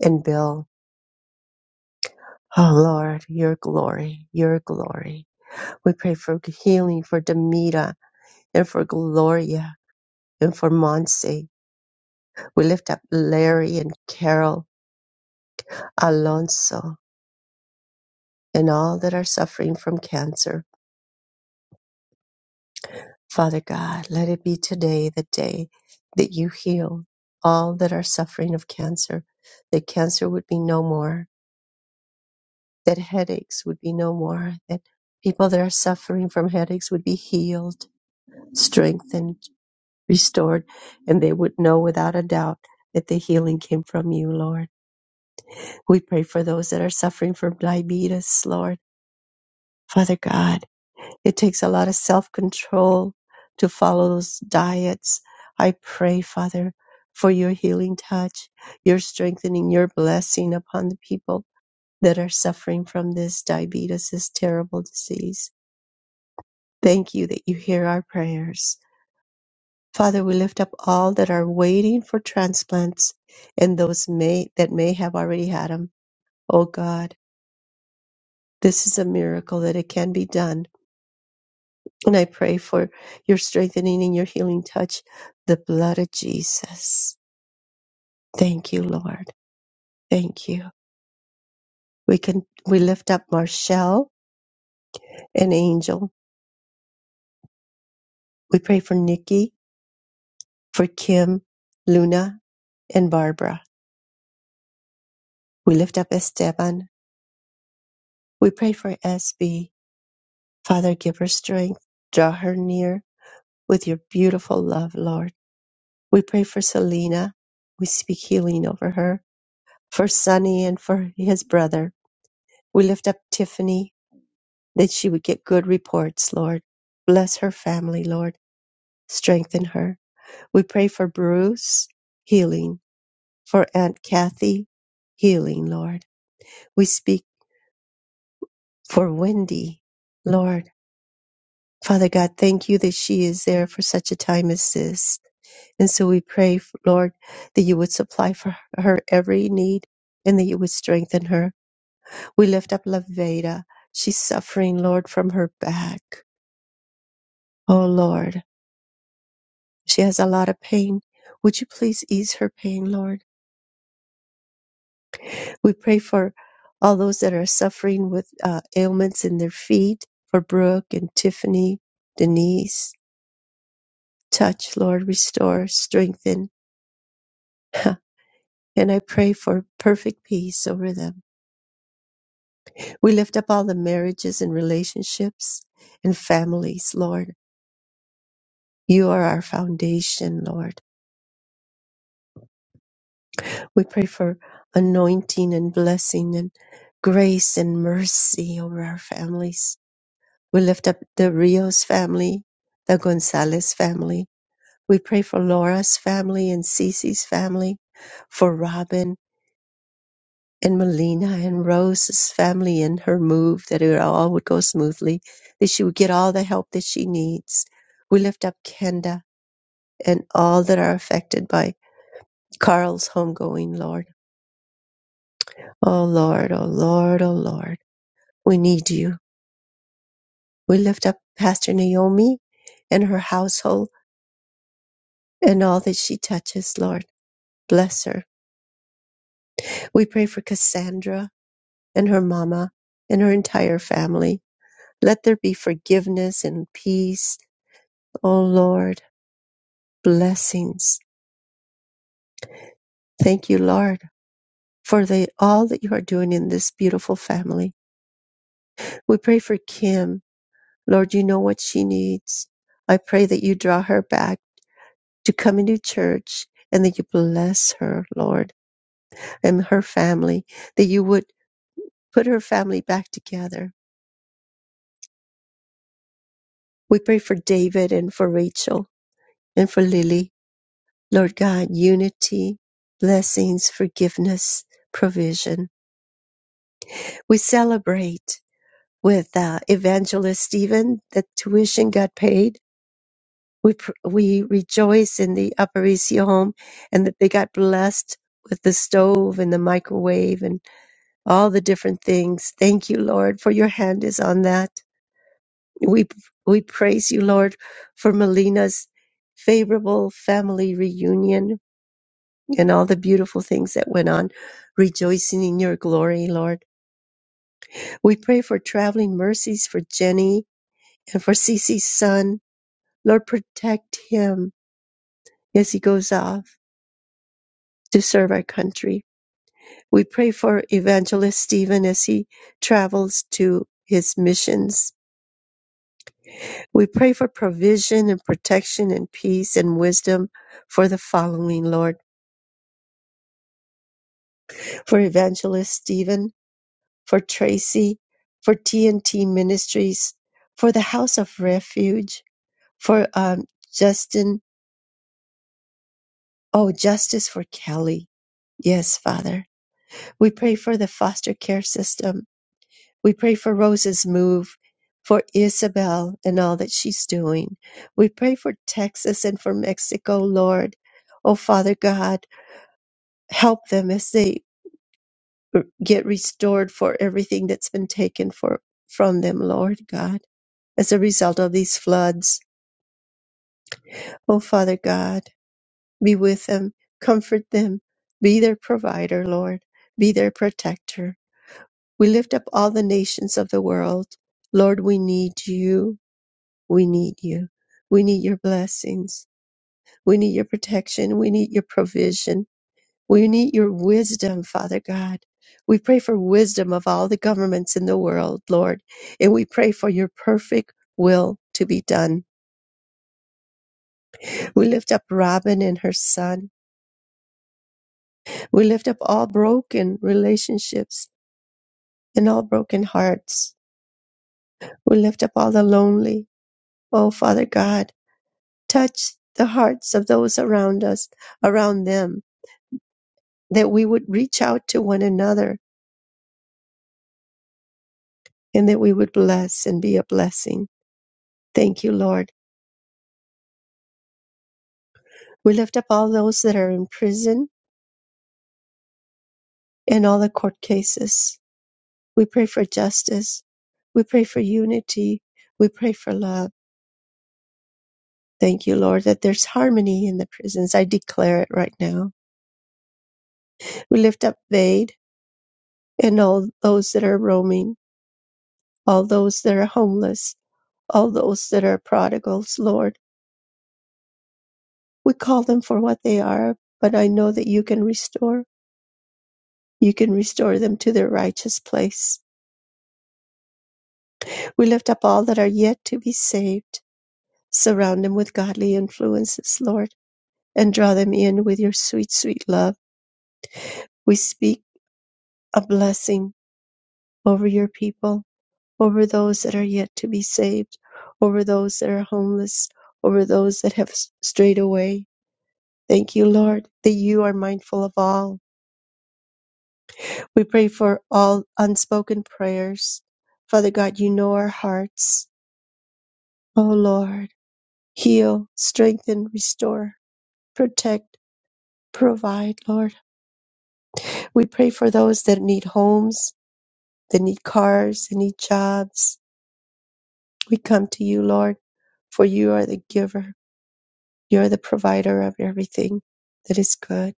C: and Bill. Oh Lord, your glory, your glory. We pray for healing for Demita and for Gloria and for Monse. We lift up Larry and Carol Alonso. and all that are suffering from cancer. Father God, let it be today the day that you heal all that are suffering of cancer, that cancer would be no more, that headaches would be no more, that people that are suffering from headaches would be healed, strengthened, restored, and they would know without a doubt that the healing came from you, Lord. We pray for those that are suffering from diabetes, Lord. Father God, It takes a lot of self control to follow those diets. I pray, Father, for your healing touch, your strengthening, your blessing upon the people that are suffering from this diabetes, this terrible disease. Thank you that you hear our prayers. Father, we lift up all that are waiting for transplants and those may, that may have already had them. Oh God, this is a miracle that it can be done And I pray for your strengthening and your healing touch, the blood of Jesus. Thank you, Lord. Thank you. We can we lift up Marshall and Angel. We pray for Nikki, for Kim, Luna, and Barbara. We lift up Esteban. We pray for SB. Father, give her strength. Draw her near with your beautiful love, Lord. We pray for Selena. We speak healing over her. For Sonny and for his brother. We lift up Tiffany. that she would get good reports, Lord. Bless her family, Lord. Strengthen her. We pray for Bruce healing, for Aunt Kathy healing, Lord. We speak for Wendy, Lord. Father God, thank you that she is there for such a time as this. And so we pray, Lord, that you would supply for her every need and that you would strengthen her. We lift up Laveda. She's suffering, Lord, from her back. Oh, Lord. She has a lot of pain. Would you please ease her pain, Lord? We pray for all those that are suffering with uh, ailments in their feet, for Brooke and Tiffany, Denise. Touch, Lord, restore, strengthen. *laughs* And I pray for perfect peace over them. We lift up all the marriages and relationships and families, Lord. You are our foundation, Lord. We pray for anointing and blessing and grace and mercy over our families We lift up the Rios family, the Gonzalez family. We pray for Laura's family and Cece's family, for Robin and Melina and Rose's family and her move, that it all would go smoothly, that she would get all the help that she needs. We lift up Kenda and all that are affected by Carl's homegoing, Lord. Oh, Lord, oh, Lord, oh, Lord. We need you. We lift up Pastor Naomi and her household and all that she touches, Lord. Bless her. We pray for Cassandra and her mama and her entire family. Let there be forgiveness and peace. Oh Lord, blessings. Thank you, Lord, for the, all that you are doing in this beautiful family. We pray for Kim. Lord, you know what she needs. I pray that you draw her back to coming to church and that you bless her, Lord, and her family, that you would put her family back together. We pray for David and for Rachel. And for Lily, Lord God, unity, blessings, forgiveness, provision. We celebrate with uh, Evangelist Stephen that tuition got paid. We pr- we rejoice in the Aparicio home and that they got blessed with the stove and the microwave and all the different things. Thank you, Lord, for your hand is on that. We we praise you, Lord, for Melina's favorable family reunion and all the beautiful things that went on, rejoicing in your glory, Lord. We pray for traveling mercies for Jenny and for Cece's son. Lord, protect him as he goes off to serve our country. We pray for Evangelist Stephen as he travels to his missions. We pray for provision and protection and peace and wisdom for the following, Lord. For Evangelist Stephen, for Tracy, for TNT Ministries, for the House of Refuge, for um, Justin. Oh, justice for Kelly. Yes, Father. We pray for the foster care system. We pray for Rose's move, for Isabel and all that she's doing. We pray for Texas and for Mexico, Lord. Oh, Father God, help them as they get restored for everything that's been taken for, from them, Lord God, as a result of these floods. O Father God, be with them, comfort them, be their provider, Lord, be their protector. We lift up all the nations of the world. Lord, we need you. We need you. We need your blessings. We need your protection. We need your provision. We need your wisdom, Father God. We pray for wisdom of all the governments in the world, Lord, and we pray for your perfect will to be done. We lift up Robin and her son. We lift up all broken relationships and all broken hearts. We lift up all the lonely. Oh, Father God, touch the hearts of those around us, around them, that we would reach out to one another and that we would bless and be a blessing. Thank you, Lord. We lift up all those that are in prison and all the court cases. We pray for justice. We pray for unity. We pray for love. Thank you, Lord, that there's harmony in the prisons. I declare it right now We lift up Vade and all those that are roaming, all those that are homeless, all those that are prodigals, Lord. We call them for what they are, but I know that you can restore. You can restore them to their righteous place. We lift up all that are yet to be saved. Surround them with godly influences, Lord, and draw them in with your sweet, sweet love. We speak a blessing over your people over those that are yet to be saved, over those that are homeless, over those that have strayed away. Thank you, Lord, that you are mindful of all. We pray for all unspoken prayers. Father God, you know our hearts. Oh, Lord, heal, strengthen, restore, protect, provide, Lord. We pray for those that need homes, that need cars, that need jobs. We come to you, Lord, for you are the giver. You're the provider of everything that is good.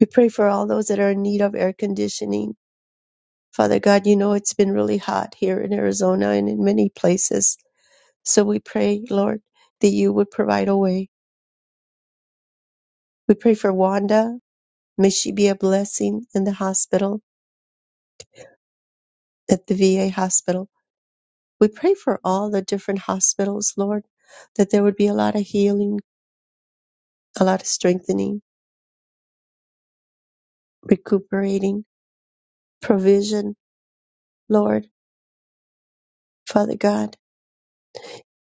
C: We pray for all those that are in need of air conditioning. Father God, you know it's been really hot here in Arizona and in many places. So we pray, Lord, that you would provide a way. We pray for Wanda. May she be a blessing in the hospital, at the VA hospital. We pray for all the different hospitals, Lord, that there would be a lot of healing, a lot of strengthening, recuperating, provision, Lord, Father God.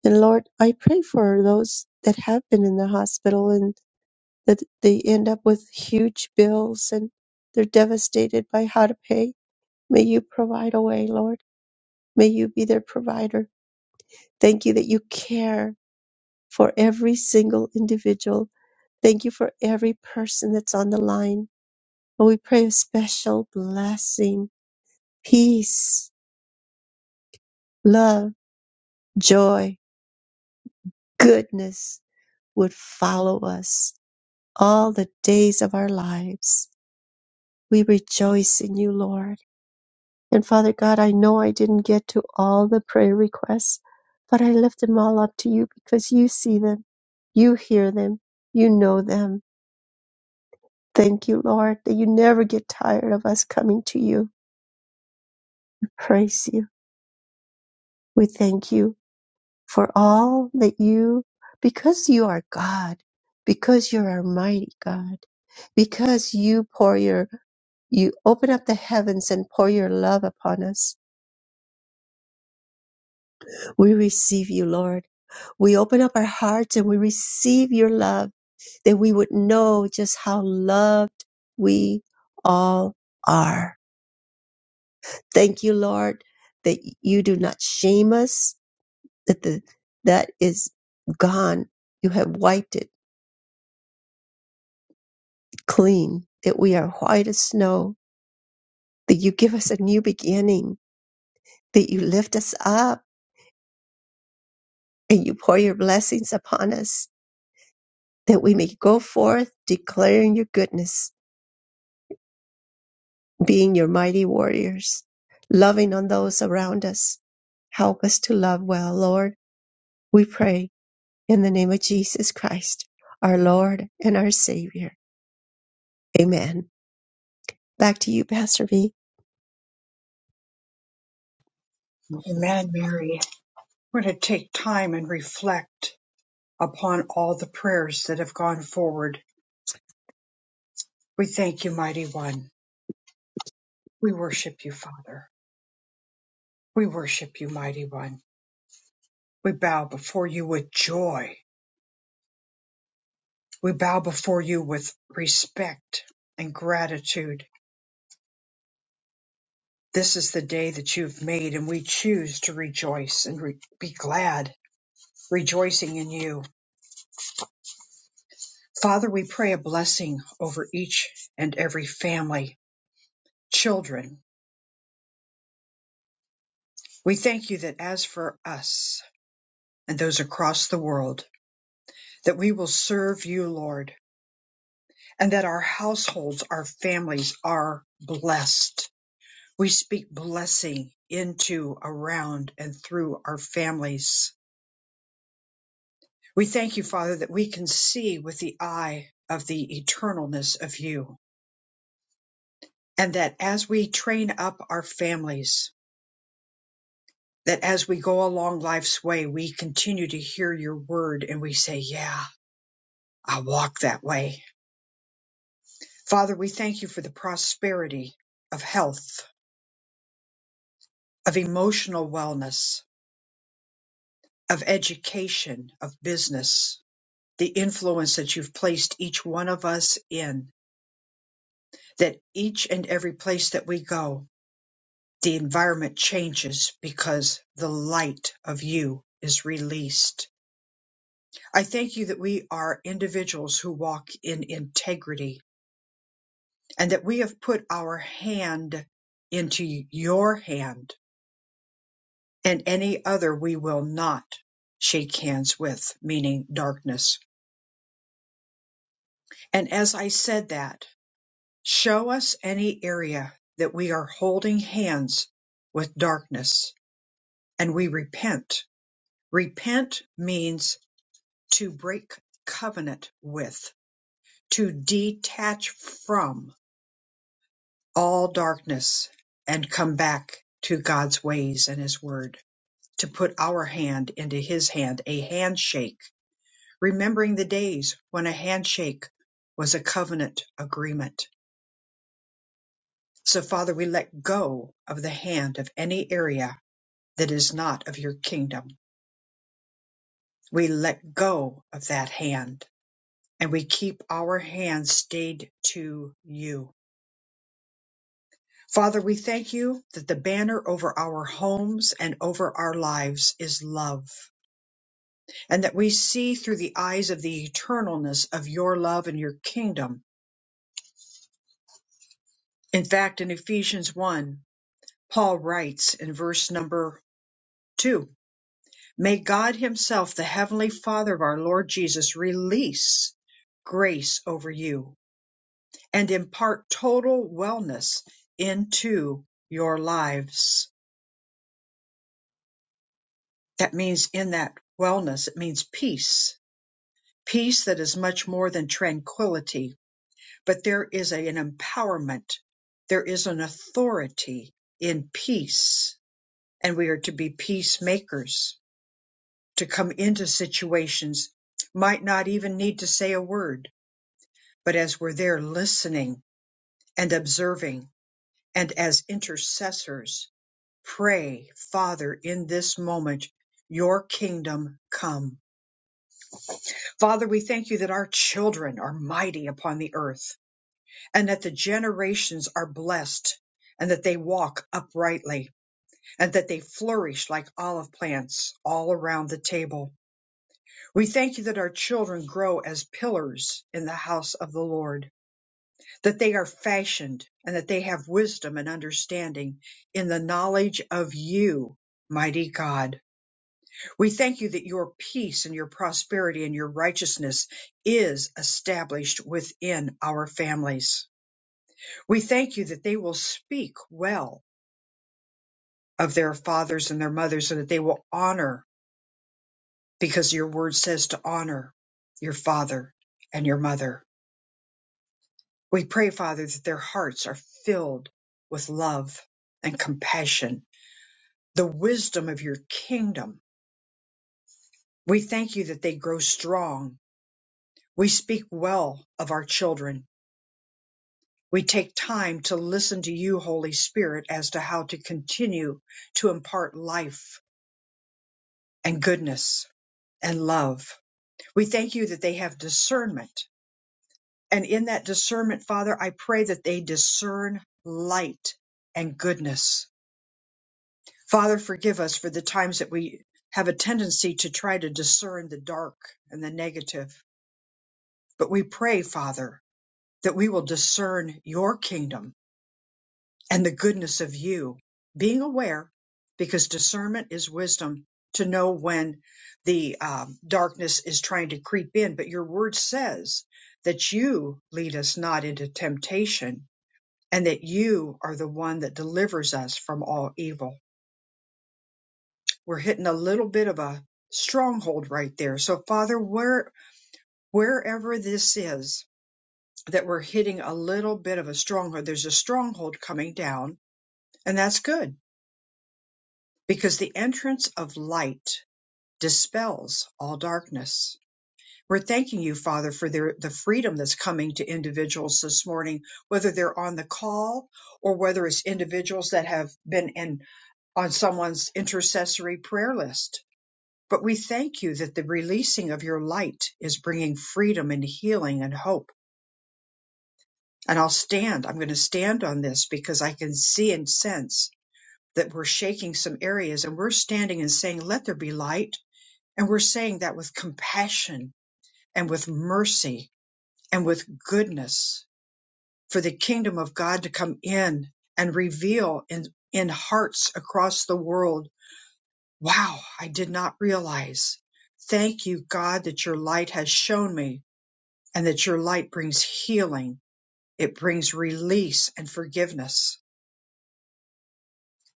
C: And Lord, I pray for those that have been in the hospital and that they end up with huge bills and they're devastated by how to pay. May you provide a way, Lord. May you be their provider. Thank you that you care for every single individual. Thank you for every person that's on the line. And we pray a special blessing, peace, love, joy, goodness would follow us all the days of our lives We rejoice in you, Lord. And Father God, I know I didn't get to all the prayer requests, but I lift them all up to you because you see them, you hear them, you know them. Thank you, Lord, that you never get tired of us coming to you. We praise you. We thank you for all that you, because you are God, because you're our mighty God, because you pour your you open up the heavens and pour your love upon us We receive you, Lord. We open up our hearts and we receive your love that we would know just how loved we all are. Thank you, Lord, that you do not shame us, that the, that is gone. You have wiped it clean, that we are white as snow, that you give us a new beginning, that you lift us up and you pour your blessings upon us, that we may go forth declaring your goodness being your mighty warriors, loving on those around us. Help us to love well, Lord. We pray in the name of Jesus Christ, our Lord and our Savior. Amen. Back to you, Pastor B.
A: Amen, Mary. We're going to take time and reflect upon all the prayers that have gone forward. We thank you, Mighty One. We worship you, Father. We worship you, Mighty One. We bow before you with joy. We bow before you with respect and gratitude. This is the day that you've made, and we choose to rejoice and re- be glad, rejoicing in you. Father, we pray a blessing over each and every family, children. We thank you that as for us and those across the world, that we will serve you, Lord, and that our households, our families are blessed We speak blessing into, around, and through our families. We thank you, Father, that we can see with the eye of the eternalness of you. And that as we train up our families, that as we go along life's way, we continue to hear your word and we say, Yeah, I walk that way. Father, we thank you for the prosperity of health, of emotional wellness, of education, of business the influence that you've placed each one of us in, that each and every place that we go, the environment changes because the light of you is released. I thank you that we are individuals who walk in integrity and that we have put our hand into your hand and any other we will not shake hands with, meaning darkness. And as I said that, Show us any area that we are holding hands with darkness and we repent. Repent means to break covenant with, to detach from all darkness and come back to God's ways and His Word, to put our hand into His hand, a handshake, remembering the days when a handshake was a covenant agreement. So, Father, we let go of the hand of any area that is not of your kingdom. We let go of that hand and we keep our hands stayed to you. Father, we thank you that the banner over our homes and over our lives is love, and that we see through the eyes of the eternalness of your love and your kingdom. In fact, in Ephesians 1, Paul writes in verse number 2 May God Himself, the Heavenly Father of our Lord Jesus, release grace over you and impart total wellness into your lives. That means in that wellness, it means peace, peace that is much more than tranquility, but there is a- an empowerment. There is an authority in peace, and we are to be peacemakers to come into situations, might not even need to say a word, but as we're there listening and observing and as intercessors Pray, Father, in this moment, your kingdom come. Father, we thank you that our children are mighty upon the earth and that the generations are blessed and that they walk uprightly and that they flourish like olive plants all around the table. We thank you that our children grow as pillars in the house of the Lord, that they are fashioned and that they have wisdom and understanding in the knowledge of you, mighty God. We thank you that your peace and your prosperity and your righteousness is established within our families. We thank you that they will speak well of their fathers and their mothers and that they will honor because your word says to honor your father and your mother. We pray, Father, that their hearts are filled with love and compassion, the wisdom of your kingdom. We thank you that they grow strong. We speak well of our children. We take time to listen to you, Holy Spirit, as to how to continue to impart life and goodness and love. We thank you that they have discernment. And in that discernment, Father, I pray that they discern light and goodness. Father, forgive us for the times that we have a tendency to try to discern the dark and the negative. But we pray, Father, that we will discern your kingdom and the goodness of you. Being aware, because discernment is wisdom to know when the um, darkness is trying to creep in. But your word says that you lead us not into temptation and that you are the one that delivers us from all evil. We're hitting a little bit of a stronghold right there. So Father, where, wherever this is that we're hitting a little bit of a stronghold, there's a stronghold coming down and that's good because the entrance of light dispels all darkness. We're thanking you, Father, for their, the freedom that's coming to individuals this morning, whether they're on the call or whether it's individuals that have been in on someone's intercessory prayer list. But we thank you that the releasing of your light is bringing freedom and healing and hope. And I'll stand. I'm going to stand on this because I can see and sense that we're shaking some areas and we're standing and saying, let there be light And we're saying that with compassion and with mercy and with goodness for the kingdom of God to come in and reveal in, in hearts across the world. Wow, I did not realize. Thank you, God, that your light has shown me and that your light brings healing. It brings release and forgiveness.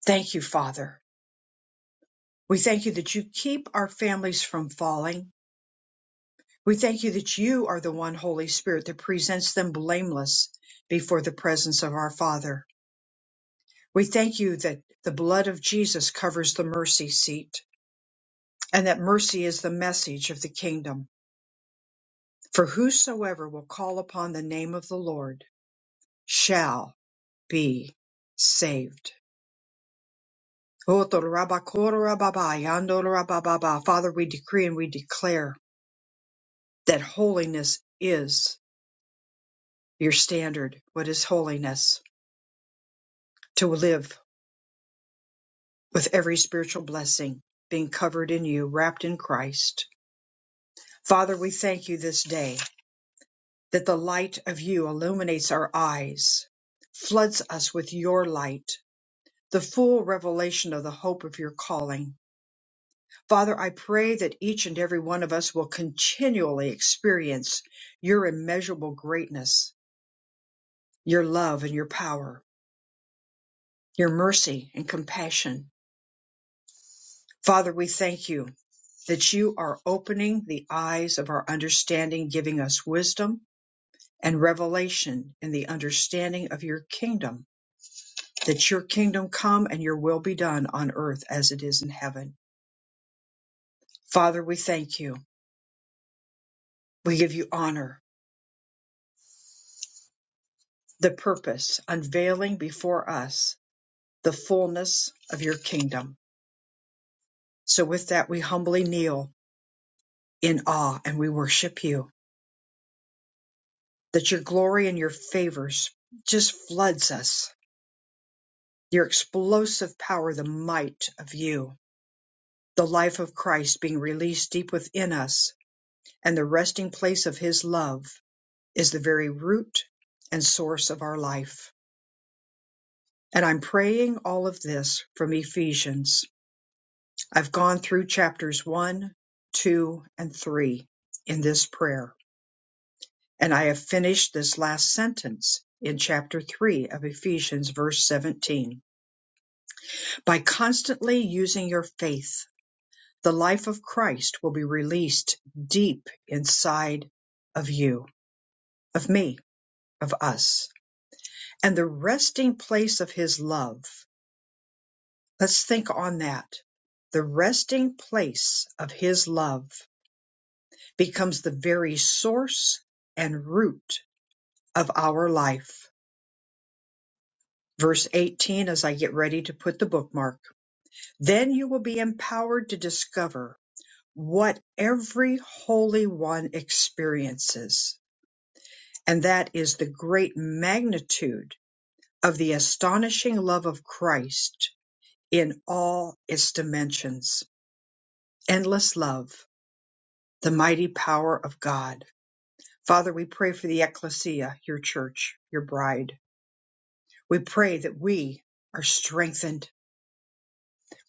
A: Thank you, Father. We thank you that you keep our families from falling. We thank you that you are the one Holy Spirit that presents them blameless before the presence of our Father. We thank you that the blood of Jesus covers the mercy seat and that mercy is the message of the kingdom. For whosoever will call upon the name of the Lord shall be saved. Father, we decree and we declare that holiness is your standard. What is holiness? To live with every spiritual blessing being covered in you, wrapped in Christ. Father, we thank you this day that the light of you illuminates our eyes, floods us with your light, the full revelation of the hope of your calling. Father, I pray that each and every one of us will continually experience your immeasurable greatness, your love and your power, your mercy and compassion. Father, we thank you that you are opening the eyes of our understanding, giving us wisdom and revelation in the understanding of your kingdom, that your kingdom come and your will be done on earth as it is in heaven. Father, we thank you. We give you honor, the purpose, unveiling before us the fullness of your kingdom. So with that, we humbly kneel in awe and we worship you, that your glory and your favors just floods us Your explosive power, the might of you, the life of Christ being released deep within us, and the resting place of his love is the very root and source of our life. And I'm praying all of this from Ephesians. I've gone through chapters one, two, and three in this prayer. And I have finished this last sentence in chapter three of Ephesians, verse 17. By constantly using your faith, The life of Christ will be released deep inside of you, of me, of us. And the resting place of his love. Let's think on that. The resting place of his love becomes the very source and root of our life. Verse 18, as I get ready to put the bookmark, then you will be empowered to discover what every holy one experiences and that is the great magnitude of the astonishing love of Christ in all its dimensions. Endless love, the mighty power of God. Father, we pray for the ecclesia, your church, your bride. We pray that we are strengthened.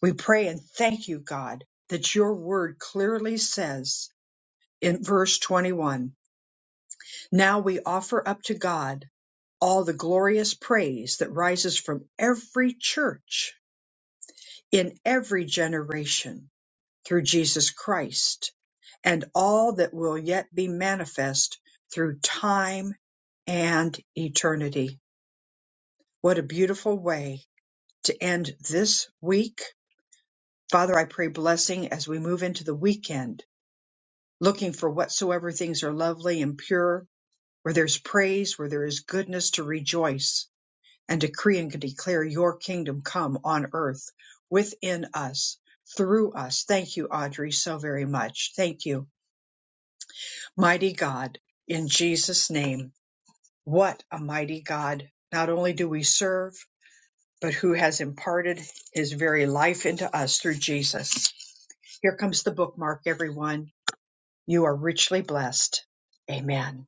A: We pray and thank you, God, that your word clearly says in verse 21 Now we offer up to God all the glorious praise that rises from every church in every generation through Jesus Christ and all that will yet be manifest through time and eternity. What a beautiful way to end this week. Father, I pray blessing as we move into the weekend, looking for whatsoever things are lovely and pure, where there's praise, where there is goodness to rejoice and decree and declare your kingdom come on earth within us, through us. Thank you, Audrey, so very much. Thank you. Mighty God, in Jesus' name, what a mighty God. Not only do we serve, but who has imparted his very life into us through Jesus. Here comes the bookmark, everyone. You are richly blessed. Amen.